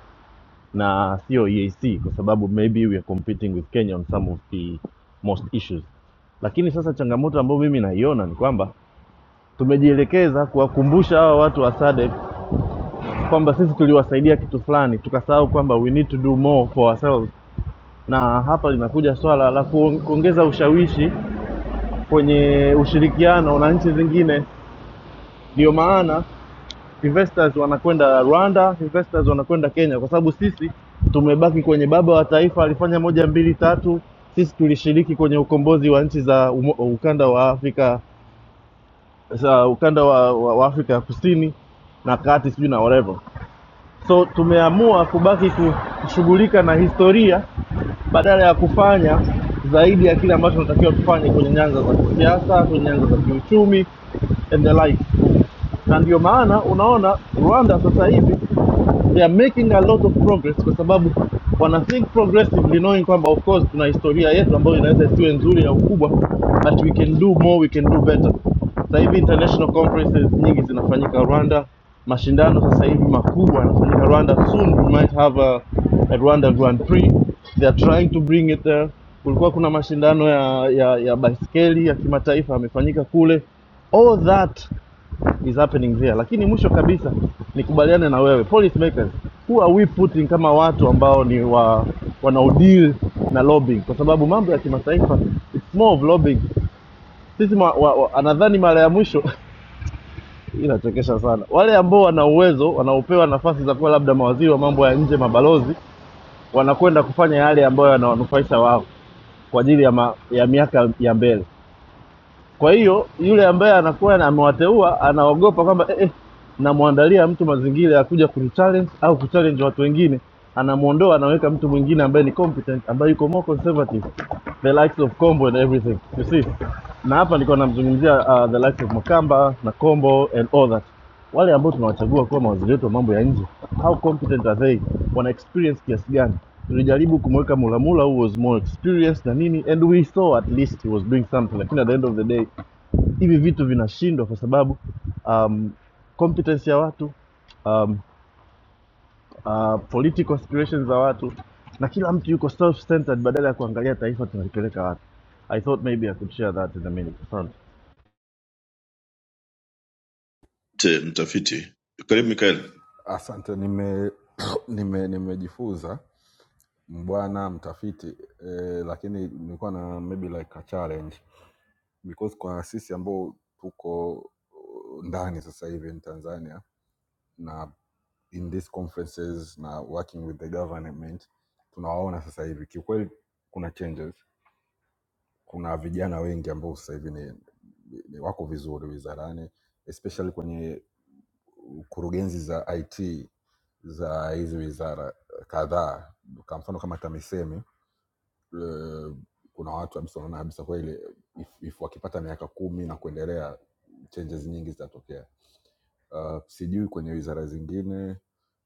G: na sio EAC kwa sababu maybe we are competing with Kenya on some of the most issues. Lakini sasa changamoto ambayo mimi naiona ni kwamba tumejielekeza kuwakumbusha hawa watu wa SADC kwamba sisi tuliwasaidia kitu fulani, tukasahau kwamba we need to do more for ourselves, na hapa linakuja swala la kuong- kuongeza ushawishi kwenye ushirikiano na nchi zingine. Ndio maana investors wanakwenda Rwanda, investors wanakwenda Kenya, kwa sababu sisi tumebaki kwenye baba wa taifa alifanya moja mbili tatu. Sisi tulishiriki kwenye ukombozi wa nchi za umo, ukanda wa Afrika za ukanda wa, wa, wa Afrika ya kusini na kati, sijui na whatever. So tumeamua kubaki kushughulika na historia badala ya kufanya zaidi ya kile ambacho tunatakiwa tufanye kwenye nyanja za kisiasa, kwenye nyanja za kiuchumi and the like. Na ndio maana unaona Rwanda sasa hivi they are making a lot of progress kwa sababu wana think progressively knowing kwamba of course tuna historia yetu ambayo inaweza isiwe nzuri au kubwa but we can do more we can do better sasa hivi international conferences nyingi zinafanyika rwanda mashindano sasa hivi makubwa yanafanyika rwanda soon we might have a, a rwanda grand prix they are trying to bring it there kulikuwa kuna mashindano ya ya, ya baiskeli ya kimataifa yamefanyika kule all that is happening there lakini mwisho kabisa nikubaliane na wewe policy makers who are we putting kama watu ambao ni wa wanaodeal na lobbying kwa sababu mambo ya kimataifa it's more of lobbying sisi ma, wa, wa, anadhani mara ya mwisho hii inachekesha sana wale ambao wana uwezo wanaopewa nafasi za kuwa labda mawaziri wa mambo ya nje mabalozi wanakwenda kufanya yale ambayo yanawanufaisha wao kwa ajili ya, ma, ya miaka ya mbele Kwa hiyo yule ambaye anakuwa na- amewateua anaogopa kwamba eh, eh, namwandalia mtu mazingira ya kuja kunichallenge au kuchallenge watu wengine, anamuondoa anaweka mtu mwingine ambaye ni competent, ambaye yuko more conservative, the likes of Combo and everything you see. Na hapa nilikuwa namzungumzia uh, the likes of Makamba na Combo and all that wale ambao tunawachagua kuwa mawaziri wetu wa mambo ya nje how competent are they wana experience kiasi gani tulijaribu kumweka mulamula who was more experienced na nini and we saw at least he was doing something lakini at the end of the day hivi vitu vinashindwa kwa sababu um, competence ya watu um, uh, political aspirations za watu na kila mtu yuko self-centered badala ya kuangalia taifa tunalipeleka wapi i thought maybe i could share that in a minute Asante.
M: Te, mtafiti karibu Mikael,
E: Asante, nime nimejifunza nime nimejifunza. bwana mtafiti eh, lakini nilikuwa na maybe like a challenge because kwa sisi ambao tuko ndani sasa hivi in Tanzania na in these conferences na working with the government tunawaona sasa hivi kiukweli kuna changes kuna vijana wengi ambao sasa hivi ni, ni wako vizuri wizarani especially kwenye kurugenzi za IT za hizi wizara kadhaa kwa mfano kama TAMISEMI eh, kuna watu kabisa unaona kabisa kwa ile if, if wakipata miaka kumi na kuendelea changes nyingi zitatokea. Uh, sijui kwenye wizara zingine,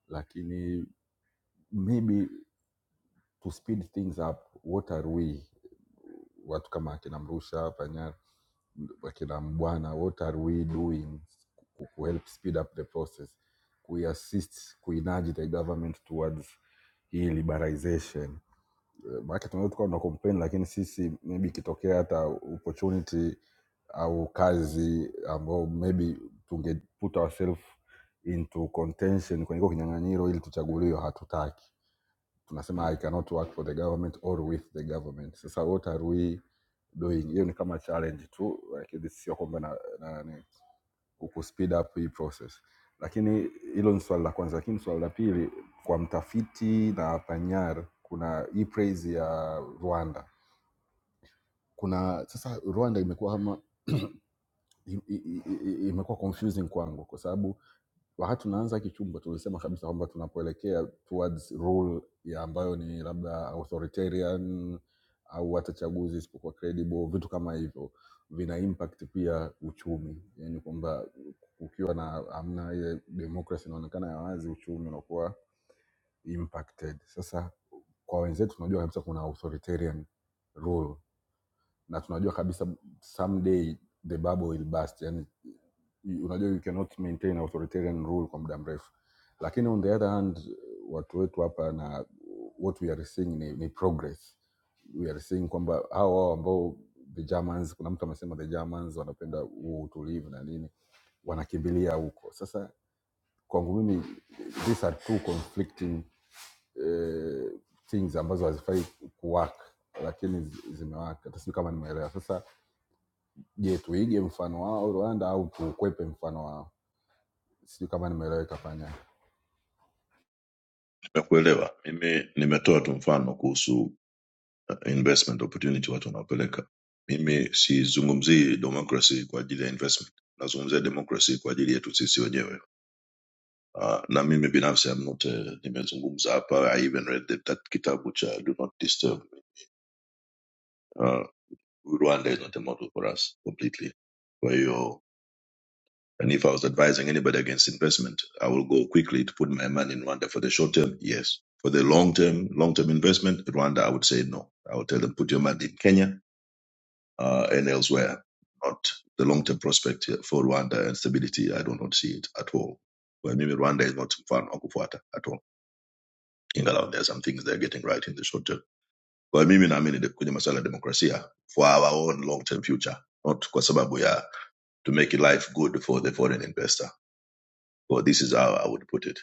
E: lakini maybe to speed things up, what are we watu kama akina Mrusha hapa Nyar, akina Mbwana, what are we doing ku ku- help speed up the process, kuiassist, kuinurge the government towards hii liberalization Eh, maanake tunaweza tukawa tuna complain lakini sisi maybe ikitokea hata opportunity au kazi ambao maybe tunge put ourselves into contention kwenye hiko kinyang'anyiro ili tuchaguliwe hatutaki tunasema i cannot work for the government or with the government sasa what are we doing hiyo ni kama challenge tu lakini sio kwamba na, na, na ku speed up hii process. Lakini hilo ni swali la kwanza, lakini swali la pili, kwa mtafiti na panyar, kuna hii praise ya Rwanda. Kuna sasa Rwanda imekuwa kama i- i- i- i- imekuwa confusing kwangu kwa sababu wakati tunaanza hiki chumba tulisema kabisa kwamba tunapoelekea towards rule ya ambayo ni labda authoritarian au hata chaguzi isipokuwa credible, vitu kama hivyo vina impact pia uchumi, yani kwamba ukiwa na amna ile democracy inaonekana ya wazi, uchumi unakuwa impacted. Sasa kwa wenzetu tunajua kabisa kuna authoritarian rule na tunajua kabisa someday the bubble will burst yani unajua you cannot maintain authoritarian rule kwa muda mrefu lakini on the other hand watu wetu hapa na what we are seeing ni, ni progress we are seeing kwamba hao hao ambao the germans kuna mtu amesema the germans wanapenda huo utulivu na nini wanakimbilia huko sasa kwangu mimi these are two conflicting eh, things ambazo hazifai kuwaka lakini zi- zimewaka hata sijui kama nimeelewa sasa Je, tuige mfano wao Rwanda au tukwepe mfano wao? Sijui kama nimeeleweka panya.
M: nimekuelewa. Mimi nimetoa tu mfano kuhusu uh, investment opportunity watu wanaopeleka. Mimi sizungumzii democracy kwa ajili ya investment, nazungumzia democracy kwa ajili yetu sisi wenyewe. Uh, na mimi binafsi I'm not, uh, nimezungumza hapa I even read that, that kitabu cha Do Not Disturb Me. Uh, Rwanda is not a model for us completely. For you, and if I was advising anybody against investment, I will go quickly to put my money in Rwanda for the short term. Yes, for the long term, long term investment, Rwanda, I would say no. I would tell them put your money in Kenya uh, and elsewhere. Not the long term prospect for Rwanda and stability. I do not see it at all. Kwa mimi Rwanda is not mfano wa kufuata at all. Ingalau there are some things they're getting right in the short term. Kwa mimi naamini de- kwenye masuala ya demokrasia for our own long term future, not kwa sababu ya to make life good for the foreign investor. So this is how I would put it.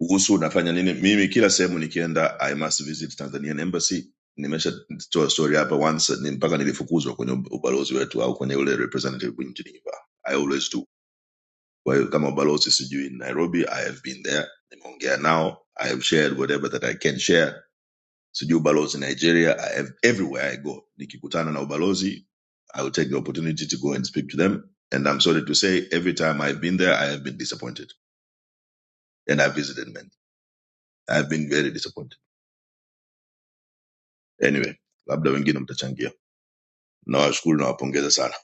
M: Kuhusu nafanya nini? Mimi kila sehemu nikienda I must visit Tanzanian embassy. Nimeshatoa story hapa once ni mpaka nilifukuzwa kwenye ubalozi wetu au kwenye ule representative nchini Cuba. I always do. Kwa hiyo kama ubalozi sijui in Nairobi, I have been there. Nimeongea nao. I have shared whatever that I can share sijui ubalozi nigeria I have, everywhere i go nikikutana na ubalozi i will take the opportunity to go and speak to them and i'm sorry to say every time i've been there i have been disappointed and i visited men i have been very disappointed anyway labda wengine mtachangia nawashukuru nawapongeza sana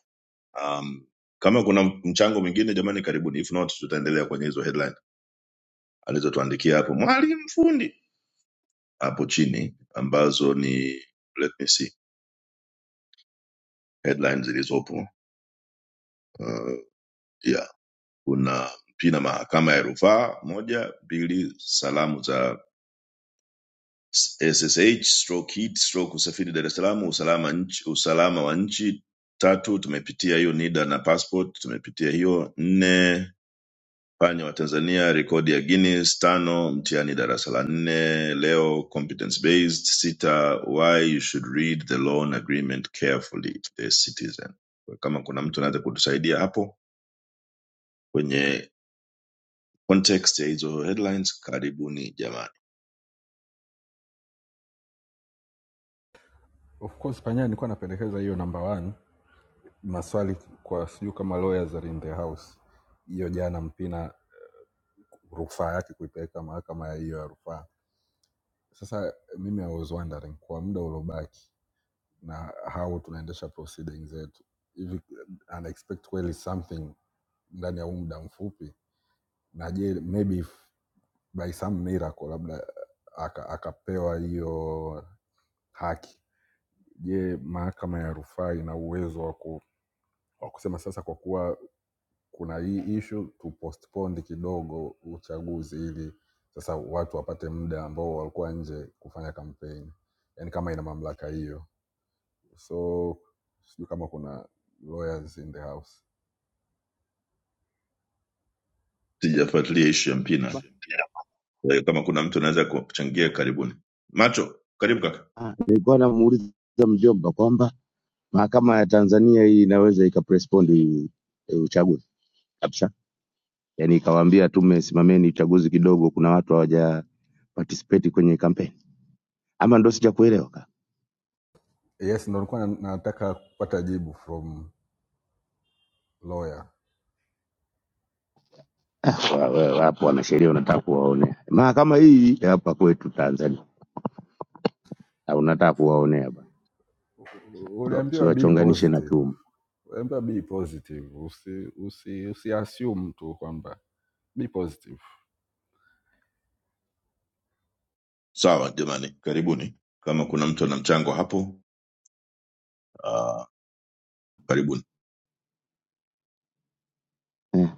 M: um, kama kuna mchango mwingine jamani karibuni if not tutaendelea kwenye hizo headline alizotuandikia hapo mwalimu fundi hapo chini ambazo ni let me see headlines zilizopo uh, yeah kuna pia mahakama ya rufaa moja mbili salamu za ssh stroke heat stroke usafiri dar es salaam usalama nchi usalama wa nchi tatu tumepitia hiyo nida na passport tumepitia hiyo nne panya wa tanzania rekodi ya guinness tano mtihani darasa la nne leo competence based sita why you should read the loan agreement carefully the citizen Kwa kama kuna mtu anaweza kutusaidia hapo kwenye context ya hizo headlines karibuni jamani
E: Of course panya, nilikuwa napendekeza hiyo number one, maswali kwa sijui kama lawyers are in the house. Hiyo jana Mpina rufaa yake kuipeleka mahakama ya hiyo ya rufaa. Sasa mimi I was wondering kwa muda uliobaki na how tunaendesha proceedings zetu hivi, unexpect kweli something ndani ya huu muda mfupi, na je maybe if by some miracle labda aka- akapewa hiyo haki. Je, mahakama ya rufaa ina uwezo wa ku, wa kusema sasa, kwa kuwa kuna hii issue tu postpone kidogo uchaguzi ili sasa watu wapate muda ambao walikuwa nje kufanya kampeni, yani kama ina mamlaka hiyo. So sijui kama kuna lawyers in the house.
M: sijafuatilia ishu ya mpina Kwa hiyo kama kuna mtu anaweza kuchangia karibuni macho karibu kaka
F: Ah, Nilikuwa namuuliza mjomba kwamba mahakama ya Tanzania hii inaweza ikaprespond eh, uchaguzi kabisa, yaani ikawaambia tume, simameni uchaguzi kidogo, kuna watu hawaja participate kwenye kampeni, ama ndo sijakuelewa?
E: Yes, ndo nilikuwa na- nataka kupata jibu from lawyer.
F: Wa- wa- Wapo wanasheria unataka kuwaonea. Mahakama hii ya hapa kwetu Tanzania na unataka kuwaonea bwana,
E: U-
F: So,
E: Uliambiwa be
F: usiwachonganishe na
E: positive.
F: chuma
E: Remember be positive. Usi usi usi assume tu kwamba be positive.
M: sawa jamani karibuni kama kuna mtu ana mchango hapo uh, karibuni
F: eh.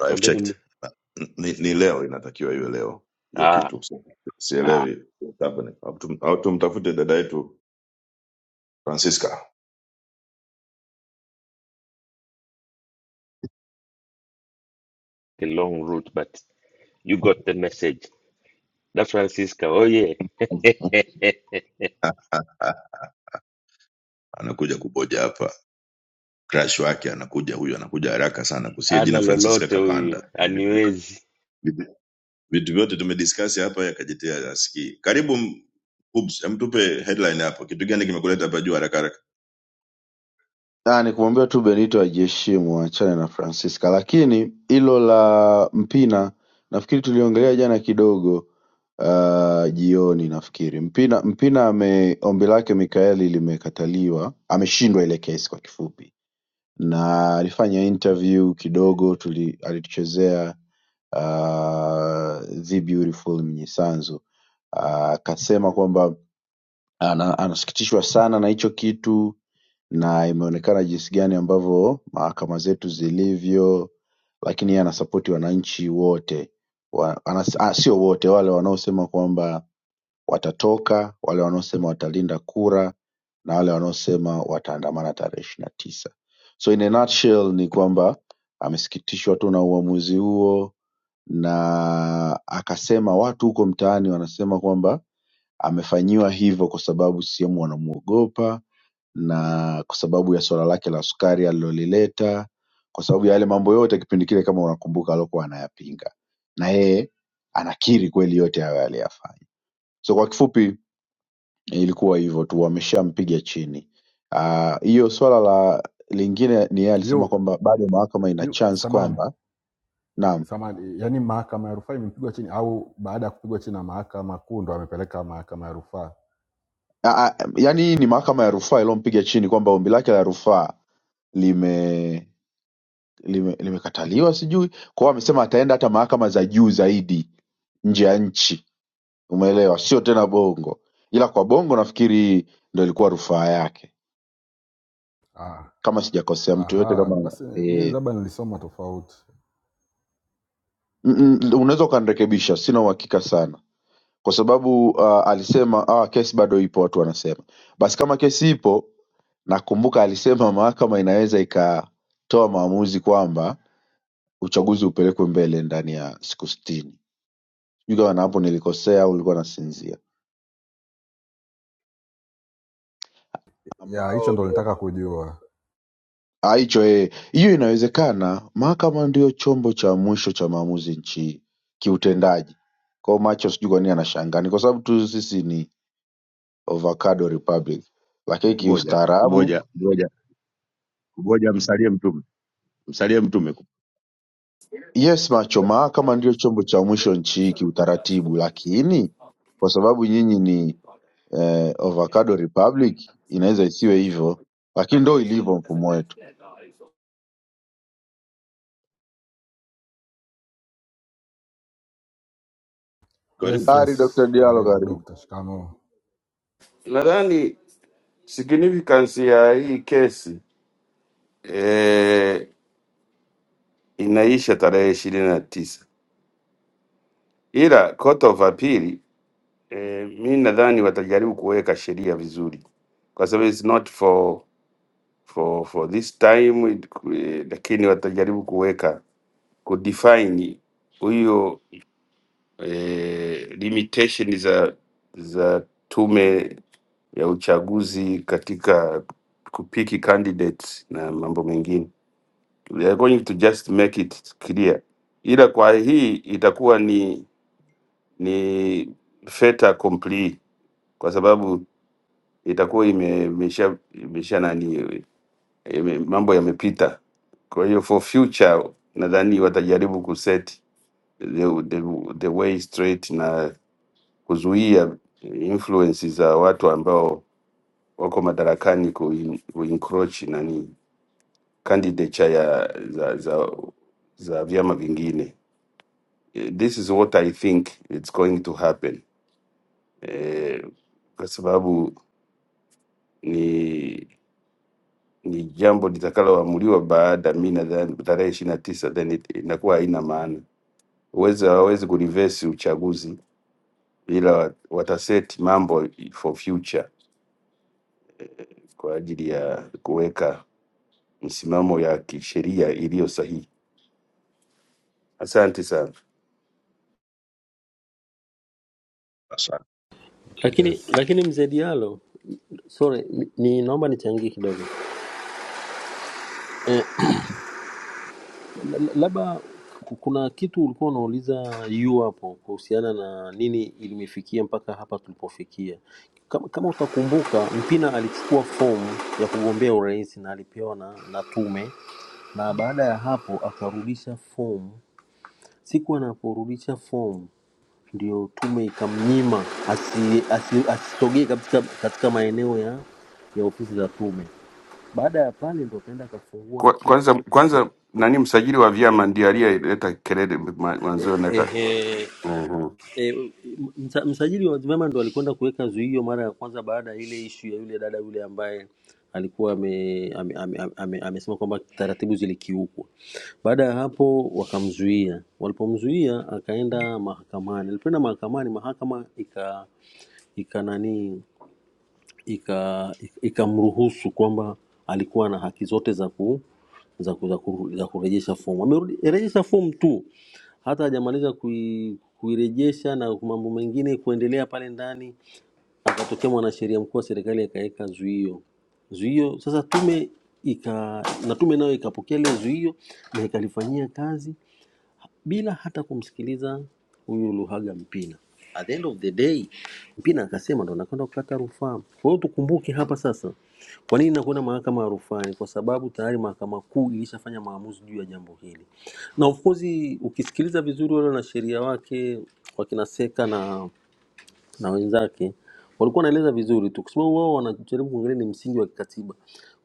M: No, I've checked. N- ni, ni leo inatakiwa iwe leo hiyo kitu Si, sielewi what's happening. Au tum- au tumtafute dada yetu francisca anakuja kuboja hapa crash wake anakuja huyu anakuja haraka sana kusia jina francisca kapanda vitu vyote tumediscuss hapa yakajitea asikii karibu m- Hubs, em tupe headline hapo kitu gani kimekuleta hapa juu haraka haraka
O: nikumwambia tu benito ajiheshimu aachane na francisca lakini hilo la mpina nafikiri tuliongelea jana kidogo uh, jioni nafikiri mpina mpina ame ombi lake mikaeli limekataliwa ameshindwa ile kesi kwa kifupi na alifanya interview kidogo tuli, alituchezea uh, the beautiful mnyisanzu Ah, akasema kwamba ana, anasikitishwa sana na hicho kitu na imeonekana jinsi gani ambavyo mahakama zetu zilivyo lakini yeye anasapoti wananchi wote wa, anas, ah, sio wote wale wanaosema kwamba watatoka wale wanaosema watalinda kura na wale wanaosema wataandamana tarehe ishiri na tisa so in a nutshell ni kwamba amesikitishwa tu na uamuzi huo na akasema watu huko mtaani wanasema kwamba amefanyiwa hivyo kwa sababu CCM wanamuogopa na kwa sababu ya swala lake la sukari alilolileta, kwa sababu ya yale mambo yote kipindi kile, kama unakumbuka, alikuwa anayapinga, na yeye anakiri kweli yote hayo aliyafanya. So kwa kifupi ilikuwa hivyo tu, wameshampiga chini. Ah, Hiyo swala la lingine ni yeye alisema
E: yu
O: kwamba bado mahakama ina
E: yu
O: chance
E: samani
O: kwamba naam,
E: samani, yaani mahakama ya rufaa imempigwa chini au baada ya kupigwa chini na mahakama kuu ndo amepeleka mahakama ya rufaa?
O: Ah, ah, yaani hii ni mahakama ya rufaa iliyompiga chini kwamba ombi lake la rufaa lime lime- limekataliwa sijui kwao wamesema ataenda hata mahakama za juu zaidi nje ya nchi umeelewa sio tena bongo ila kwa bongo nafikiri ndo ilikuwa rufaa yake
E: Ah,
O: kama sijakosea mtu yoyote
E: aha,
O: kama
E: basi mimi
O: e,
E: labda nilisoma tofauti.
O: unaweza ukanirekebisha sina uhakika sana kwa sababu uh, alisema ah, kesi bado ipo watu wanasema basi kama kesi ipo nakumbuka alisema mahakama inaweza ikatoa maamuzi kwamba uchaguzi upelekwe mbele ndani ya siku sitini Sijui kama hapo nilikosea au ulikuwa nasinzia,
E: Ya hicho
O: ambao
E: ndo
O: ndo
E: nitaka
O: ma-
E: kujua.
O: Ah, hicho eh, hiyo inawezekana. Mahakama ndio chombo cha mwisho cha maamuzi nchi kiutendaji. Kwa hiyo macho sijui kwa nini anashangaa, ni kwa sababu tu sisi ni avocado republic,
F: Ni
O: lakini
F: kuboja
O: kiustaarabu
F: kuboja kuboja kuboja, msalie mtume, msalie mtume.
O: yes, macho, mahakama ndio chombo cha mwisho nchi hii kiutaratibu, lakini kwa sababu nyinyi ni eh, avocado republic inaweza isiwe hivyo, lakini ndo ilivyo mfumo wetu.
E: Yes,
M: karibu
O: Tari
E: yes,
O: Dr. Diallo,
E: karibu
O: karibu.
E: dokta. Shikamoo.
P: Nadhani significance ya hii kesi eh, inaisha tarehe ishirini na tisa, ila court of appeal eh, mi nadhani watajaribu kuweka sheria vizuri, kwa sababu it's not for for for this time it, eh, lakini watajaribu kuweka kudefine huyo eh, limitation za za tume ya uchaguzi katika kupiki candidates na mambo mengine. We are going to just make it clear, ila kwa hii itakuwa ni ni fait accompli kwa sababu itakuwa ime- imesha imesha nani ime, mambo yamepita. Kwa hiyo for future nadhani watajaribu kuset the, the, the way straight na kuzuia influences za watu ambao wako madarakani kuin- kuencroach nani candidature ya za, za, za vyama vingine. Eh, This is what I think it's going to happen eh, kwa sababu ni ni jambo litakaloamuliwa baada, mi nadhani tarehe ishirini na tisa, then it, inakuwa haina maana. Huwezi hawawezi kurivesi uchaguzi, ila wataseti mambo for future kwa ajili ya kuweka msimamo ya kisheria iliyo sahihi. Asante sana.
M: Asante,
Q: lakini
E: Yes,
Q: lakini mzee Diallo, sorry, ni ni- naomba nichangie kidogo eh, la- labda ku- kuna kitu ulikuwa unauliza yu hapo kuhusiana na nini ilimifikia mpaka hapa tulipofikia. Kama, kama utakumbuka Mpina alichukua fomu ya kugombea urais na alipewa na, na tume, na baada ya hapo akarudisha fomu. Siku anaporudisha fomu ndio tume ikamnyima asi- asi- asitogee katika, katika maeneo ya, ya ofisi za tume Baada ya pale ndio kaenda akafungua
P: Kwa- Kwanza
Q: kesi
P: kwanza nani msajili wa vyama ndiye aliyeleta kelele ma- mwanzoni na ka-
Q: Ehe,
P: Ehe.
Q: e, msa, msajili wa vyama ndo alikwenda kuweka zuio mara ya kwanza baada ya ile ishu ya yule dada yule ambaye alikuwa ame, ame, ame, ame, amesema kwamba taratibu zilikiukwa. Baada ya hapo wakamzuia, walipomzuia akaenda mahakamani. Alipoenda mahakamani, mahakama ika, ika nani ikamruhusu ika, ikamruhusu kwamba alikuwa na haki zote za ku za, ku, za, ku, za kurejesha fomu. Amerejesha fomu tu, hata hajamaliza kui, kuirejesha na mambo mengine kuendelea pale ndani, akatokea mwanasheria mkuu wa serikali akaweka zuio zuio. Sasa tume ika na tume nayo ikapokea lile zuio na ikalifanyia kazi bila hata kumsikiliza huyu Luhaga Mpina. At the end of the day, Mpina akasema ndo nakwenda kukata rufaa. Kwa hiyo tukumbuke hapa sasa, kwa nini nakwenda mahakama ya rufaa? Ni kwa sababu tayari mahakama kuu ilishafanya maamuzi juu ya jambo hili, na of course ukisikiliza vizuri, wale wanasheria wake wakina Seka na, na wenzake walikuwa wanaeleza vizuri tu, kwa sababu wao wanajaribu kuangalia ni msingi wa kikatiba.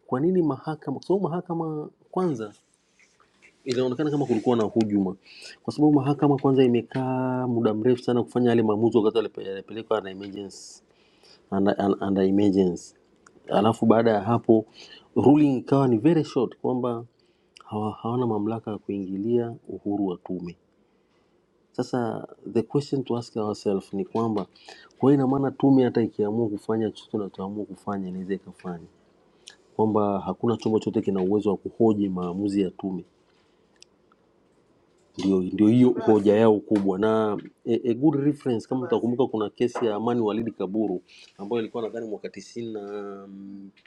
Q: Kwa nini mahakama? Kwa sababu mahakama kwanza Inaonekana kama kulikuwa na hujuma, kwa sababu mahakama kwanza imekaa muda mrefu sana kufanya yale maamuzi wakati yalipe- yalipelekwa under emergency, under, un- under emergency. Alafu baada ya hapo ruling ikawa ni very short kwamba hawa, hawana mamlaka ya kuingilia uhuru wa tume. Sasa the question to ask ourselves ni kwamba kwa hiyo ina maana tume hata ikiamua kufanya chochote inachoamua kufanya inaweza ikafanya, kwamba hakuna chombo chote kina uwezo wa kuhoji maamuzi ya tume ndio ndio hiyo hoja yao kubwa na a, a good reference kama utakumbuka kuna kesi ya amani walidi kaburu ambayo ilikuwa nadhani mwaka tisini na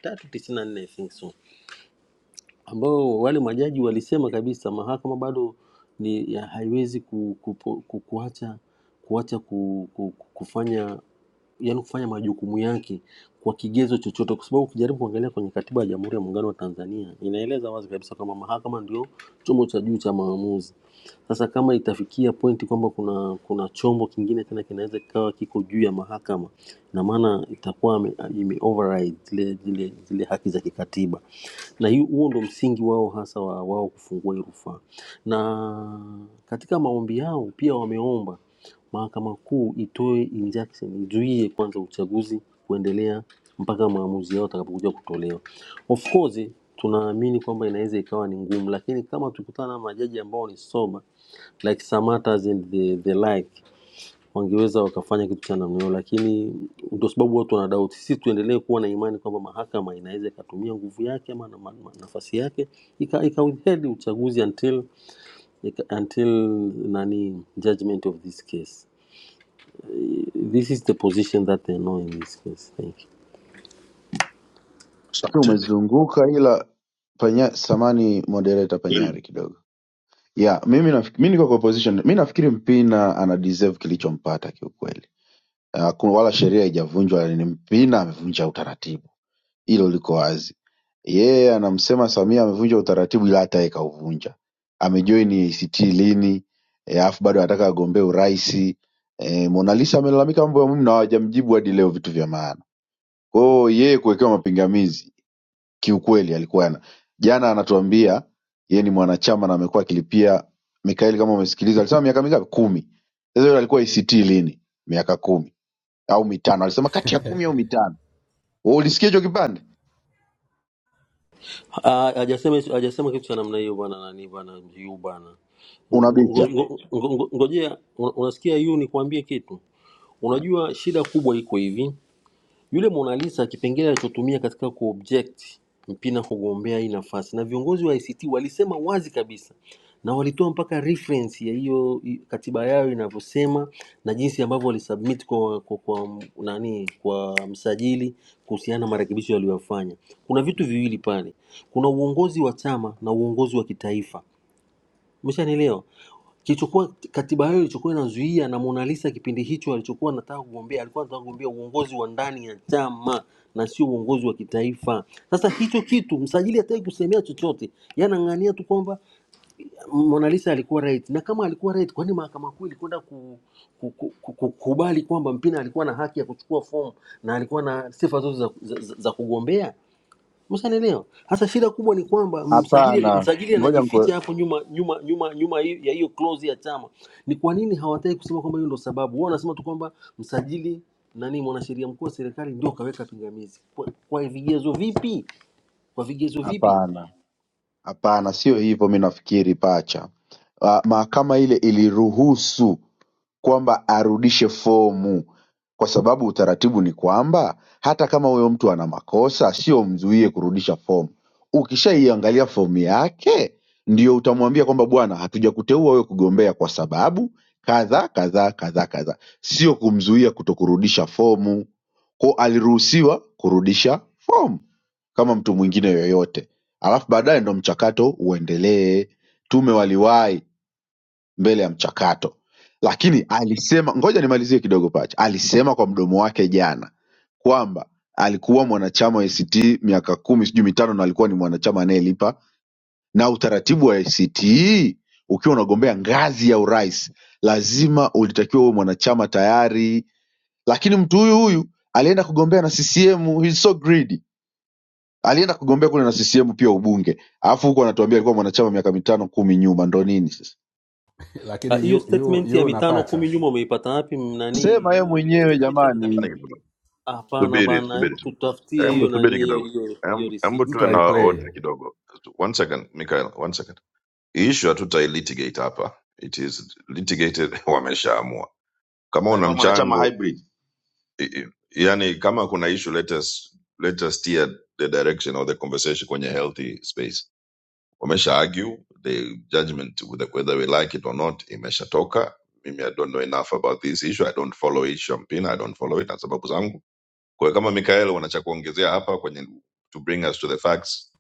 Q: tatu tisini na nne I think so ambao wale majaji walisema kabisa mahakama bado ni ya- haiwezi ku, ku, ku, ku, kuacha kuacha ku, ku, ku- kufanya yani kufanya majukumu yake kwa kigezo chochote, kwa sababu ukijaribu kuangalia kwenye katiba ya Jamhuri ya Muungano wa Tanzania inaeleza wazi kabisa kwamba mahakama ndio chombo cha juu cha maamuzi. Sasa kama itafikia pointi kwamba kuna kuna chombo kingine tena kinaweza kikawa kiko juu ya mahakama, na maana itakuwa ame- ime override zile zile zile haki za kikatiba, na hiyo- huo ndo msingi wao hasa wa wao kufungua hii rufaa. Na katika maombi yao pia wameomba Mahakama Kuu itoe injunction izuie kwanza uchaguzi kuendelea mpaka maamuzi yao atakapokuja kutolewa. Of course tunaamini kwamba inaweza ikawa ni ngumu, lakini kama tukutana na majaji ambao ni sober like Samatters and the, the like wangeweza wakafanya kitu cha namna hiyo, lakini ndio sababu watu wana doubt. Sisi tuendelee kuwa na imani kwamba mahakama inaweza ikatumia nguvu yake ama na, ma- ma- nafasi yake ika, ika withhold uchaguzi until, ika, until nani judgment of this case this is the position that they know in this case. Thank you.
O: Lakini
M: asante.
O: umezunguka ila panya, samani moderator
M: karibu
O: Panyari kidogo yeah, mimi nafi- mi niko kwa position mi nafikiri Mpina ana deserve kilichompata kiukweli. Uh, ku- wala sheria haijavunjwa, ni Mpina amevunja utaratibu, hilo liko wazi. Yeye yeah, anamsema Samia amevunja utaratibu, ila hata yeye kauvunja. Amejoini ACT lini? eh, Alafu bado anataka agombee urais. E, Mona Lisa amelalamika mambo ya muhimu na hawajamjibu hadi leo vitu vya maana. Kwa hiyo yeye kuwekewa mapingamizi kiukweli alikuwa yana jana anatuambia yeye ni mwanachama na amekuwa akilipia Mikaeli, kama umesikiliza, alisema miaka mingapi? Kumi. Sasa yule alikuwa ICT lini? Miaka kumi au mitano, alisema kati ya kumi au mitano. Wewe ulisikia hicho kipande?
Q: Ah, Hajasema hajasema kitu cha namna hiyo bwana nani bwana yu bwana. Ngo- ngo-
O: Unabicha?
Q: ngo- ngo- ngo- Ngojea una- unasikia yu nikwambie kitu. Unajua shida kubwa iko hivi. Yule Mona Lisa kipengele alichotumia katika kuobject Mpina kugombea hii nafasi, na viongozi wa ICT walisema wazi kabisa na walitoa mpaka reference ya hiyo i- katiba yao inavyosema na jinsi ambavyo walisubmit kwa, kwa, kwa m- nani kwa msajili kuhusiana na marekebisho yaliyofanya. Kuna vitu viwili pale, kuna uongozi wa chama na uongozi wa kitaifa. Umeshanielewa? Kilichokuwa katiba hiyo ilichokuwa inazuia na Mona Lisa kipindi hicho alichokuwa anataka kugombea, alikuwa anataka kugombea uongozi wa ndani ya chama na sio uongozi wa kitaifa. Sasa hicho kitu msajili hataki kusemea chochote, yeye anang'ania tu kwamba Mona Lisa alikuwa right, na kama alikuwa right, kwani mahakama kuu ilikwenda ku, ku, ku, ku, kukubali kwamba Mpina alikuwa na haki ya kuchukua fomu na alikuwa na sifa zote za, za, za, za kugombea? Mshanielewa? Sasa shida kubwa ni kwamba msajili Amen.
O: Hapana,
Q: msajili
O: ngoja nikuwe-
Q: anajificha hapo nyuma nyuma nyuma nyuma hi- ya hiyo clause ya chama. Ni kwa nini hawataki kusema kwamba hiyo ndio sababu? Wao wanasema tu kwamba msajili nani, mwanasheria mkuu wa serikali ndio kaweka pingamizi. Kwa, kwa vigezo vipi? Kwa vigezo vipi?
O: Hapana, hapana, sio hivyo. Mi nafikiri pacha, Ah, mahakama ile iliruhusu kwamba arudishe fomu kwa sababu utaratibu ni kwamba hata kama huyo mtu ana makosa sio umzuie kurudisha fomu ukishaiangalia fomu yake ndio utamwambia kwamba bwana hatujakuteua wewe kugombea kwa sababu kadhaa kadhaa kadhaa kadhaa sio kumzuia kutokurudisha fomu ko aliruhusiwa kurudisha fomu kama mtu mwingine yoyote alafu baadaye ndo mchakato uendelee tume waliwahi mbele ya mchakato, lakini alisema, ngoja nimalizie kidogo pacha. Alisema kwa mdomo wake jana kwamba alikuwa mwanachama wa ACT miaka kumi sijui mitano, na alikuwa ni mwanachama anayelipa, na utaratibu wa ACT ukiwa unagombea ngazi ya urais lazima ulitakiwa uwe mwanachama tayari, lakini mtu huyu huyu alienda kugombea na CCM. He's so greedy. Alienda kugombea kule na CCM pia ubunge, alafu huko anatuambia alikuwa mwanachama miaka mitano kumi nyuma, ndo nini sasa?
Q: Ah,
E: lakini
Q: Hiyo
E: yu, yu,
Q: statement ya
E: yu na
Q: mitano kumi
E: pacha,
Q: nyuma umeipata wapi? m- Nani
O: Sema yeye
Q: hiyo hiyo
O: mwenyewe
Q: statement ya miaka
O: jamani.
M: Nani
Q: mitano?
M: kidogo?
Q: Hapana
M: Subiri,
Q: bana,
M: subiri,
Q: hebu
M: subiri.
Q: tutafutie
M: Hebu
Q: hiyo nani
M: subiri
Q: hiyo
M: kidogo.
Q: hiyo hiyo
M: Hebu hebu
Q: receipt.
E: mtu
M: tuwe na
E: haiplay
M: order kidogo. One second, Michael, one second. Hii issue hatutai litigate hapa. It is litigated, wameshaamua. Kama una
F: alikuwa mwanachama
M: mchango,
F: hybrid.
M: i- i- yani kama kuna issue let us let us steer the direction of the conversation kwenye healthy space. wamesha argue the judgment whether whether we like it or not imeshatoka mimi i don't know enough about this issue i don't follow it shampina i don't follow it na sababu zangu kwa hiyo kama mikael wanacha kuongezea hapa kwenye to bring us to the facts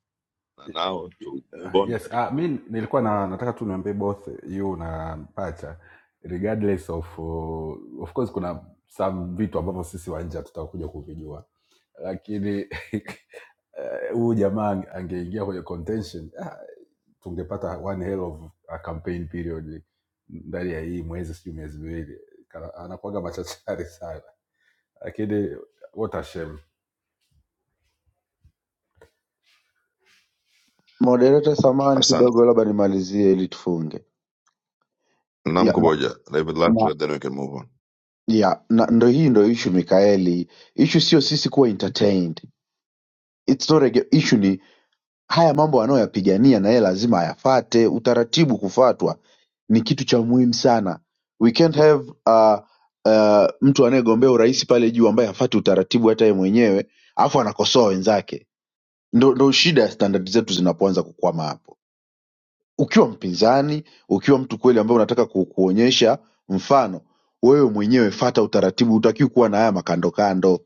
M: na
E: Uh,
M: now to move on
E: Yes,
M: karibu
E: ah, mi nilikuwa na, nataka tu niambie both you na Pacha regardless of uh, of course kuna some vitu ambavyo sisi wa nje hatutakuja kuvijua, lakini eh, huyu jamaa ange- angeingia kwenye contention ah, tungepata one hell of a campaign period ndani ya hii mwezi sijui miezi miwili, Kana- anakuwaga machachari sana, lakini what a shame.
O: Moderator, samahani
M: asante
O: kidogo, labda nimalizie ili tufunge. Ya, na,
M: namkuboja david last
O: na,
M: then we can move on
O: ya, na, ndo hii ndo ishu Mikaeli. Ishu sio sisi kuwa entertained. It's not a ge- issue ni haya mambo anayoyapigania na yeye lazima ayafate, utaratibu kufatwa ni kitu cha muhimu sana. We can't have uh, uh, mtu anayegombea urais pale juu ambaye hafati utaratibu hata yeye mwenyewe, alafu anakosoa wenzake. Ndo, ndo shida ya standard zetu zinapoanza kukwama hapo. ukiwa mpinzani ukiwa mtu kweli ambaye unataka ku, kuonyesha mfano wewe mwenyewe fata utaratibu hutakiwi kuwa na haya makandokando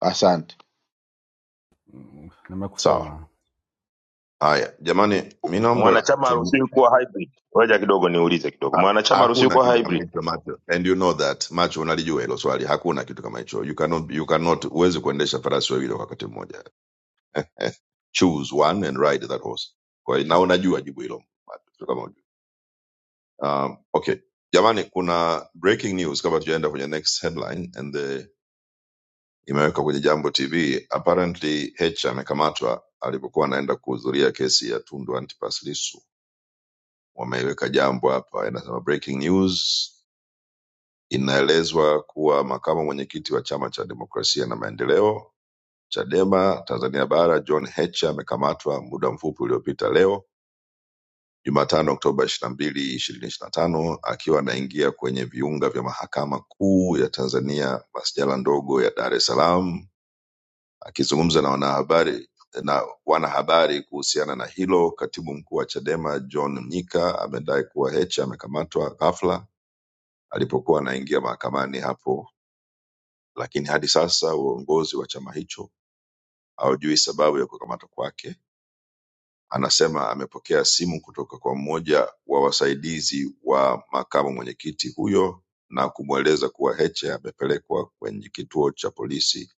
O: asante
E: Mm,
M: sawa
E: Nimekusoma
M: haya jamani mi naomba
F: Mwanachama
M: tu
F: haruhusiwi kuwa hybrid. Ngoja kidogo niulize kidogo.
M: ha-
F: Mwanachama haruhusiwi
M: hakuna
F: kuwa
M: kitu
F: hybrid.
M: kama hicho macho and you know that macho unalijua hilo swali hakuna kitu kama hicho you cannot you cannot huwezi kuendesha farasi wawili kwa wakati mmoja choose one and ride that horse kwa hiyo na unajua jibu hilo sio kama hujui. um, okay jamani kuna breaking news kabla tujaenda kwenye next headline and the, imeweka kwenye jambo tv apparently h amekamatwa alipokuwa anaenda kuhudhuria kesi ya tundu antipas lisu wameiweka jambo hapa inasema breaking news inaelezwa kuwa makamu mwenyekiti wa chama cha demokrasia na maendeleo chadema tanzania bara john h amekamatwa muda mfupi uliopita leo Jumatano Oktoba 22, 2025 akiwa anaingia kwenye viunga vya Mahakama Kuu ya Tanzania, masjala ndogo ya Dar es Salaam. Akizungumza na wanahabari na wanahabari kuhusiana na hilo, katibu mkuu wa Chadema John Mnyika amedai kuwa Heche amekamatwa ghafla alipokuwa anaingia mahakamani hapo, lakini hadi sasa uongozi wa chama hicho haujui sababu ya kukamatwa kwake Anasema amepokea simu kutoka kwa mmoja wa wasaidizi wa makamu mwenyekiti huyo na kumweleza kuwa Heche amepelekwa kwenye kituo cha polisi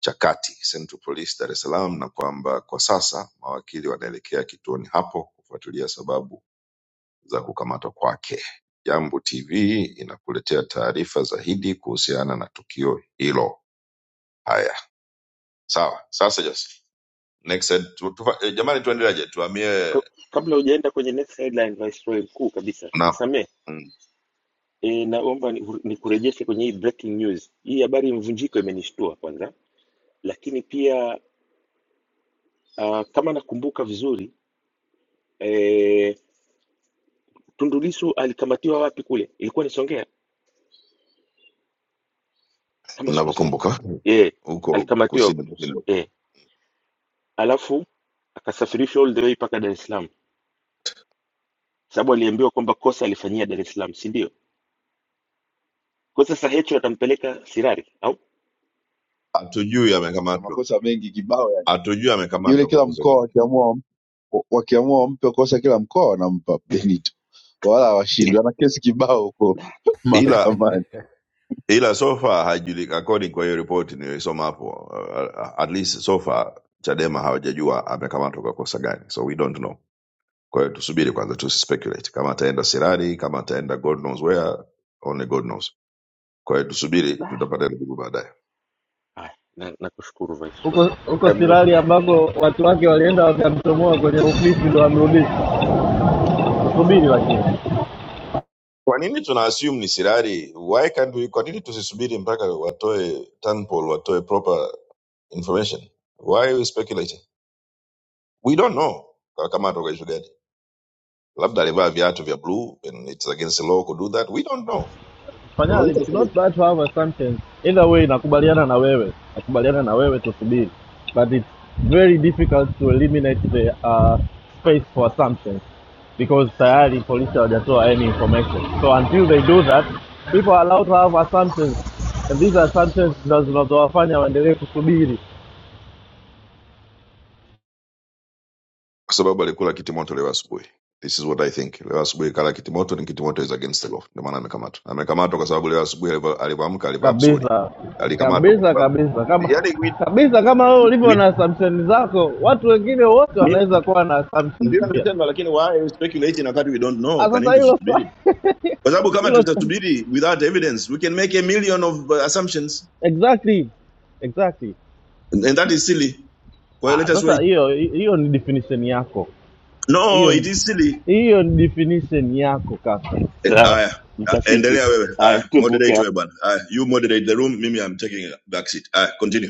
M: cha kati Central Police Dar es Salaam na kwamba kwa sasa mawakili wanaelekea kituoni hapo kufuatilia sababu za kukamatwa kwake. Jambo TV inakuletea taarifa zaidi kuhusiana na tukio hilo. Haya, sawa. Sasa Joseph, next, eh, tu, tufa- eh, jamani, tuendeleaje? Tuhamie Naam. ninavyokumbuka huko kusini kusini hatujui
O: na
M: amekamatwa
O: makosa mengi kibao yani
M: hatujui
O: yule
M: amekamatwa kwa
O: kila
M: kosa
O: mkoa
M: gani
O: wakiamua wam- wakiamua wampe kosa kila mkoa wanampa benito wala
M: I-
O: hawashindwi ana kesi kibao huko
M: ila
O: mahakamani
M: ila so far haijulika according kwa hiyo ripoti niliyosoma hapo uh, at least so far chadema hawajajua amekamatwa kwa kosa gani so we don't know kwa hiyo tusubiri kwanza tusispekulate kama ataenda sirari kama ataenda god knows where only god knows kwa hiyo tusubiri tutapata jibu baadaye
G: huko huko Sirari ambako watu wake walienda wakamtomoa kwenye Ukristo ndo amrudisha. Subiri lakini.
M: kwa nini tuna assume ni sirari why can't we, kwa nini tusisubiri mpaka watoe Tanpol watoe proper information. Why are we speculating? We don't know. Kwa- Kama tukashugadi labda alivaa viatu vya blue and it's against the law to do that. We don't know.
G: Fanyali,
M: Tunaweza
G: it's not
M: ku-
G: bad to have a sentence. Either way nakubaliana na wewe. Nakubaliana na wewe tusubiri. But it's very difficult to eliminate the uh, space for assumptions because tayari polisi hawajatoa any information. So until they do that, people are allowed to have assumptions and these assumptions ndo zinazowafanya waendelee kusubiri
M: Kwa sababu alikula kitimoto leo asubuhi. This is what I think. Leo asubuhi kala kitimoto ni kitimoto is against the law. Ndio maana amekamatwa. Amekamatwa kwa sababu leo asubuhi alivyo- alivyoamka alivaa mzuri.
G: kabisa
M: Alikamatwa kwa
G: kabisa
M: sababu
G: kabisa kama
M: yani we,
G: kabisa kama wewe ulivyo
M: we,
G: na assumption zako watu wengine wote
M: mimi-
G: wanaweza kuwa na assumptions
M: ndio
G: pia
M: anasema lakini why are we speculating wakati we don't know?
G: ah
M: Kwa
G: sasa
M: nini
G: hilo swa-
M: tusubiri? Kwa sababu kama
G: hilo swa-
M: tutasubiri without evidence, we can make a million of uh, assumptions
G: exactly exactly
M: and, and that is silly. Kwa
G: ah
M: let us
G: sasa
M: wait.
G: hiyo hiyo ni definition yako
M: No,
G: hiyo
M: it is silly.
G: hiyo ni definition yako kaka kwa
M: Eh, Aya, ah, endelea wewe. Aya, moderate wewe Bana. Aya, you moderate the room. Mimi I'm taking a back seat. Aya, continue.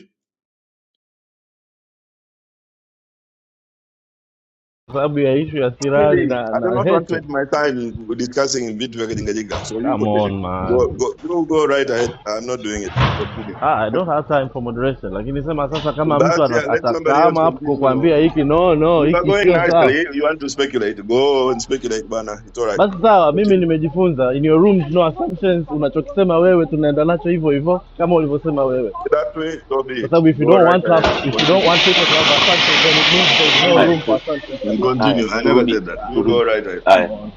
G: sababu ya issue ya sirali
M: Silly.
G: na
M: I do
G: na
M: not want to
G: heche
M: waste my time discussing vitu vya kijinga So you
G: come
M: continue.
G: on man
M: Go, go, go, go right ahead. I'm not doing it. Continue.
G: Ah, I don't have time for moderation, lakini sema sasa, kama mtu
M: But yeah,
G: ana-
M: let somebody else
G: atakama hapo
M: continue.
G: kukwambia hiki no no,
M: You are
G: hiki
M: going
G: sio sawa,
M: nicely. You want to speculate. Go and speculate, bana. It's all right.
G: basi sawa, mimi
M: Continue.
G: nimejifunza, in your rooms no assumptions. Unachokisema wewe tunaenda nacho hivyo hivyo kama ulivyosema wewe,
M: That way, so be
G: kwa
M: it.
G: sababu if you
M: Go
G: don't
M: right
G: want to
M: ahead.
G: have, if you
M: Continue.
G: don't want people to have assumptions then it means there is no
M: Continue.
G: room for assumptions
M: We
G: kabisa.
M: Continue. I never said that. You go right right.
G: Come on.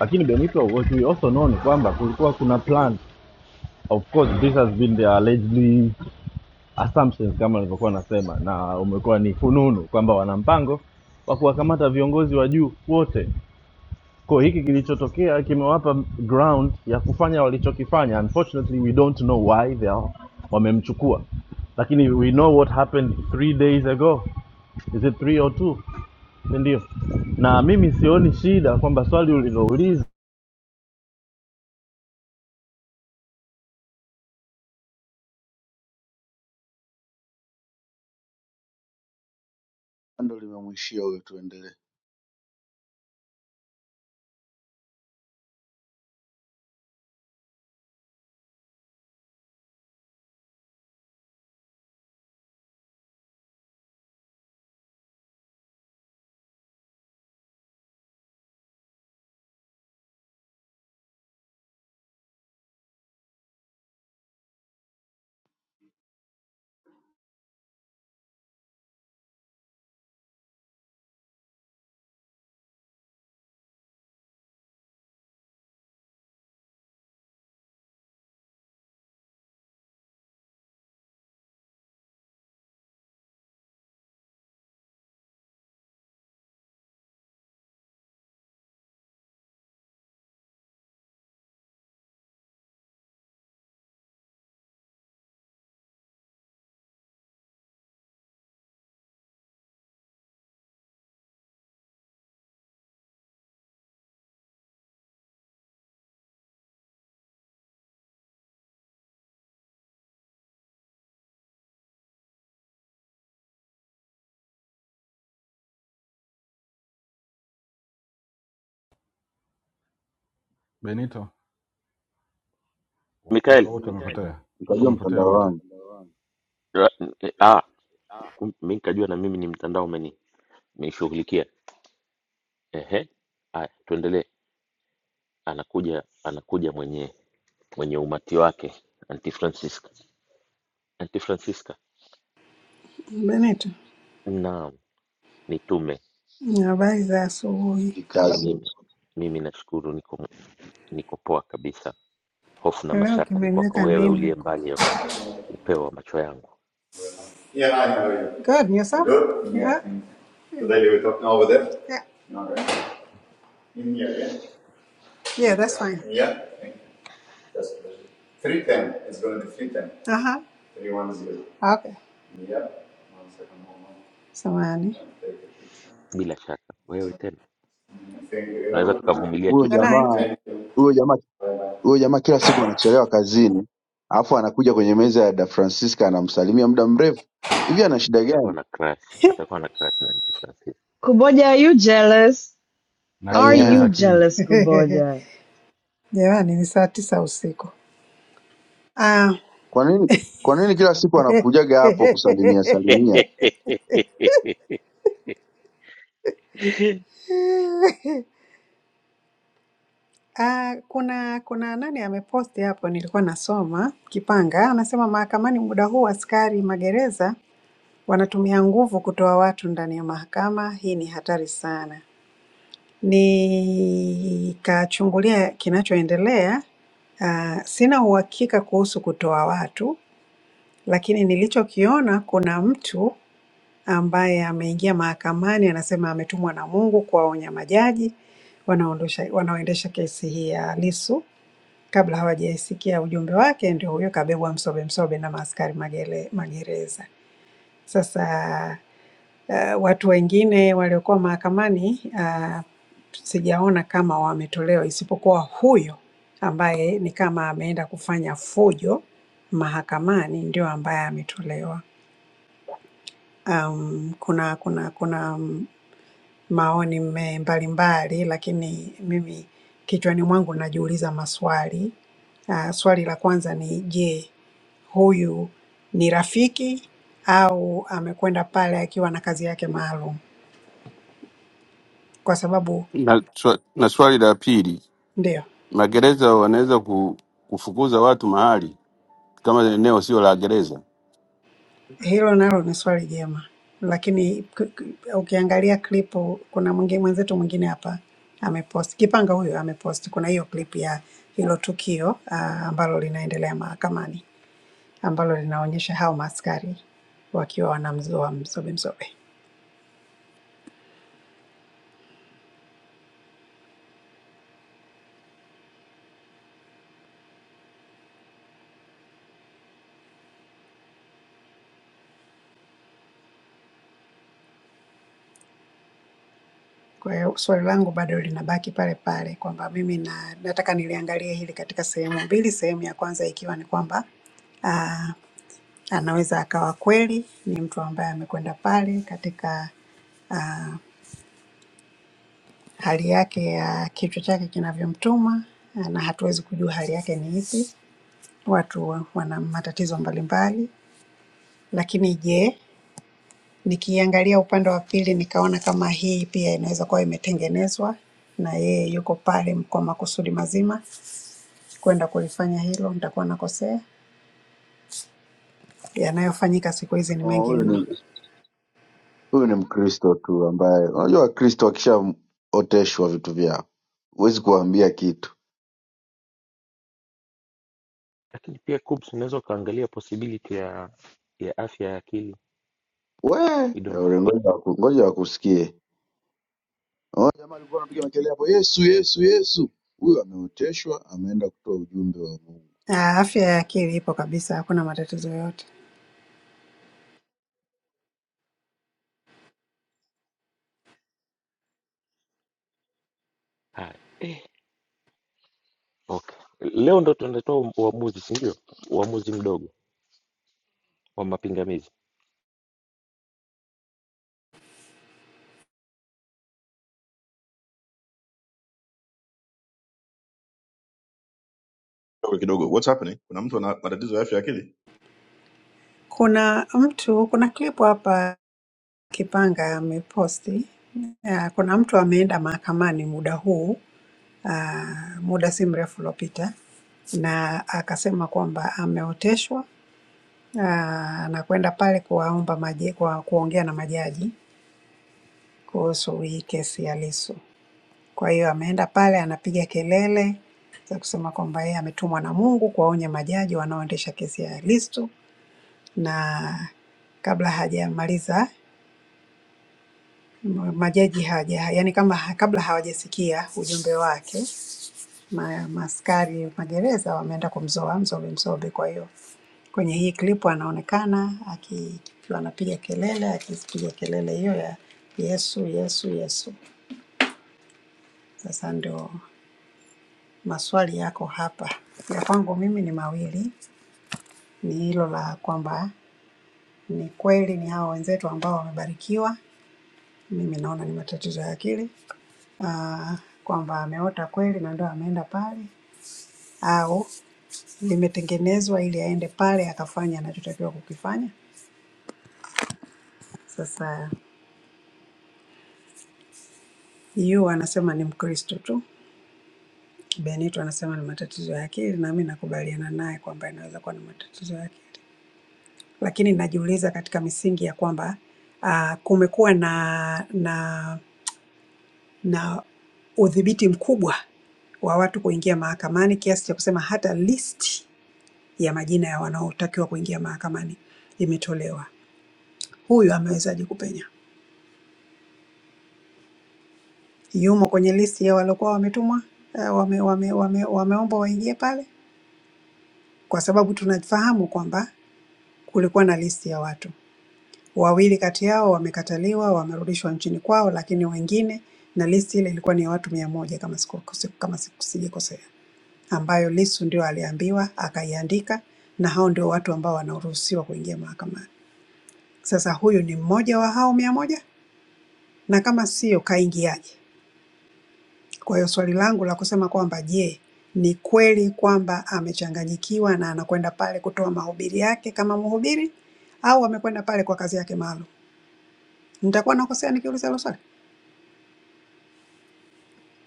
G: Lakini Benito, what we also know ni kwamba kulikuwa kuna plan. Of course this has been the allegedly assumptions kama nilivyokuwa nasema, na umekuwa ni fununu kwamba wana mpango wa kuwakamata viongozi wa juu wote. Kwa hiki kilichotokea kimewapa ground ya kufanya walichokifanya. Unfortunately, we don't know why they are wamemchukua, lakini we know what happened three days ago, is it three or two? Si Ndio, na mimi sioni shida kwamba swali ulilouliza
O: ndo limemwishia huyo tuendelee
E: Benito. Wa- Watu wote
O: ukajua mtandao
E: wamepotea, watu
O: ukajua
E: wamepotea
O: mtandao
E: wote,
O: wangu
E: mtandaoni.
R: Bennett, habari za asubuhi.
O: jikazi
R: Leo kimeniweka nini huko? Yeah, I know you. Good, and yourself? Good? Yeah. So they leave it up now over there? Yeah. Okay. In here, Yeah, Yeah, that's fine. yeah? Yeah. Thank you. That's good. 310. It's going to be 310. Uh-huh. 310. Okay. Yeah. One second, hold on. Samani. I'll take a picture. Mm, Thank you. Have a good night.
O: huyo
R: Good night.
O: jamaa
R: Thank you.
O: huyo jamaa huyo jamaa kila siku anachelewa kazini alafu anakuja kwenye meza ya da francisca anamsalimia muda mrefu hivi ana shida gani
R: Bye-bye.
B: Kuboja, are you jealous?
E: na
B: Are
O: i
B: you
E: Kiingereza
O: am
E: kingi.
B: jealous, Kuboja?
R: Jamani, ni saa tisa usiku. Ah,
O: kwa nini kwa nini kila siku anakujaga hapo kusalimia salimia
R: ah, kuna kuna nani ameposti hapo, nilikuwa nasoma Kipanga anasema mahakamani muda huu askari magereza wanatumia nguvu kutoa watu ndani ya mahakama. Hii ni hatari sana. Nikachungulia kinachoendelea. ah, sina uhakika kuhusu kutoa watu, lakini nilichokiona kuna mtu ambaye ameingia mahakamani anasema ametumwa na Mungu kuwaonya majaji wanaondosha wanaoendesha kesi hii ya Lissu. Kabla hawajaisikia ujumbe wake, ndio huyo kabebwa msobe msobe na maaskari magere, magereza. Sasa uh, watu wengine waliokuwa mahakamani uh, sijaona kama wametolewa, isipokuwa huyo ambaye ni kama ameenda kufanya fujo mahakamani ndio ambaye ametolewa. Um, kuna kuna kuna mm, maoni mme- mbalimbali, lakini mimi kichwani mwangu najiuliza maswali. Ah, swali la kwanza ni je, huyu ni rafiki au amekwenda pale akiwa na kazi yake maalum? Kwa sababu
P: na, swa- na swali la pili,
R: ndio,
P: magereza wanaweza ku, kufukuza watu mahali kama eneo sio la gereza.
R: hilo nalo ni swali jema, lakini k- k- ukiangalia klipu, kuna mwingi- mwenzetu mwingine hapa amepost, Kipanga huyo amepost, kuna hiyo clip ya hilo tukio ah, ambalo linaendelea mahakamani. ambalo linaonyesha hao maaskari wakiwa wanamzoa Mzobe Mzobe. Kwa hiyo swali langu bado linabaki pale pale kwamba mimi na, nataka niliangalie hili katika sehemu mbili. Sehemu ya kwanza ikiwa ni kwamba anaweza akawa kweli ni mtu ambaye amekwenda pale katika hali yake ya kichwa chake kinavyomtuma, na hatuwezi kujua hali yake ni ipi. Watu wana matatizo mbalimbali, lakini je, Nikiangalia upande wa pili nikaona kama hii pia inaweza kuwa imetengenezwa na yeye yuko pale kwa makusudi mazima kwenda kulifanya hilo, nitakuwa nakosea. Yanayofanyika siku hizi ni
O: Oh,
R: mengi
O: huyu
R: mno.
O: ni huyu ni mkristo tu ambaye unajua wakristo wakishaoteshwa vitu vyao huwezi kuwaambia kitu we ore, ngoja waku- ngoja wakusikie Oh, jamaa alikuwa anapiga makelele hapo yesu yesu yesu huyu ameoteshwa ameenda kutoa ujumbe wa mungu
R: Ah, Afya ya akili ipo kabisa, hakuna matatizo yoyote.
M: Kidogo kidogo. What's happening? Kuna mtu ana matatizo ya afya ya akili.
R: Kuna mtu, kuna clip hapa Kipanga ameposti. Ah, Kuna mtu ameenda mahakamani muda huu, ah, muda si mrefu uliopita, na akasema kwamba ameoteshwa Ah, na kwenda pale kuwaomba maji, kwa kuongea na majaji kuhusu hii kesi ya Lissu. Kwa hiyo ameenda pale anapiga kelele za kusema kwamba yeye ametumwa na Mungu kuwaonya majaji wanaoendesha kesi ya Lissu, na kabla hajamaliza majaji haja yaani kama ha- kabla hawajasikia ujumbe wake ma, maaskari magereza wameenda kumzoa Mzombe Mzombe. Kwa hiyo kwenye hii klipu anaonekana aki- akiwa anapiga kelele, akipiga kelele hiyo ya Yesu, Yesu, Yesu. Sasa ndio maswali yako hapa, ya kwangu mimi ni mawili, ni hilo la kwamba ni kweli ni hao wenzetu ambao wamebarikiwa, mimi naona ni matatizo ya akili, Ah, kwamba ameota kweli na ndio ameenda pale, au limetengenezwa ili aende pale akafanya anachotakiwa kukifanya. Sasa yu anasema ni Mkristo tu, Benito anasema ni matatizo ya akili, na mimi nakubaliana naye kwamba inaweza kuwa ni matatizo ya akili, lakini najiuliza katika misingi ya kwamba uh, kumekuwa na na na udhibiti mkubwa wa watu kuingia mahakamani kiasi cha kusema hata listi ya majina ya wanaotakiwa kuingia mahakamani imetolewa. Huyu amewezaje kupenya? yumo kwenye listi ya waliokuwa wametumwa eh, wame, wame, wame, wameombwa waingie pale, kwa sababu tunafahamu kwamba kulikuwa na listi ya watu wawili kati yao wamekataliwa, wamerudishwa nchini kwao, lakini wengine na listi ile ilikuwa ni ya watu mia moja kama sikose- kama sijikosea, ambayo Lissu ndio aliambiwa akaiandika, na hao ndio watu ambao wanaruhusiwa kuingia mahakamani. Sasa huyu ni mmoja wa hao mia moja, na kama sio kaingiaje? Kwa hiyo swali langu la kusema kwamba je, ni kweli kwamba amechanganyikiwa na anakwenda pale kutoa mahubiri yake kama mhubiri au amekwenda pale kwa kazi yake maalum? Nitakuwa nakosea nikiuliza hilo swali?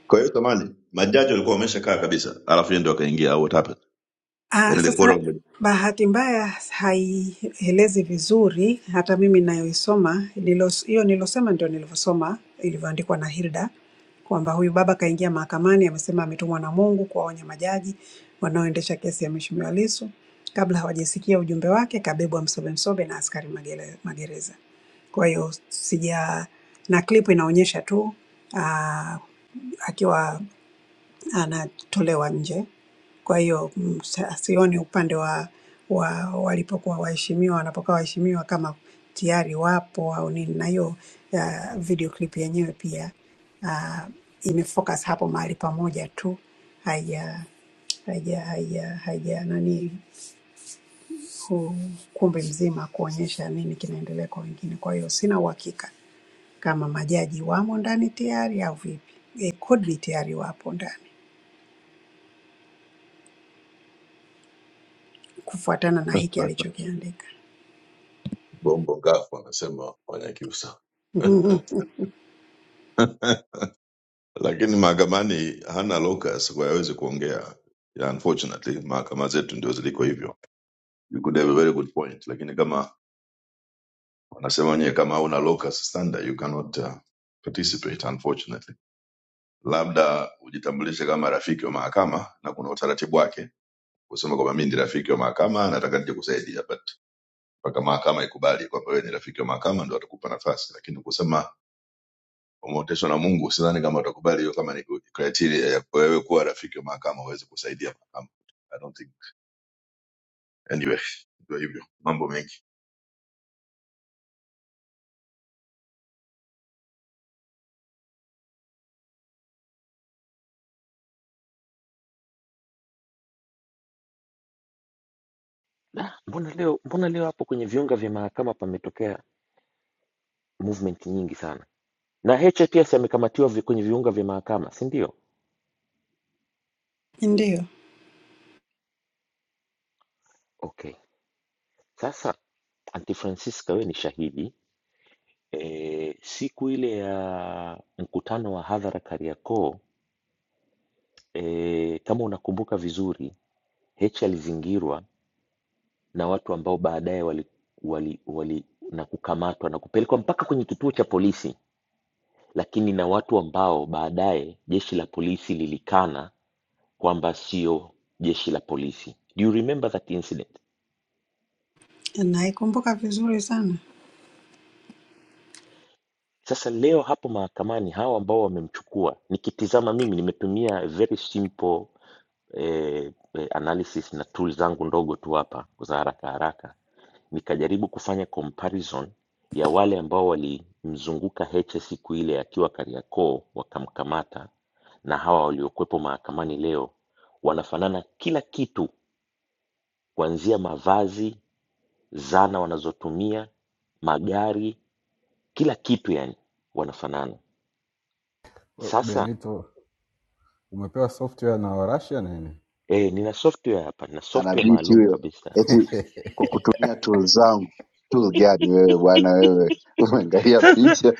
M: Kwa hiyo tamani, majaji walikuwa wameshakaa kabisa. Alafu yeye ndio akaingia au what happened?
R: Ah,
M: Yaani the
R: sasa
M: quorum
R: bahati mbaya haielezi vizuri, hata mimi nayoisoma nilos- hiyo nilosema ndio nilivyosoma ilivyoandikwa na Hilda kwamba huyu baba kaingia mahakamani, amesema ametumwa na Mungu kuwaonya majaji wanaoendesha kesi ya Mheshimiwa Lissu. Kabla hawajasikia ujumbe wake, kabebwa msobe msobe na askari magere- magereza. Kwa hiyo sija na clip inaonyesha tu ah, akiwa anatolewa nje. Kwa hiyo mm, sa- sioni upande wa, wa walipokuwa waheshimiwa wanapokuwa waheshimiwa kama tayari wapo au nini, na hiyo ya video clip yenyewe pia uh, imefocus hapo mahali pamoja tu, haija haija haija haija nani hu- ukumbi mzima kuonyesha nini kinaendelea kwa wengine. Kwa hiyo sina uhakika kama majaji wamo ndani tayari au vipi. It could be tayari wapo ndani. kufuatana na hiki alichokiandika.
M: Bongo ngafu anasema Wanyakyusa lakini mahakamani hana locus kwa hawezi kuongea. Yeah, unfortunately mahakama zetu ndio ziliko hivyo. You could have a very good point, lakini kama wanasema wenyewe kama hauna locus standard you cannot uh, participate unfortunately. labda ujitambulishe kama rafiki wa mahakama na kuna utaratibu wake kusema kwamba mimi ni rafiki wa mahakama nataka nije kusaidia but mpaka mahakama ikubali kwamba wewe ni rafiki wa mahakama ndo atakupa nafasi lakini kusema umeoteshwa na mungu sidhani kama utakubali hiyo kama ni criteria ya wewe kuwa rafiki wa mahakama uweze kusaidia mahakama i don't think anyway ndio hivyo mambo mengi
R: Ndiyo, naikumbuka vizuri sana
E: We- Benito, umepewa software na Warashia nini?
O: ana binti huyo, eti kwa kutumia tools zangu. Tool gani wewe bwana wewe? Umeangalia picha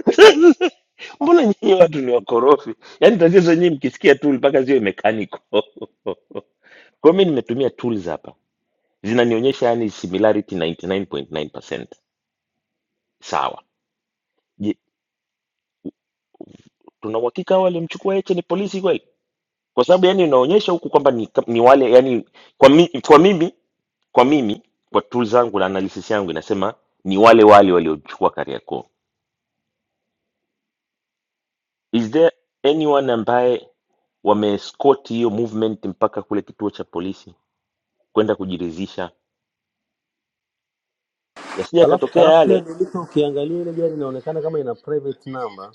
Q: Alafu alafu pia nilito ukiangalia ile gari inaonekana kama ina private number.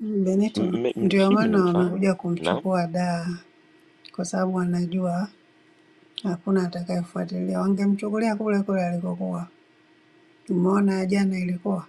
R: Benito. Ndio maana wamekuja kumchukua daa, kwa sababu wanajua hakuna atakayefuatilia. Wangemchukulia kule kule alikokuwa. Umeona jana ilikuwa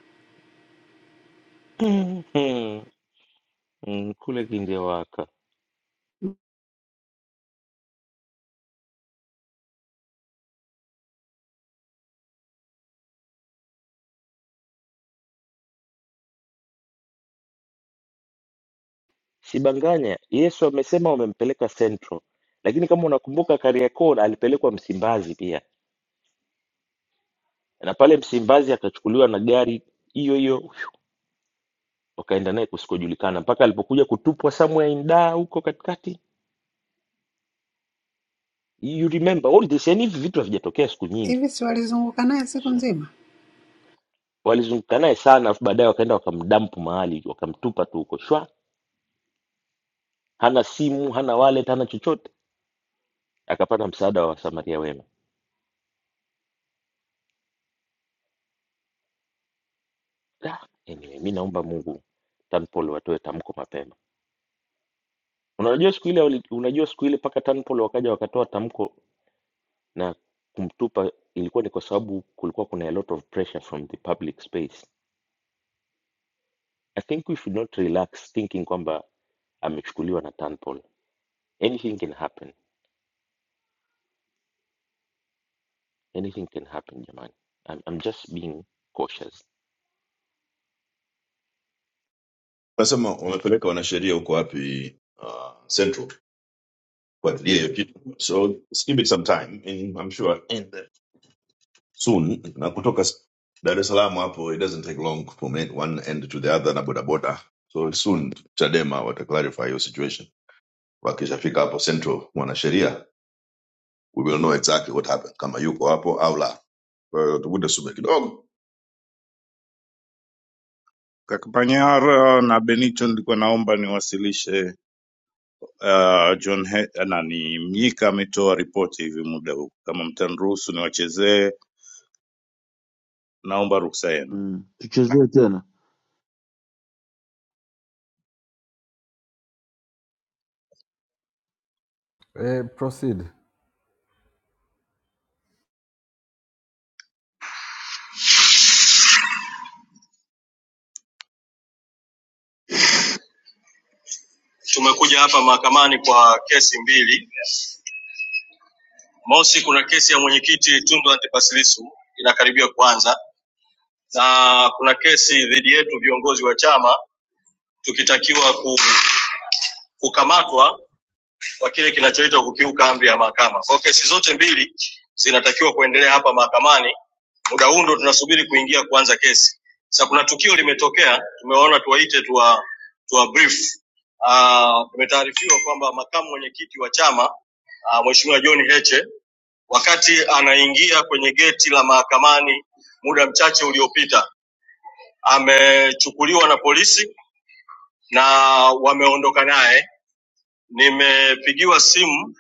R: hivi, si walizunguka naye siku nzima
M: nasema wamepeleka wanasheria huko wapi uh, central kufuatilia hiyo kitu so just give it some time and I'm sure and soon na kutoka dar es salaam hapo it doesn't take long from one end to the other na bodaboda so soon chadema wata clarify your situation wakishafika hapo central mwanasheria we will know exactly what happened kama yuko hapo au la kwa hiyo tuvuta sume kidogo
S: Kaka Panyara na Benito, nilikuwa naomba niwasilishe uh, John He nani Mnyika ametoa ripoti hivi muda huu, kama mtaniruhusu niwachezee, naomba ruhusa yenu.
O: mm. Tuchezee tena
E: Eh, proceed.
S: Tumekuja hapa mahakamani kwa kesi mbili. Mosi, kuna kesi ya mwenyekiti Tundu Antipas Lissu inakaribia kuanza, na kuna kesi dhidi yetu viongozi wa chama tukitakiwa ku, kukamatwa kwa kile kinachoitwa kukiuka amri ya mahakama. Kwa hiyo kesi zote mbili zinatakiwa kuendelea hapa mahakamani muda huu ndo tunasubiri kuingia kuanza kesi. Sasa kuna tukio limetokea, tumeona tuwaite tuwa, tuwa brief. Uh, tumetaarifiwa kwamba makamu mwenyekiti wa chama uh, Mheshimiwa John Heche wakati anaingia kwenye geti la mahakamani muda mchache uliopita amechukuliwa na polisi na wameondoka naye. Nimepigiwa simu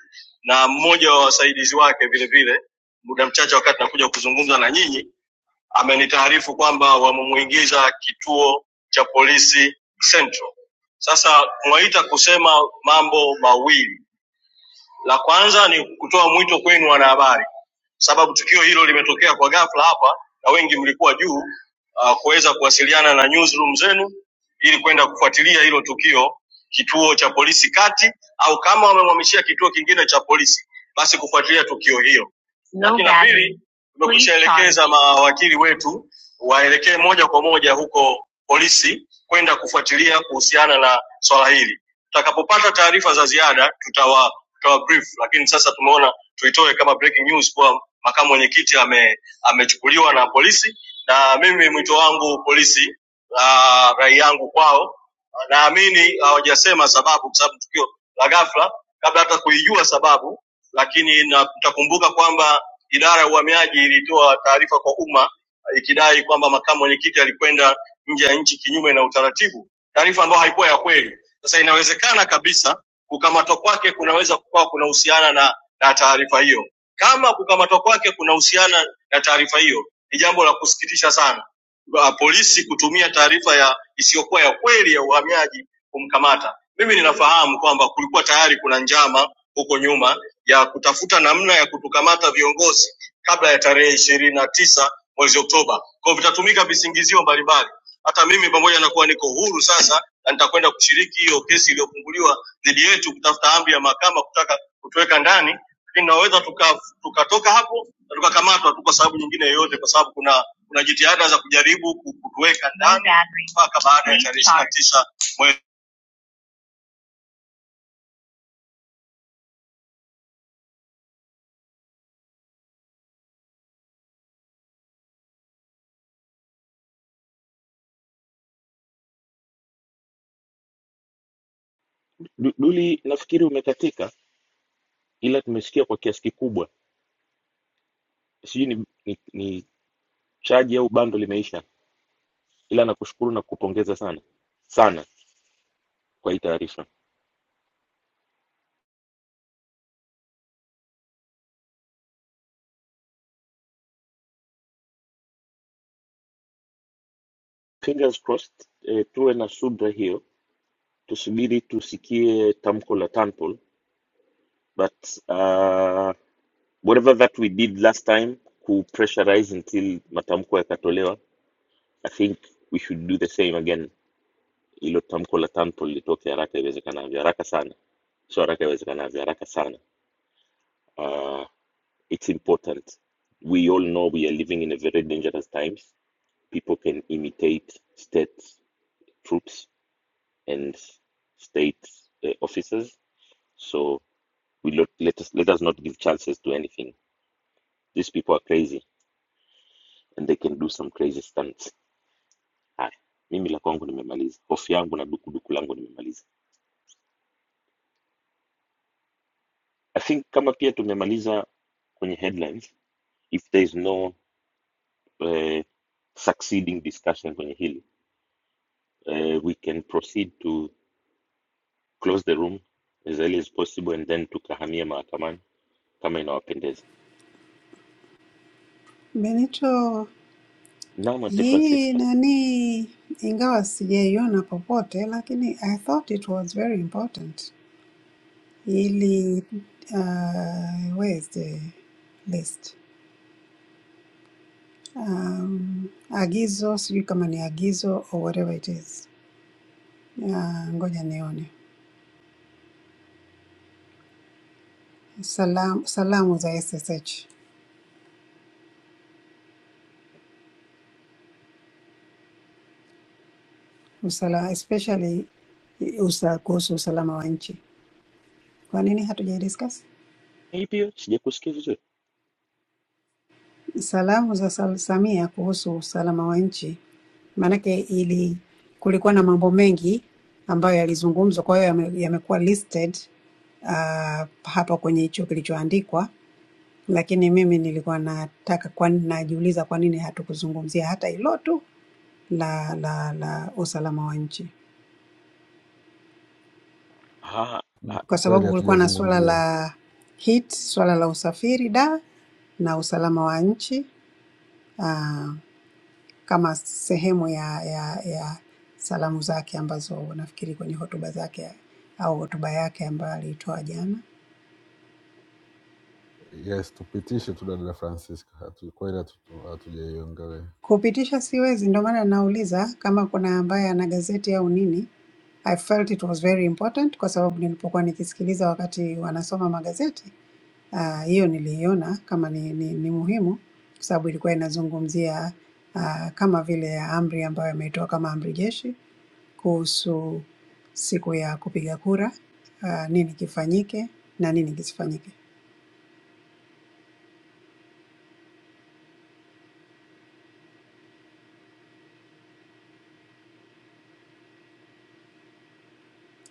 S: na mmoja wa wasaidizi wake vile vile muda mchache wakati nakuja kuzungumza na nyinyi amenitaarifu kwamba wamemwingiza kituo cha polisi Central. Sasa Mwaita kusema mambo mawili. La kwanza ni kutoa mwito kwenu wanahabari, sababu tukio hilo limetokea kwa ghafla hapa na wengi mlikuwa juu uh, kuweza kuwasiliana na newsroom zenu ili kwenda kufuatilia hilo tukio kituo cha polisi kati, au kama wamemhamishia kituo kingine cha polisi, basi kufuatilia tukio hilo. No Lakini la pili, tumekwishaelekeza mawakili wetu waelekee moja kwa moja huko polisi kwenda kufuatilia kuhusiana na swala hili. Tutakapopata taarifa za ziada tutawa ikawa brief, lakini sasa tumeona tuitoe kama breaking news kuwa makamu mwenyekiti ame, amechukuliwa na polisi, na mimi mwito wangu polisi, uh, rai yangu kwao, naamini hawajasema uh, sababu, kwa sababu tukio la ghafla, kabla hata kuijua sababu, lakini na- mtakumbuka kwamba idara ya uhamiaji ilitoa taarifa kwa umma ikidai kwamba makamu mwenyekiti alikwenda nje ya nchi kinyume na utaratibu, taarifa ambayo haikuwa ya kweli. Sasa inawezekana kabisa kukamatwa kwake kunaweza kukawa kunahusiana na, na taarifa hiyo. Kama kukamatwa kwake kunahusiana na taarifa hiyo, ni jambo la kusikitisha sana Ba- polisi kutumia taarifa ya isiyokuwa ya kweli ya uhamiaji kumkamata. Mimi ninafahamu kwamba kulikuwa tayari kuna njama huko nyuma ya kutafuta namna ya kutukamata viongozi kabla ya tarehe ishirini na tisa mwezi Oktoba. Kwa hivyo vitatumika visingizio mbalimbali. Hata mimi pamoja na kuwa niko huru sasa na nitakwenda kushiriki hiyo kesi iliyofunguliwa dhidi yetu kutafuta amri ya mahakama kutaka kutuweka ndani, lakini tunaweza tuka, tukatoka tuka hapo na tukakamatwa tu kwa sababu nyingine yoyote, kwa sababu kuna kuna jitihada za kujaribu ku- kutuweka ndani mpaka baada ya tarehe 29 mwezi
R: Benito. Hii nani, ingawa sijaiona popote, lakini I thought it was very important ili uh, where is the list um, agizo sijui kama ni agizo or whatever it is uh, ngoja nione salamu, salamu za SSH usala, especially usa, kuhusu usalama wa nchi. Kwa nini hatujai discuss? salamu za Sal- Samia kuhusu usalama wa nchi, maanake ili kulikuwa na mambo mengi ambayo yalizungumzwa, kwa hiyo yame- yamekuwa listed uh, hapa kwenye hicho kilichoandikwa, lakini mimi nilikuwa nataka kwa, najiuliza kwa nini hatukuzungumzia hata hilo tu la, la, la usalama wa nchi,
E: Mm,
R: kwa
E: Kweli
R: sababu kulikuwa na suala
E: hatujazungumzia.
R: la HEAT, suala la usafiri da na usalama wa nchi uh, kama sehemu ya, ya, ya salamu zake ambazo nafikiri kwenye hotuba zake au hotuba yake ambayo aliitoa jana.
E: Yes, tupitishe tu dada Francisca. Hatu, kweli hatu- hatujaiongelea.
R: Kupitisha siwezi, ndio maana nauliza kama kuna ambaye ana gazeti au nini. I felt it was very important kwa sababu nilipokuwa nikisikiliza wakati wanasoma magazeti Ah, hiyo niliiona kama ni, ni, ni muhimu kwa sababu ilikuwa inazungumzia ah, kama vile amri ambayo imetoa kama amri jeshi kuhusu siku ya kupiga kura, ah, nini kifanyike na nini kisifanyike.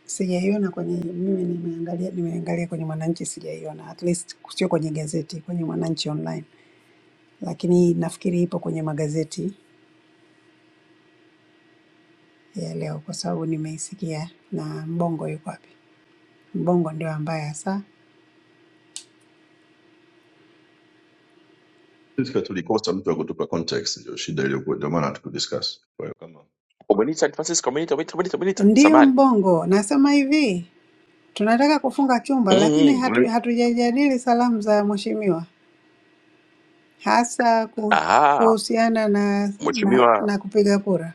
R: Sijaiona kwenye mimi nimeangalia nimeangalia kwenye Mwananchi sijaiona, at least sio kwenye gazeti, kwenye Mwananchi online, lakini nafikiri ipo kwenye magazeti ya leo, kwa sababu nimeisikia. Na Mbongo yuko wapi? Mbongo ndio ambaye hasa,
M: sisi tulikosa mtu wa kutupa context ndio shida iliyokuwa ndio maana hatukudiscuss.
A: Umenita Francisco, umenita, umenita, umenita,
R: ndiyo
A: umenita.
R: Mbongo. Nasema hivi, tunataka kufunga chumba, lakini hatu,
A: Mm-hmm.
R: hatujajadili salamu za mheshimiwa, hasa ku-
A: Aha,
R: kuhusiana na, na,
A: mheshimiwa
R: na kupiga kura.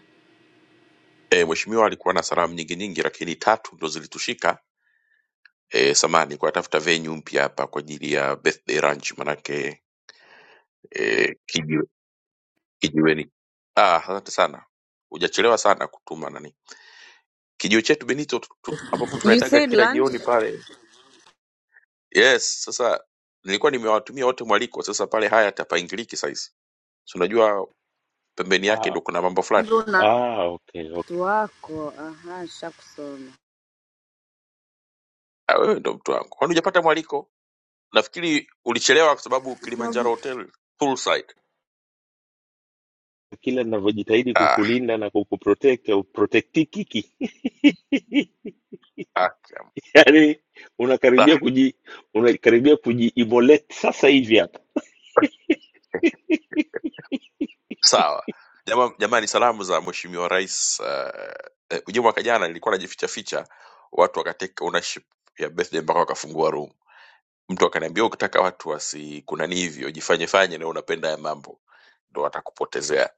A: eh, mheshimiwa alikuwa na salamu nyingi nyingi, lakini tatu ndo zilitushika eh, samani kwa tafuta venue mpya hapa kwa ajili ya birthday lunch, manake eh, kijiwe, kijiweni. Ah, asante sana, hujachelewa sana kutuma nani kijiwe chetu Benito tu- tu- ambapo
B: You
A: tunaendaga
B: said
A: kila
B: lunch?
A: jioni pale. Yes, sasa nilikuwa nimewatumia wote mwaliko, sasa pale haya tapaingiliki saizi, si unajua pembeni yake ndo kuna mambo fulani.
B: wako aha, shakusoma.
A: Ah, wewe ndo mtu wangu, kwani hujapata mwaliko? nafikiri ulichelewa kwa sababu kilimanjaro hotel poolside ah, haki ya- ah, sawa Jama, jamani salamu za mweshimiwa rais uh, eh, ujue mwaka jana nilikuwa najificha ficha watu wakateka ownership ya birthday mpaka wakafungua room mtu akaniambia ukitaka watu wasikunani hivyo jifanye fanye na unapenda ya mambo ndo watakupotezea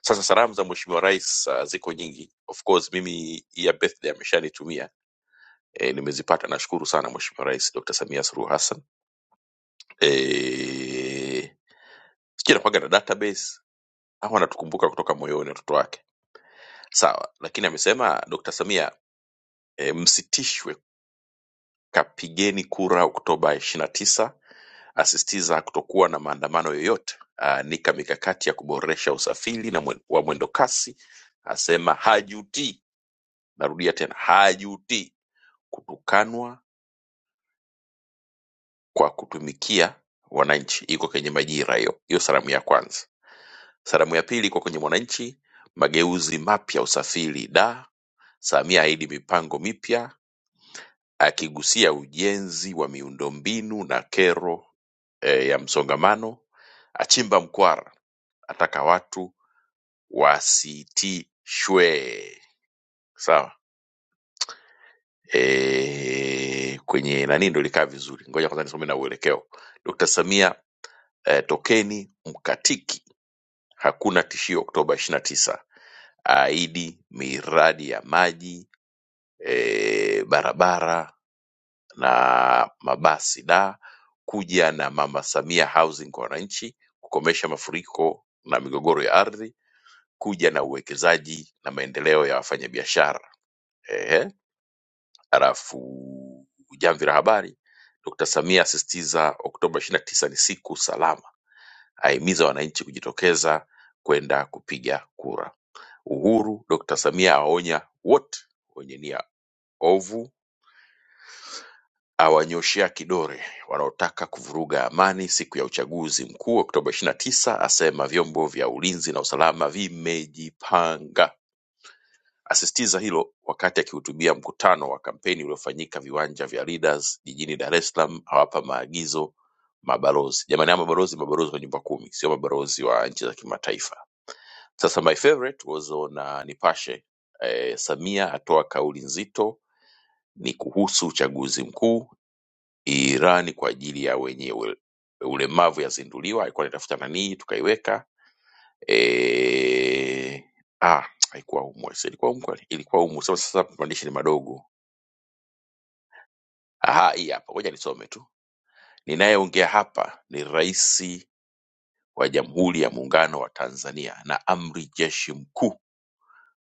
A: sasa salamu za mweshimiwa rais uh, ziko nyingi of course mimi hii ya birthday ameshanitumia e, nimezipata nashukuru sana mweshimiwa rais dr samia suluhu hassan eh, sijui anakuwaga na database au anatukumbuka kutoka moyoni watoto wake sawa lakini amesema dr samia e, msitishwe kapigeni kura oktoba ishirina tisa asisitiza kutokuwa na maandamano yoyote aanika mikakati ya kuboresha usafiri na mwen, wa mwendo kasi asema hajutii narudia tena hajutii kutukanwa kwa kutumikia wananchi iko kwenye majira hiyo hiyo salamu ya kwanza Sanamu ya pili iko kwenye Mwananchi Mageuzi mapya usafiri da Samia aahidi mipango mipya akigusia ujenzi wa miundombinu na kero eh, ya msongamano achimba mkwara ataka watu wasitishwe sawa e, kwenye nani ndo ilikaa vizuri ngoja kwanza nisome na uelekeo dkt samia e, tokeni mkatiki hakuna tishio oktoba 29 aahidi miradi ya maji, eh, barabara na mabasi da kuja na Mama Samia Housing kwa wananchi, kukomesha mafuriko na migogoro ya ardhi, kuja na uwekezaji na maendeleo ya wafanyabiashara. Ehe, alafu jamvi la habari, Dr. Samia asisitiza Oktoba 29 ni siku salama, ahimiza wananchi kujitokeza kwenda kupiga kura. Uhuru, Dr. Samia aonya wote wenye nia Ovu awanyoshea kidole wanaotaka kuvuruga amani siku ya uchaguzi mkuu Oktoba 29, asema vyombo vya ulinzi na usalama vimejipanga. Asisitiza hilo wakati akihutubia mkutano wa kampeni uliofanyika viwanja vya Leaders jijini Dar es Salaam, awapa maagizo mabalozi. Jamani, hao mabalozi mabalozi wa nyumba kumi, sio mabalozi wa nchi za kimataifa. Sasa my favorite was on uh, Nipashe eh, Samia atoa kauli nzito, ni kuhusu uchaguzi mkuu Irani kwa ajili ya wenye ule- ulemavu yazinduliwa, alikuwa anatafuta nanii, tukaiweka eh ah, haikuwa humu, si ilikuwa humu kweli? Ilikuwa humu. Sasa sasa maandishi ni madogo. Aha, hii hapa, ngoja nisome tu. Ninayeongea hapa ni Rais wa Jamhuri ya Muungano wa Tanzania na Amri Jeshi Mkuu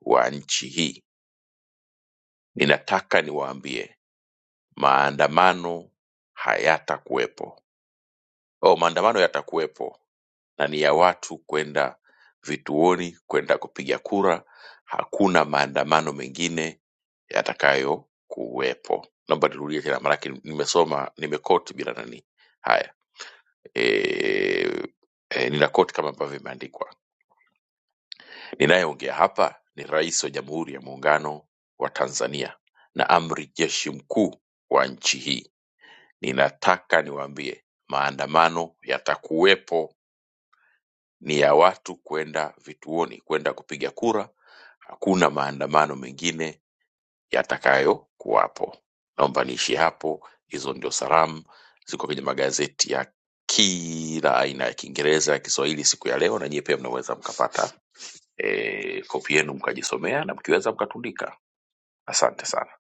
A: wa nchi hii. Ninataka niwaambie maandamano hayatakuwepo. Oh, maandamano yatakuwepo na ni ya watu kwenda vituoni kwenda kupiga kura. Hakuna maandamano mengine yatakayo kuwepo. Naomba nirudie tena, maanake nimesoma nimekoti bila nani. Haya e, e, nina koti kama ambavyo imeandikwa. Ninayeongea hapa ni Rais wa Jamhuri ya Muungano wa Tanzania na amri jeshi mkuu wa nchi hii. Ninataka niwaambie maandamano yatakuwepo, ni ya watu kwenda vituoni, kwenda kupiga kura hakuna maandamano mengine yatakayokuwapo. Naomba niishie hapo. Hizo ndio salamu ziko kwenye magazeti ya kila aina ya Kiingereza ya Kiswahili siku ya leo, na nyie pia mnaweza mkapata e, kopi yenu mkajisomea na mkiweza mkatundika. Asante sana,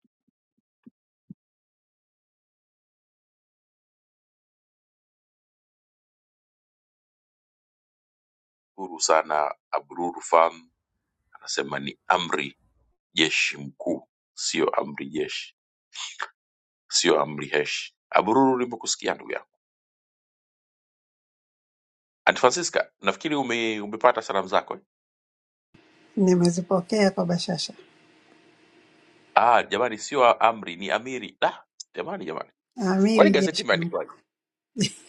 A: shukuru sana. Abruru Farm anasema ni amri jeshi mkuu, sio amri jeshi, sio amri heshi. Abruru, nimekusikia ndugu yangu. Aunt Francisca, nafikiri ume, umepata salamu zako eh?
R: Nimezipokea kwa bashasha.
A: Ah, jamani sio amri ni amiri. Da, jamani jamani. Kwani
R: Amiri
A: gazeti
R: jeshi mkuu.
A: imeandikwaje?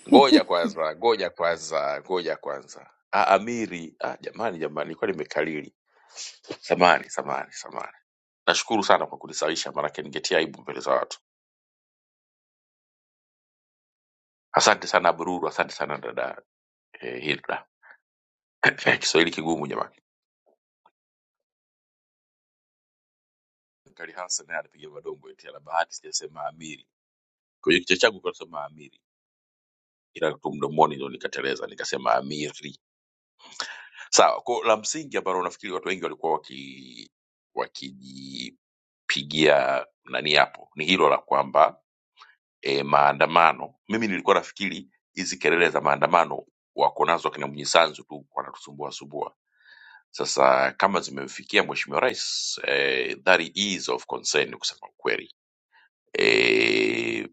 A: Ngoja kwanza, ngoja kwanza, ngoja kwanza. Ah, amiri. Ah, jamani jamani, kwani nimekalili. Samani, samani, samani. Nashukuru sana kwa kunisawisha maanake ningetia aibu mbele za watu. Asante sana Bururu, asante sana dada eh, Hilda. Kiswahili kigumu jamani. Kali Hassan naye anapiga madongo eti ana bahati sijasema amiri. Kwenye kichwa changu kwa nasema amiri. Ila tu mdomoni ndio nikateleza nikasema amiri. Sawa, kwa la msingi ambalo nafikiri watu wengi walikuwa waki wakijipigia nani hapo ni hilo la kwamba e, maandamano. Mimi nilikuwa nafikiri hizi kelele za maandamano wako nazo akina Mnyisanzu tu wanatusumbua sumbua. Sasa kama zimemfikia Mheshimiwa Rais e, that is of concern kusema ukweli e,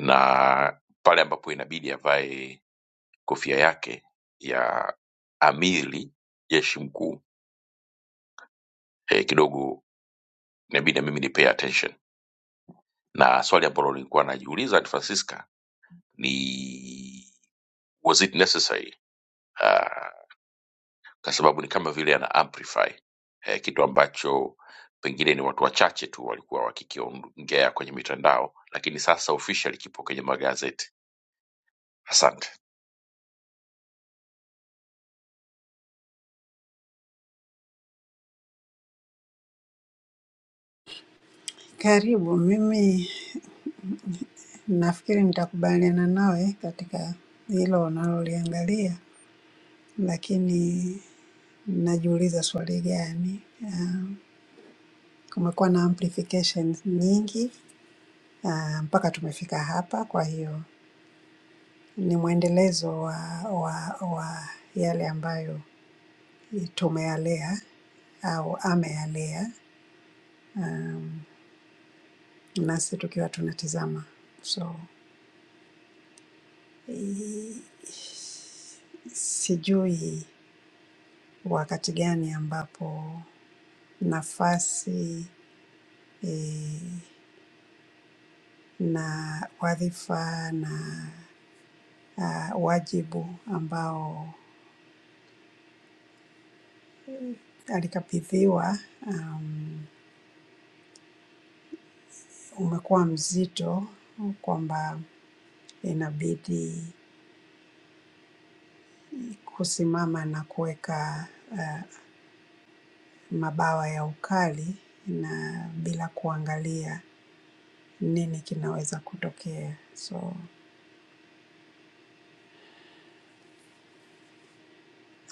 A: na pale ambapo inabidi avae kofia yake ya amiri jeshi mkuu eh, kidogo inabidi na mimi ni pay attention na swali ambalo nilikuwa najiuliza Aunt francisca ni was it necessary uh, kwa sababu ni kama vile ana amplify eh, kitu ambacho pengine ni watu wachache tu walikuwa wakikiongea kwenye mitandao lakini sasa officially kipo kwenye magazeti asante
R: Karibu, mimi nafikiri nitakubaliana nawe katika hilo unaloliangalia, lakini najiuliza swali gani? Ah, Kumekuwa na amplifications nyingi ah, mpaka tumefika hapa. Kwa hiyo ni mwendelezo wa, wa, wa yale ambayo tumeyalea au ameyalea, nasi tukiwa tunatizama. So i- sijui wakati gani ambapo nafasi eh, na wadhifa na ah, wajibu ambao alikabidhiwa um, umekuwa mzito kwamba inabidi kusimama na kuweka ah, mabawa ya ukali na bila kuangalia nini kinaweza kutokea. So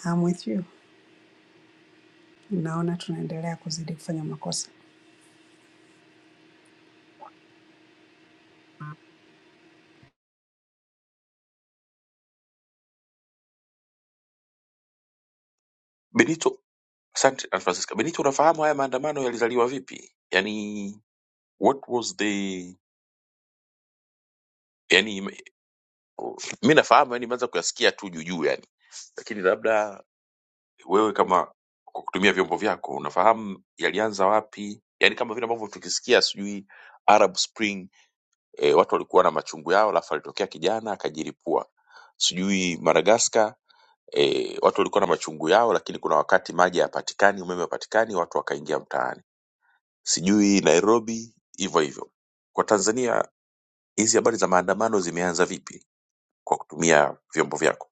R: I'm with you, naona tunaendelea kuzidi kufanya makosa.
A: benito asante Aunt francisca benito unafahamu haya maandamano yalizaliwa vipi yani what was the yani mi nafahamu yani imeanza kuyasikia tu juujuu yani lakini labda wewe kama kwa kutumia vyombo vyako unafahamu yalianza wapi yaani kama vile ambavyo tukisikia sijui arab spring e, watu walikuwa na machungu yao alafu alitokea kijana akajiripua sijui madagascar e, watu walikuwa na machungu yao lakini kuna wakati maji hayapatikani umeme hapatikani watu wakaingia mtaani sijui nairobi hivyo hivyo kwa tanzania hizi habari za maandamano zimeanza vipi kwa kutumia vyombo vyako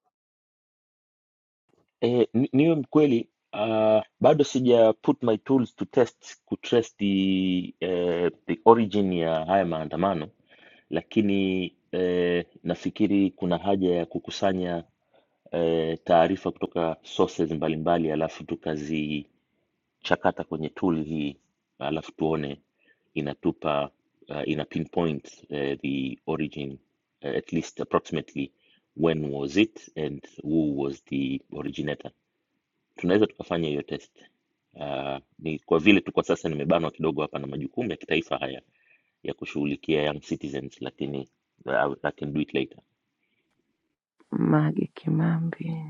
H: Mage Kimambi,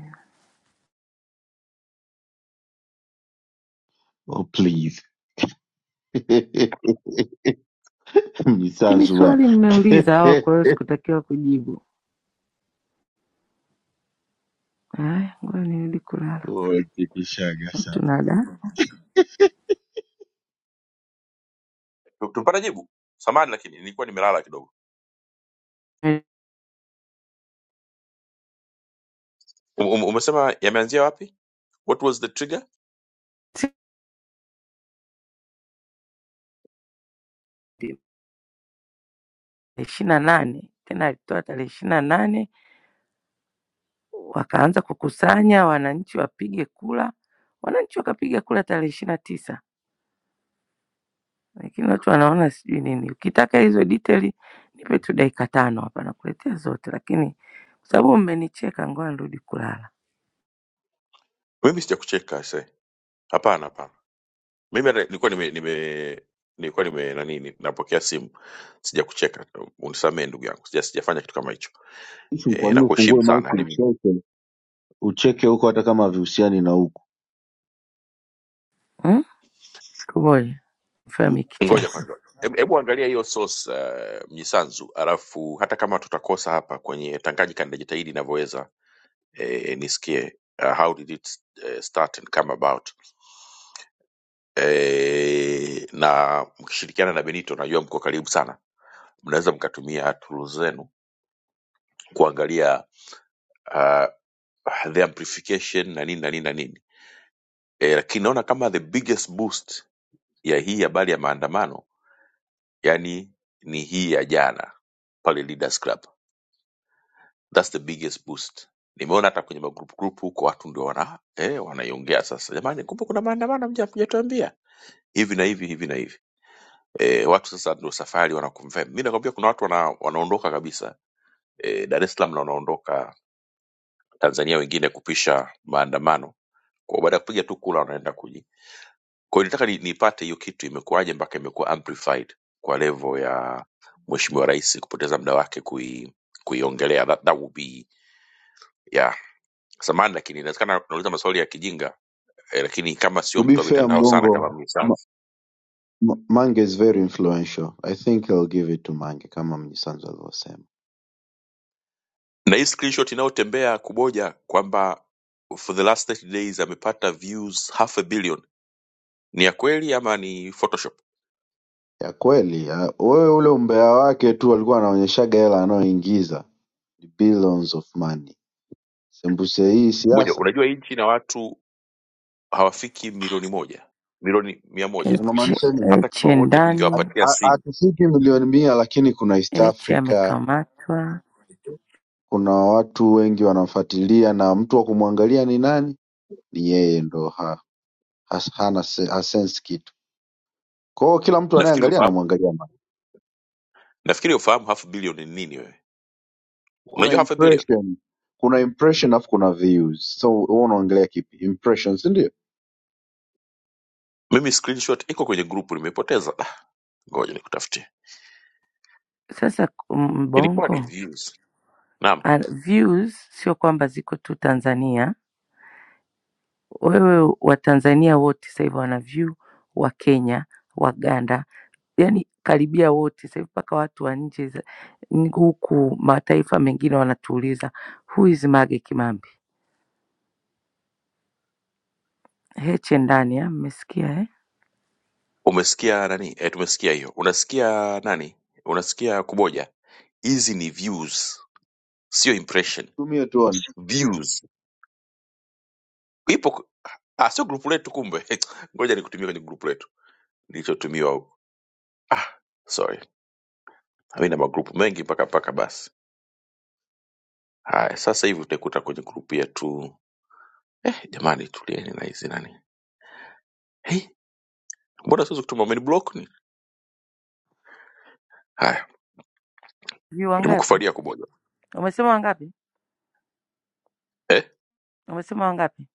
O: oh, please
H: Si ni
O: mnisanzu bwana
H: swali mmeuliza hawa, kwa hiyo sikutakiwa kujibu. Haya, ngoja nirudi kulala,
O: Umechekeshaga sana.
H: tunada
A: tupata jibu samani lakini nilikuwa nimelala kidogo Um- um- Umesema yameanzia wapi? What was the trigger?
H: tarehe ishirini na nane tena alitoa tarehe ishirini na nane wakaanza kukusanya wananchi wapige kura, wananchi wakapiga kura tarehe ishirini na tisa lakini watu wanaona sijui nini. Ukitaka hizo detail nipe tu dakika tano hapa, nakuletea zote, lakini kwa sababu mmenicheka, ngoja nirudi kulala.
A: Mimi sijakucheka se. Hapana, hapana. Mimi hata nilikuwa nime, nime nilikuwa nime na nini, napokea simu, sijakucheka. Unisamehe ndugu yangu, sija sijafanya kitu kama hicho.
O: Issue ni kwa
A: E, na
O: nini
A: kuheshimu
O: ufungue
A: sana.
O: maiki
A: Yani,
O: ucheke ucheke huko hata kama vihusiani na huku
H: Hmm? Kuboja mfami kichaa
A: ngoja kwanza, hebu hebu angalia hiyo source uh, Mnyisanzu, alafu hata kama tutakosa hapa kwenye Tanganyika, nitajitahidi inavyoweza e, nisikie uh, how did it uh, start and come about e, na mkishirikiana na Benito, najua mko karibu sana mnaweza mkatumia tools zenu kuangalia uh, the amplification na nini na nini na nini e, lakini naona kama the biggest boost ya hii habari ya maandamano yani ni hii ya jana pale leaders club thats the biggest boost nimeona hata kwenye magrupu grupu huko watu ndio wana eh, wanaiongea sasa jamani kumbe kuna maandamano mja- mjatuambia hivi na hivi hivi na hivi eh, watu sasa ndio safari wanaconfirm mi nakwambia kuna watu wana, wanaondoka kabisa eh, dar es salaam na wanaondoka tanzania wengine kupisha maandamano Kwa baada ya kupiga tu kula wanaenda kuji. Kwa hiyo nitaka ni, nipate hiyo kitu imekuwaje mpaka imekuwa amplified kwa level ya Mheshimiwa Rais kupoteza muda wake kui kuiongelea that, that would be yeah. Samahani lakini inawezekana tunauliza maswali ya kijinga eh, lakini kama sio
O: to be
A: mtu wa
O: fair
A: mitandao sana kama
O: mbongo
A: msao.
O: Ma- Ma- mange is very influential i think i'll give it to mange kama mnyisanzu alivyosema
A: Na hii screenshot inayotembea kuboja kwamba for the last 30 days amepata views half a billion ni ya kweli ama ni photoshop?
O: ya kweli we ule umbea wake tu alikuwa anaonyeshaga hela anayoingiza billions of money sembuse hii
A: Kuboja,
O: siasa
A: unajua hii nchi na watu hawafiki milioni moja, milioni mia moja
H: H,
O: unamaanisha nini
A: hata
H: H
A: kama wote
O: Hat-
H: ndani
A: tungewapatia
O: ha-
A: simu
O: hatufiki milioni mia lakini kuna east
H: H
O: africa
H: amekamatwa
O: kuna watu wengi wanamfuatilia na mtu wa kumwangalia ni nani ni yeye ndo ha, has, hana se- hasense kitu kwao kila mtu
A: nafikiri
O: anayeangalia
A: ufahamu
O: anamwangalia Mario.
A: nafikiri ufahamu half billion ni nini wewe
O: kuna
A: unajua half a billion
O: impression kuna impression alafu kuna views so wewe unaongelea kipi impression si ndio
A: mimi screenshot iko kwenye grupu nimepoteza Ah, ngoja nikutafutie
H: sasa.
A: ilikuwa ni
H: Mbongo
A: views naam
H: ah, views sio kwamba ziko tu Tanzania Wewe Watanzania wote sasa hivi wana view Wakenya, Waganda, yani karibia wote sasa hivi mpaka watu wa nje za- n- huku mataifa mengine wanatuuliza who is Mage Kimambi? Heche ndani ah, mmesikia eh?
A: umesikia nani eh tumesikia hiyo unasikia nani unasikia kuboja hizi ni views sio impression
O: tumie tuone
A: views ipo ah sio grupu letu kumbe ngoja nikutumie kwenye grupu letu nilichotumiwa huko ah sorry mimi na magrupu mengi mpaka mpaka basi haya sasa hivi utakuta kwenye grupu yetu Jamani, tulieni na hizi nani. Hey, mbona siwezi kutuma umeniblock ni? Haya,
H: View wangapi?
A: nimekufalia kumoja
H: Umesema wangapi?
A: eh?
H: Umesema wangapi?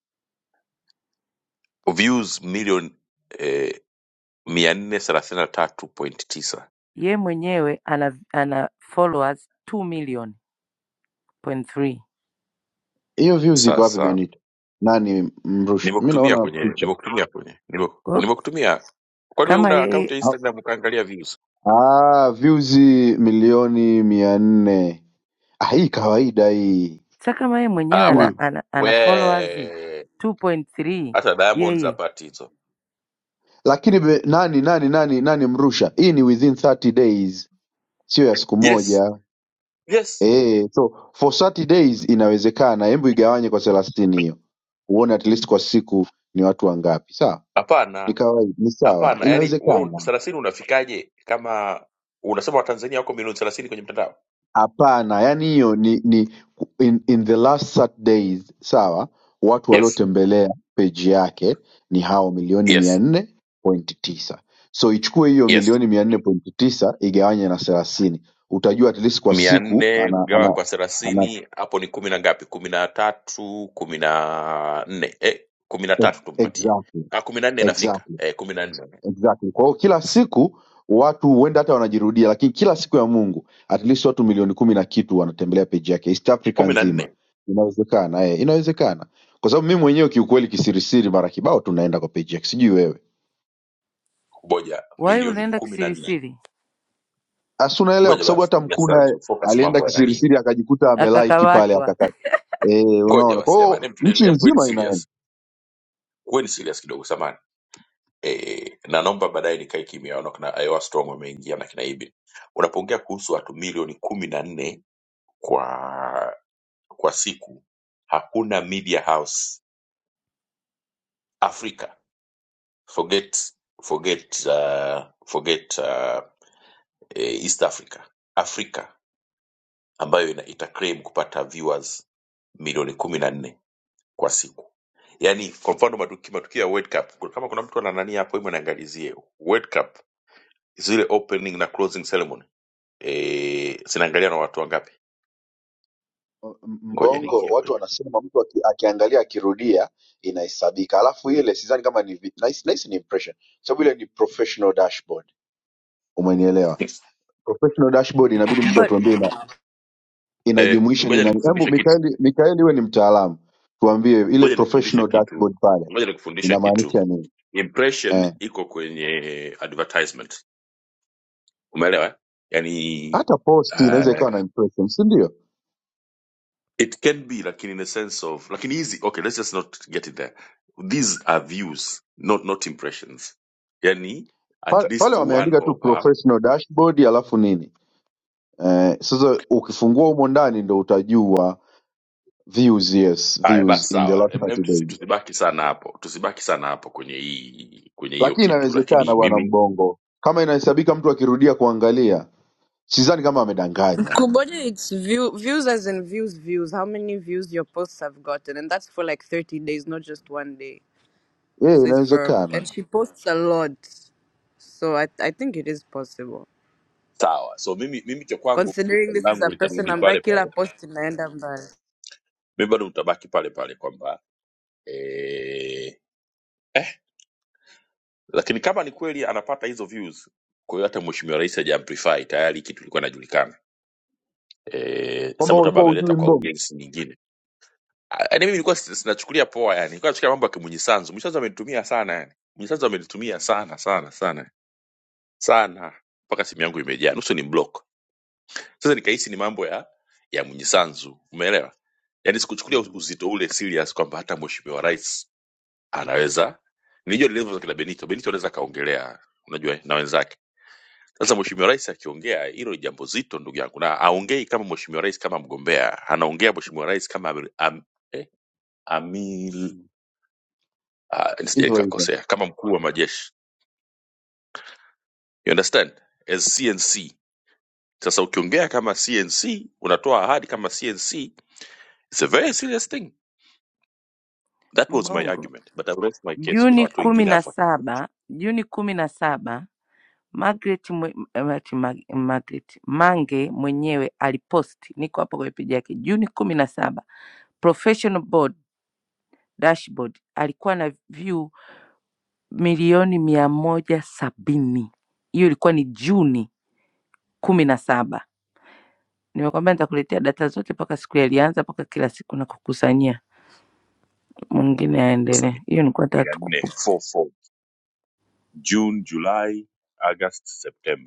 A: Views milioni eh, mia nne thelathini na tatu point tisa.
H: Ye mwenyewe ana, ana followers 2 million point three.
O: hiyo views iko wapi
A: Sasa
O: benito nani mrushi mi
A: nimekutumia
O: naona
A: kwenye
O: picha
A: nimekutumia kwenye nime-
H: Kwa hiyo
A: nimekutumia. Kwani wewe
H: kama
A: una akaunti
H: yeye
A: ya
O: ah,
A: Instagram ukaangalia views?
O: ah, views milioni mia nne ah, hii kawaida hii
H: sasa, kama yeye mwenyewe
A: Ah, wa
O: Hii.
H: ana, ana, ana followers
A: we
H: 2.3
A: hata Diamonds
H: yeye
A: hapati hizo.
O: lakini be, nani nani nani nani mrusha hii ni within 30 days sio ya siku
A: Yes,
O: moja
A: yes.
O: e, so for 30 days inawezekana hebu igawanye kwa thelathini hiyo uone at least kwa siku ni watu wangapi sawa ni
A: Hapana,
O: kawaida ni sawa
A: hapana. Yaani wewe
O: inawezekana
A: thelathini unafikaje kama unasema Watanzania wako milioni thelathini kwenye mtandao?
O: hapana yaani hiyo ni, ni in, in the last Saturdays sawa watu
A: Yes.
O: waliotembelea peji yake ni hao milioni mia
A: yes
O: nne pointi tisa so ichukue hiyo
A: yes
O: milioni mia nne pointi tisa igawanye na thelathini utajua at least kwa
A: mia
O: siku
A: nne
O: ana,
A: kugawa
O: ana,
A: kwa
O: ana
A: thelathini hapo ni kumi na ngapi kumi na tatu kumi na nne eh, kumi na tatu tumpatie
O: exactly,
A: ah, kumi na nne
O: exactly
A: inafika eh, kumi na nne
O: Exactly. Kwa hiyo kila siku watu huenda hata wanajirudia, lakini kila siku ya Mungu at least watu milioni kumi na kitu wanatembelea peji yake East Africa
A: kumi na
O: nzima.
A: nne
O: Inawezekana eh, inawezekana kwa sababu mimi mwenyewe kiukweli kisirisiri mara kibao tunaenda kwa peji yake, sijui wewe
A: ngoja
H: Wai
A: milioni
H: ulienda
A: kumi na nne
H: kisirisiri
O: asi, unaelewa?
A: ngoja
O: Kwa sababu
A: basi
O: hata
A: ya
O: Mkuna
A: Sanzu, focus
O: alienda
A: mambo ya nani
O: kisirisiri akajikuta amelike pale
H: akakamatwa
O: akaka, eh,
A: ngoja
O: unaona. Kwa
A: basi jamani
O: hiyo
A: Em tulie-
O: nchi
A: em kuweni
O: nzima inaenda
A: serious kuweni serious kidogo samani eh, na naomba baadaye nikae kimya naona kina Iowa Storm wameingia na kina Ibin unapoongea kuhusu watu milioni kumi na nne kwa kwa siku hakuna media house africa forget forget uh, forget uh, eh, east africa afrika ambayo ina- itaclaim kupata viewers milioni kumi na nne kwa siku yaani kwa mfano matuki- matukio ya world cup kama kuna mtu ananania hapo hivyo niangalizie world cup zile opening na closing ceremony eh zinaangalia na watu wangapi ngoja
O: Mbongo
A: niingie
O: watu
A: kwe-
O: wanasema mtu aki, akiangalia akirudia inahesabika, alafu ile sidhani kama ni vi- nahisi nahisi ni impression, kwa sababu ile ni professional dashboard. Umenielewa? Professional dashboard inabidi mtu
B: But
O: atuambie ina,
A: eh
O: inajumuisha ni
A: ngoja
O: nani. Hebu
A: nikufundishe kitu
O: Mikaeli, Mikaeli wewe ni mtaalamu, tuambie ile
A: ngoja nikufundishe
O: professional
A: kitu
O: dashboard pale
A: ngoja nikufundishe kitu
O: inamaanisha nini?
A: impression
O: Eh,
A: iko kwenye advertisement umeelewa eh? yani
O: hata post inaweza
A: uh,
O: ikawa na impression, si ndio?
A: it can be lakini in a sense of lakini hizi okay let's just not get it there these are views not not impressions yani at
O: Pa- Pale
A: least one
O: wameandika tu
A: of her
O: professional dashboard alafu nini? Eh, sasa ukifungua humo ndani ndo utajua views yes
A: haya
O: views
A: basi
O: in the
A: sawa
O: last
A: Em- em,
O: 30
A: tusi-
O: days
A: tusibaki sana hapo tusibaki sana hapo kwenye hii kwenye hiyo
O: lakini
A: kitu
O: inawezekana
A: lakini
O: bwana
A: mimi
O: mbongo kama inahesabika mtu akirudia kuangalia sidhani kama amedanganya
B: Kuboja, it's view, views as in views, views. How many views your posts have gotten? And that's for like 30 days, not just one day.
O: yeah,
B: So it's for, and
O: inawezekana
B: she posts a lot. So I, I think it is possible.
A: sawa so mimi mimi cha kwangu
B: Considering
A: swali
B: this is
A: langu
B: a person
A: litarudi pale
B: ambaye kila
A: pale
B: post inaenda mbali.
A: mimi bado utabaki pale pale kwamba eh, lakini kama ni kweli anapata hizo views kwa hiyo hata mheshimiwa rais hajaamplify tayari kitu ilikuwa inajulikana eh
O: kwamba
A: sema labda
O: ulikuwa
A: ameleta
O: ujui
A: kwa
O: mbongo
A: audience nyingine Ah, yaani mimi nilikuwa si- sinachukulia poa yani nilikuwa nachukulia mambo ya kimunyisanzu munyisanzu amenitumia sana yani munyisanzu amenitumia sana sana sana sana mpaka simu yangu imejaa nusu ni block sasa nikahisi ni mambo ya ya munyisanzu umeelewa yani sikuchukulia
O: Mm,
A: uzito ule serious kwamba hata mheshimiwa rais anaweza nilijua nilivyo kina benito benito anaweza kaongelea unajua na wenzake Sasa mheshimiwa rais akiongea, hilo ni jambo zito ndugu yangu, na aongei kama mheshimiwa rais kama mgombea, anaongea mheshimiwa rais kama amil, am, eh, amil,
O: mm.
A: ah, nisije
O: hivyo hivyo
A: nikakosea, kama mkuu wa majeshi, you understand as CNC. Sasa ukiongea kama CNC unatoa ahadi kama CNC, it's a very serious thing. That was my
H: Mbongo
A: argument, but I rest my case. Kuna
H: Juni
A: watu
H: kumi
A: wengine
H: na
A: hapa
H: saba Juni kumi na saba Margaret, mwe, eh, ati Mag- Margaret Mange mwenyewe aliposti, niko hapa kwenye peji yake, Juni kumi na saba professional board dashboard alikuwa na view milioni mia moja sabini. Hiyo ilikuwa ni Juni kumi na saba. Nimekwambia nitakuletea data zote mpaka siku alianza mpaka kila siku na kukusanyia. Mwingine
A: sasa, mia
H: aendelee.
A: nne,
H: Hiyo nilikuwa nataka
A: mia
H: tu
A: nne 44 June, July, August, September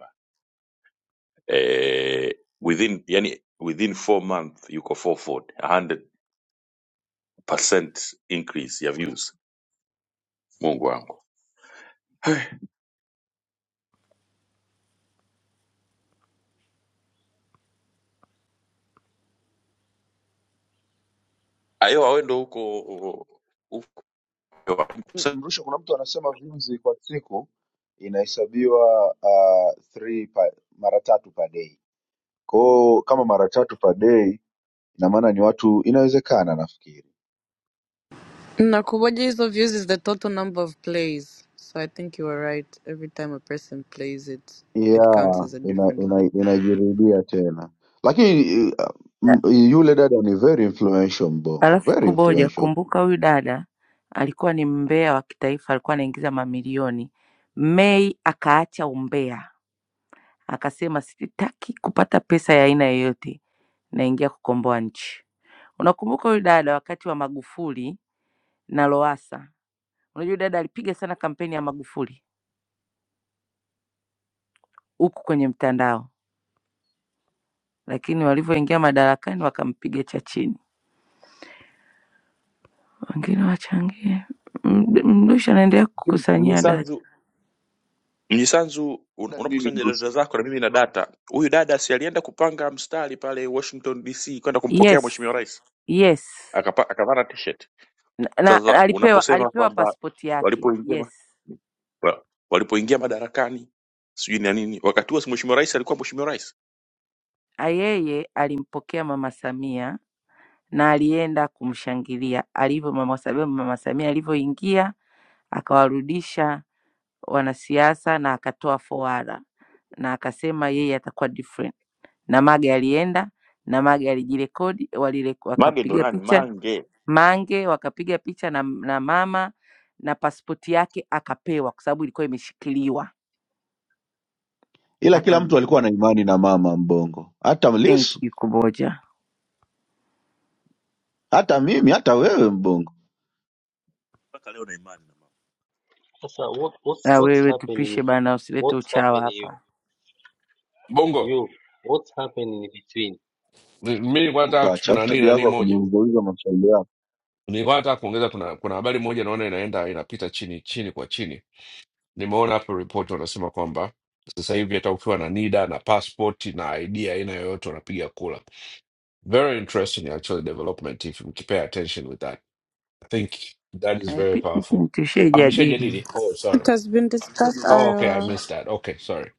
A: eh, within yani within four month yuko forward 100% increase ya views mungu wangu ayo awendo huko huko
O: mrusha kuna mtu anasema views kwa siku inahesabiwa uh, three pa, mara tatu per day kwao kama mara tatu per day ina maana ni watu inawezekana nafikiri
B: Na Kuboja, hizo views is the total number of plays. So I think you were right. Every time a person plays it, it counts
O: yeah,
B: as a
O: ina,
B: different view.
O: ina, inajirudia tena lakini eh, m- yule dada ni very influential mbongo
H: Halafu
O: very
H: kuboja,
O: influential
H: kumbuka huyu dada alikuwa ni mbea wa kitaifa, alikuwa anaingiza mamilioni. Mei akaacha umbea, akasema sitaki kupata pesa ya aina yoyote, naingia kukomboa nchi. Unakumbuka huyu dada wakati wa Magufuli na Lowassa, unajua huyu dada alipiga sana kampeni ya Magufuli huku kwenye mtandao, lakini walivyoingia madarakani wakampiga cha chini. Wengine wachangie, M- Mdushi anaendelea kukusanyia data.
A: mnyisanzu mnyisanzu un-
O: Dada nini
A: unapokusanya
O: mrusi
A: data zako na mimi na data huyu dada si alienda kupanga mstari pale washington dc kwenda kumpokea mweshimiwa
H: Yes,
A: rais
H: yes.
A: Akapa- akavana t-shirt
H: na, na
A: sasa
H: alipewa
A: unaposema
H: alipewa
A: kwamba
H: pasipoti yake
A: walipoingia ma-
H: yes.
A: wa- walipoingia madarakani sijui na nini wakati huo si mweshimiwa rais alikuwa mweshimiwa rais
H: A, Yeye alimpokea mama Samia na alienda kumshangilia alivyo mama Samia. Mama Samia alivyoingia akawarudisha wanasiasa na akatoa foara na akasema yeye atakuwa different. Na Mage alienda na Mage alijirekodi, walire-
A: Mange ndo
H: wakapiga
A: nani?
H: picha
A: Mange
H: Mange wakapiga picha na, na mama na pasipoti yake akapewa, kwa sababu ilikuwa imeshikiliwa.
O: ila kila
H: Akarudi.
O: mtu alikuwa na imani na mama mbongo hata
H: Thank
O: mlisu
H: you Kuboja.
O: hata mimi hata wewe mbongo
Q: So what what
H: Na
Q: what's
H: wewe
Q: happened
H: tupishe
Q: you?
H: bana, usilete
Q: What's
H: uchawa
Q: happened you?
H: hapa.
T: Bongo,
Q: You what's happened in between?
T: mi mi nilikuwa nataka tu-
O: mpacha afu
T: kuna nini
O: tabia
T: na
O: yako
T: nini
O: ya
T: moja,
O: kuniuzauliza maswali yako
T: nilikuwa nataka kuongeza, kuna kuna habari moja naona inaenda inapita chini chini kwa chini. Nimeona hapo ripoti wanasema kwamba sasa hivi hata ukiwa na NIDA na passport na ID aina yoyote unapiga kura. Very interesting actually development if you pay attention with that. I think that is very
H: Haipiki
T: powerful.
H: tu, tushajadili
T: Ameshajadili? Oh,
B: It
T: sorry.
B: has been discussed,
T: Oh, okay, I
B: Ira.
T: missed that. Okay, sorry.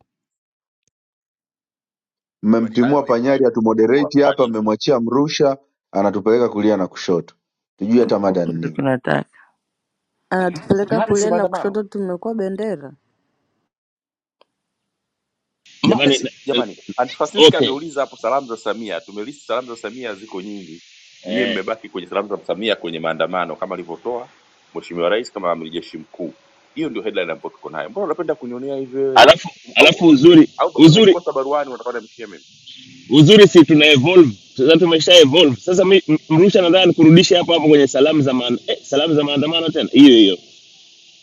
A: bali hayo
O: mmemtimua
A: hayupo hayo,
O: panyari
A: nakuwa
O: atumoderate
A: wakali
O: hapa
A: hivyo.
O: mmemwachia mrusha anatupeleka kulia na kushoto tujui hata mada
H: huku
O: ni
H: ndio
O: nini
H: tunataka.
B: anatupeleka
A: Mada si
B: kulia na
A: maandamano,
B: kushoto tumekuwa bendera
A: mada
U: jamani na-
A: si
U: eh,
A: jamani. Antifasista
U: okay
A: ameuliza hapo salamu za Samia, tumelisti salamu za Samia ziko nyingi, nyie mmebaki kwenye salamu za Samia kwenye maandamano kama alivyotoa Mheshimiwa Rais kama amiri jeshi mkuu. Hiyo ndio headline ambayo tuko nayo. Mbona unapenda kunionea hivyo wewe?
U: alafu
A: Um,
U: alafu
A: Au
U: uzuri
A: au
U: uzuri
A: umemkosa baruani unataka nimshie mimi?
U: uzuri si tuna evolve sasa tumesha evolve sasa mi m- mrusha nataka nikurudishe hapo hapo kwenye salamu za maana eh, salamu za maandamano tena hiyo hiyo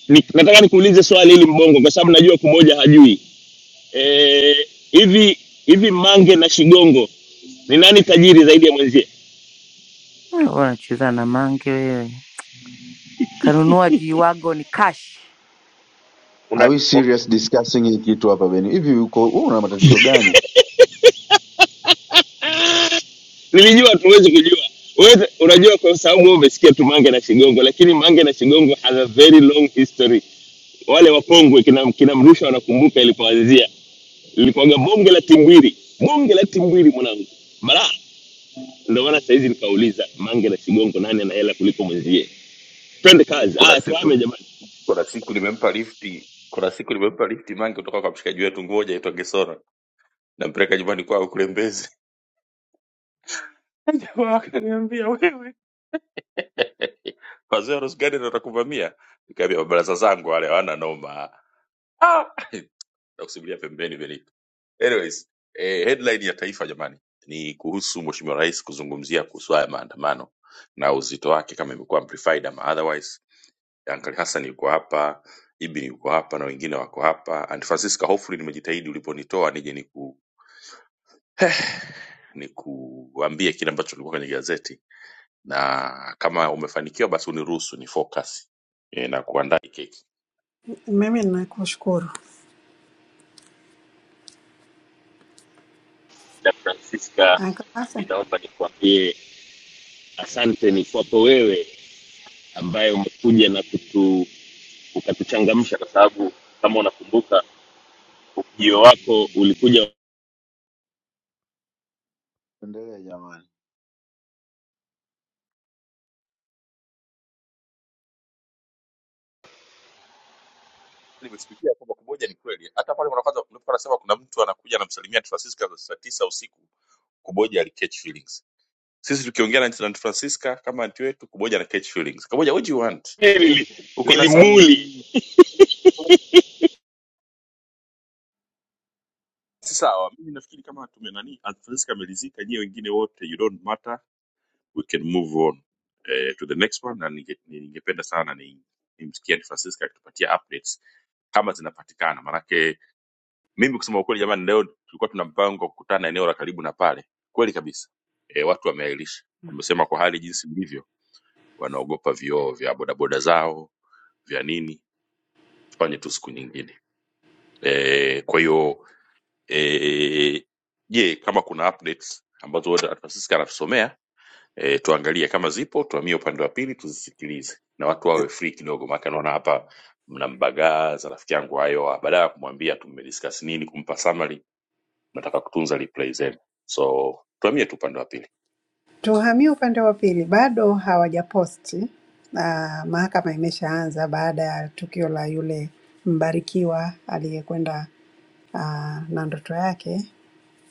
U: Ni- nataka nikuulize swali hili mbongo kwa sababu najua kumoja hajui eh, hivi hivi mange na shigongo ni nani tajiri zaidi ya mwenzie
H: Wewe unacheza na mange wewe. Kanunua jiwago ni cash.
O: are we serious discussing hii kitu hapa beni hivi uko una matatizo gani
U: nilijua tuwezi kujua wewe unajua kwa sababu wewe umesikia tu mange na shigongo lakini mange na shigongo has a very long history wale wapongwe kina, kina Mrusha wanakumbuka ilipoanzia, lilikuwaga bonge la timbwiri, bonge la timbwiri mwanangu, balaa. Ndio maana saizi nikauliza Mange na Shigongo, nani ana hela kuliko mwenzie? Twende kazi,
A: Kuna
U: haya tuame
A: siku
U: jamani.
A: kuna siku nimempa lifti kuna siku nimempa lifti Mange kutoka kwa mshikaji wetu, ngoja itwa Gesora, nampeleka nyumbani kwao kule Mbezi Kwa zero rose garden watakubamia, ni kabi ya mbalaza zangu wale wana no maa, na kusibulia pembeni belito. Anyways, eh, headline ya taifa jamani ni kuhusu mwoshimio rice, kuzungumzia, kuhusuwa ya maandamano na uzito waki kama imikuwa amplified ama otherwise. Yankari Hassani yuko hapa, Ibi yuko hapa na wengine wako hapa. And Franciska Hofferini mejitahidi ulipo nitowa, nije ni kuambia kina mbacho likuwa kwenye gazeti na kama umefanikiwa basi uniruhusu ni focus eh, na kuandaa hii keki.
R: Mimi nakushukuru Uncle Hassan.
U: E, asante ni kwako wewe ambaye umekuja na kutu ukatuchangamsha, kwa sababu kama unakumbuka ujio wako ulikuja
O: endelea jamani
A: Nimeshtukia kwamba kumoja ni kweli, hata pale mwanakwanza unapokuwa unasema kuna mtu anakuja anamsalimia Francisca saa tisa usiku, kuboja ali catch feelings. Sisi tukiongea na Aunt Francisca kama anti wetu, kuboja na catch feelings. Kuboja, what do you want?
U: nili-
A: Uko na some
U: nilimuli,
A: si sawa. Mimi nafikiri kama tumenani, Aunt Francisca amelizika, nyie wengine wote you don't matter we can move on eh, to the next one na ninge- ningependa sana ni- nimsikie ni francisca akitupatia updates kama zinapatikana manake mimi kusema ukweli jamani leo tulikuwa tuna mpango wa kukutana eneo la karibu na pale kweli kabisa e, watu wameailisha wamesema kwa hali jinsi ilivyo wanaogopa vioo vya bodaboda zao vya nini tufanye tu siku nyingine e, kwa hiyo eh, je kama kuna updates ambazo Aunt francisca anatusomea e, tuangalie kama zipo, tuhamie upande wa pili tuzisikilize, na watu wawe free kidogo, maana naona hapa mnambagaa za rafiki yangu hayo, ah, badala ya kumwambia tumediscuss nini, kumpa summary, nataka kutunza replay zenu, so tuhamie tu upande wa pili
R: Tuhamie upande wa pili, bado hawajaposti na mahakama imeshaanza baada ya tukio la yule mbarikiwa aliyekwenda ah, na ndoto yake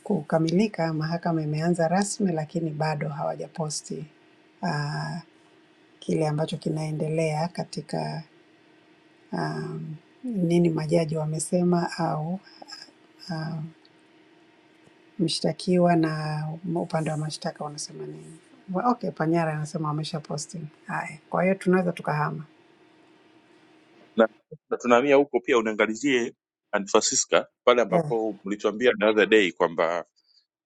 R: kukamilika. Mahakama imeanza rasmi, lakini bado hawajaposti ah, kile ambacho kinaendelea katika um, nini majaji wamesema au Mshtakiwa na upande wa mashtaka wanasema nini? Wa- Okay, Panyara anasema wamesha posti. Haya, kwa hiyo tunaweza tukahama.
A: na, na tunahamia huko pia uniangalizie Aunt Francisca pale
R: Eh,
A: ambapo mlituambia the other day kwamba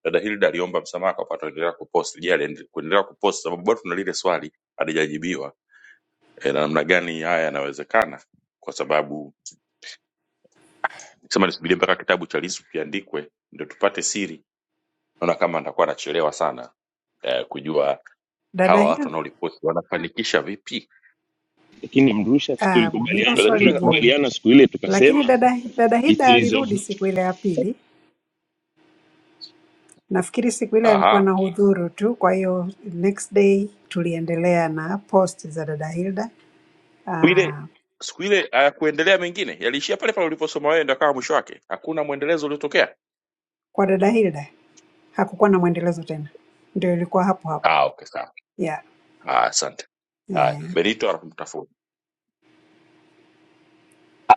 A: dada Hilda aliomba msamaha kwa pato endelea kupost. Je, aliende- kuendelea kupost sababu bado tuna lile swali halijajibiwa, e, na namna gani haya yanawezekana kwa sababu Nikasema nisubirie mpaka kitabu cha Lissu kiandikwe ndio tupate siri. Naona kama nitakuwa nachelewa sana eh, kujua
R: dada
A: hawa watu
R: Hilda,
A: wanaoripoti wanafanikisha vipi.
U: lakini Mrusha si
R: ah, hilo
U: tulikubaliana,
A: Dada
R: swali
A: Hilda, bado-
R: gumu,
U: tulikubaliana siku ile
R: lakini
U: tukasema
R: dada, dada
U: it
R: Hilda
U: is of
R: alirudi
U: no
R: siku ile ya pili. Nafikiri siku ile alikuwa na
A: Aha.
R: hudhuru tu, kwa hiyo next day tuliendelea na post za dada Hilda.
A: Siku ile
R: Ah,
A: siku ile hayakuendelea mengine, yaliishia pale pale uliposoma wewe, ndio akawa mwisho wake. Hakuna mwendelezo uliotokea.
R: kwa dada Hilda hakukuwa na mwendelezo tena, ndio ilikuwa hapo hapo
A: Ah, okay, sawa.
R: yeah.
A: Ah, asante. Haya,
R: Eh,
A: Benito anamtafuta.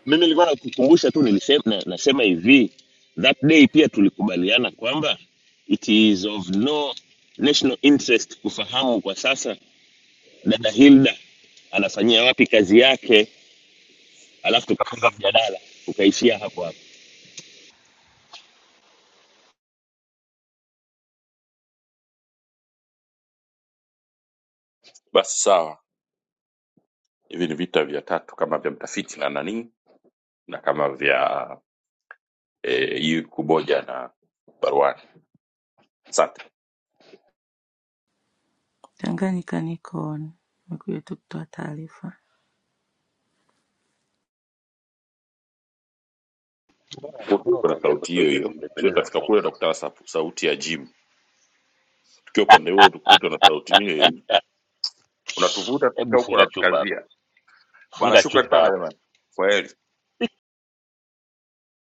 U: mimi nilikuwa nakukumbusha tu nilisema, na, nasema hivi that day pia tulikubaliana kwamba it is of no national interest kufahamu kwa sasa dada Hilda anafanyia wapi kazi yake, alafu tukafunga mjadala ukaishia hapo hapo.
A: Basi sawa, hivi ni vita vya tatu kama vya mtafiti na nani na kama vya eh, hii kuboja na baruani. Asante.
H: Tanganyika niko on. Nimekuja tu kutoa taarifa.
A: tuko na sauti hiyo hiyo so tutafika kule tutakutana sa- sauti ya jibu tukiwa upande huo tukutwa na sauti hiyo hiyo unatuvuta tufika huko natukazia bana shukrani sana jamani kwa heri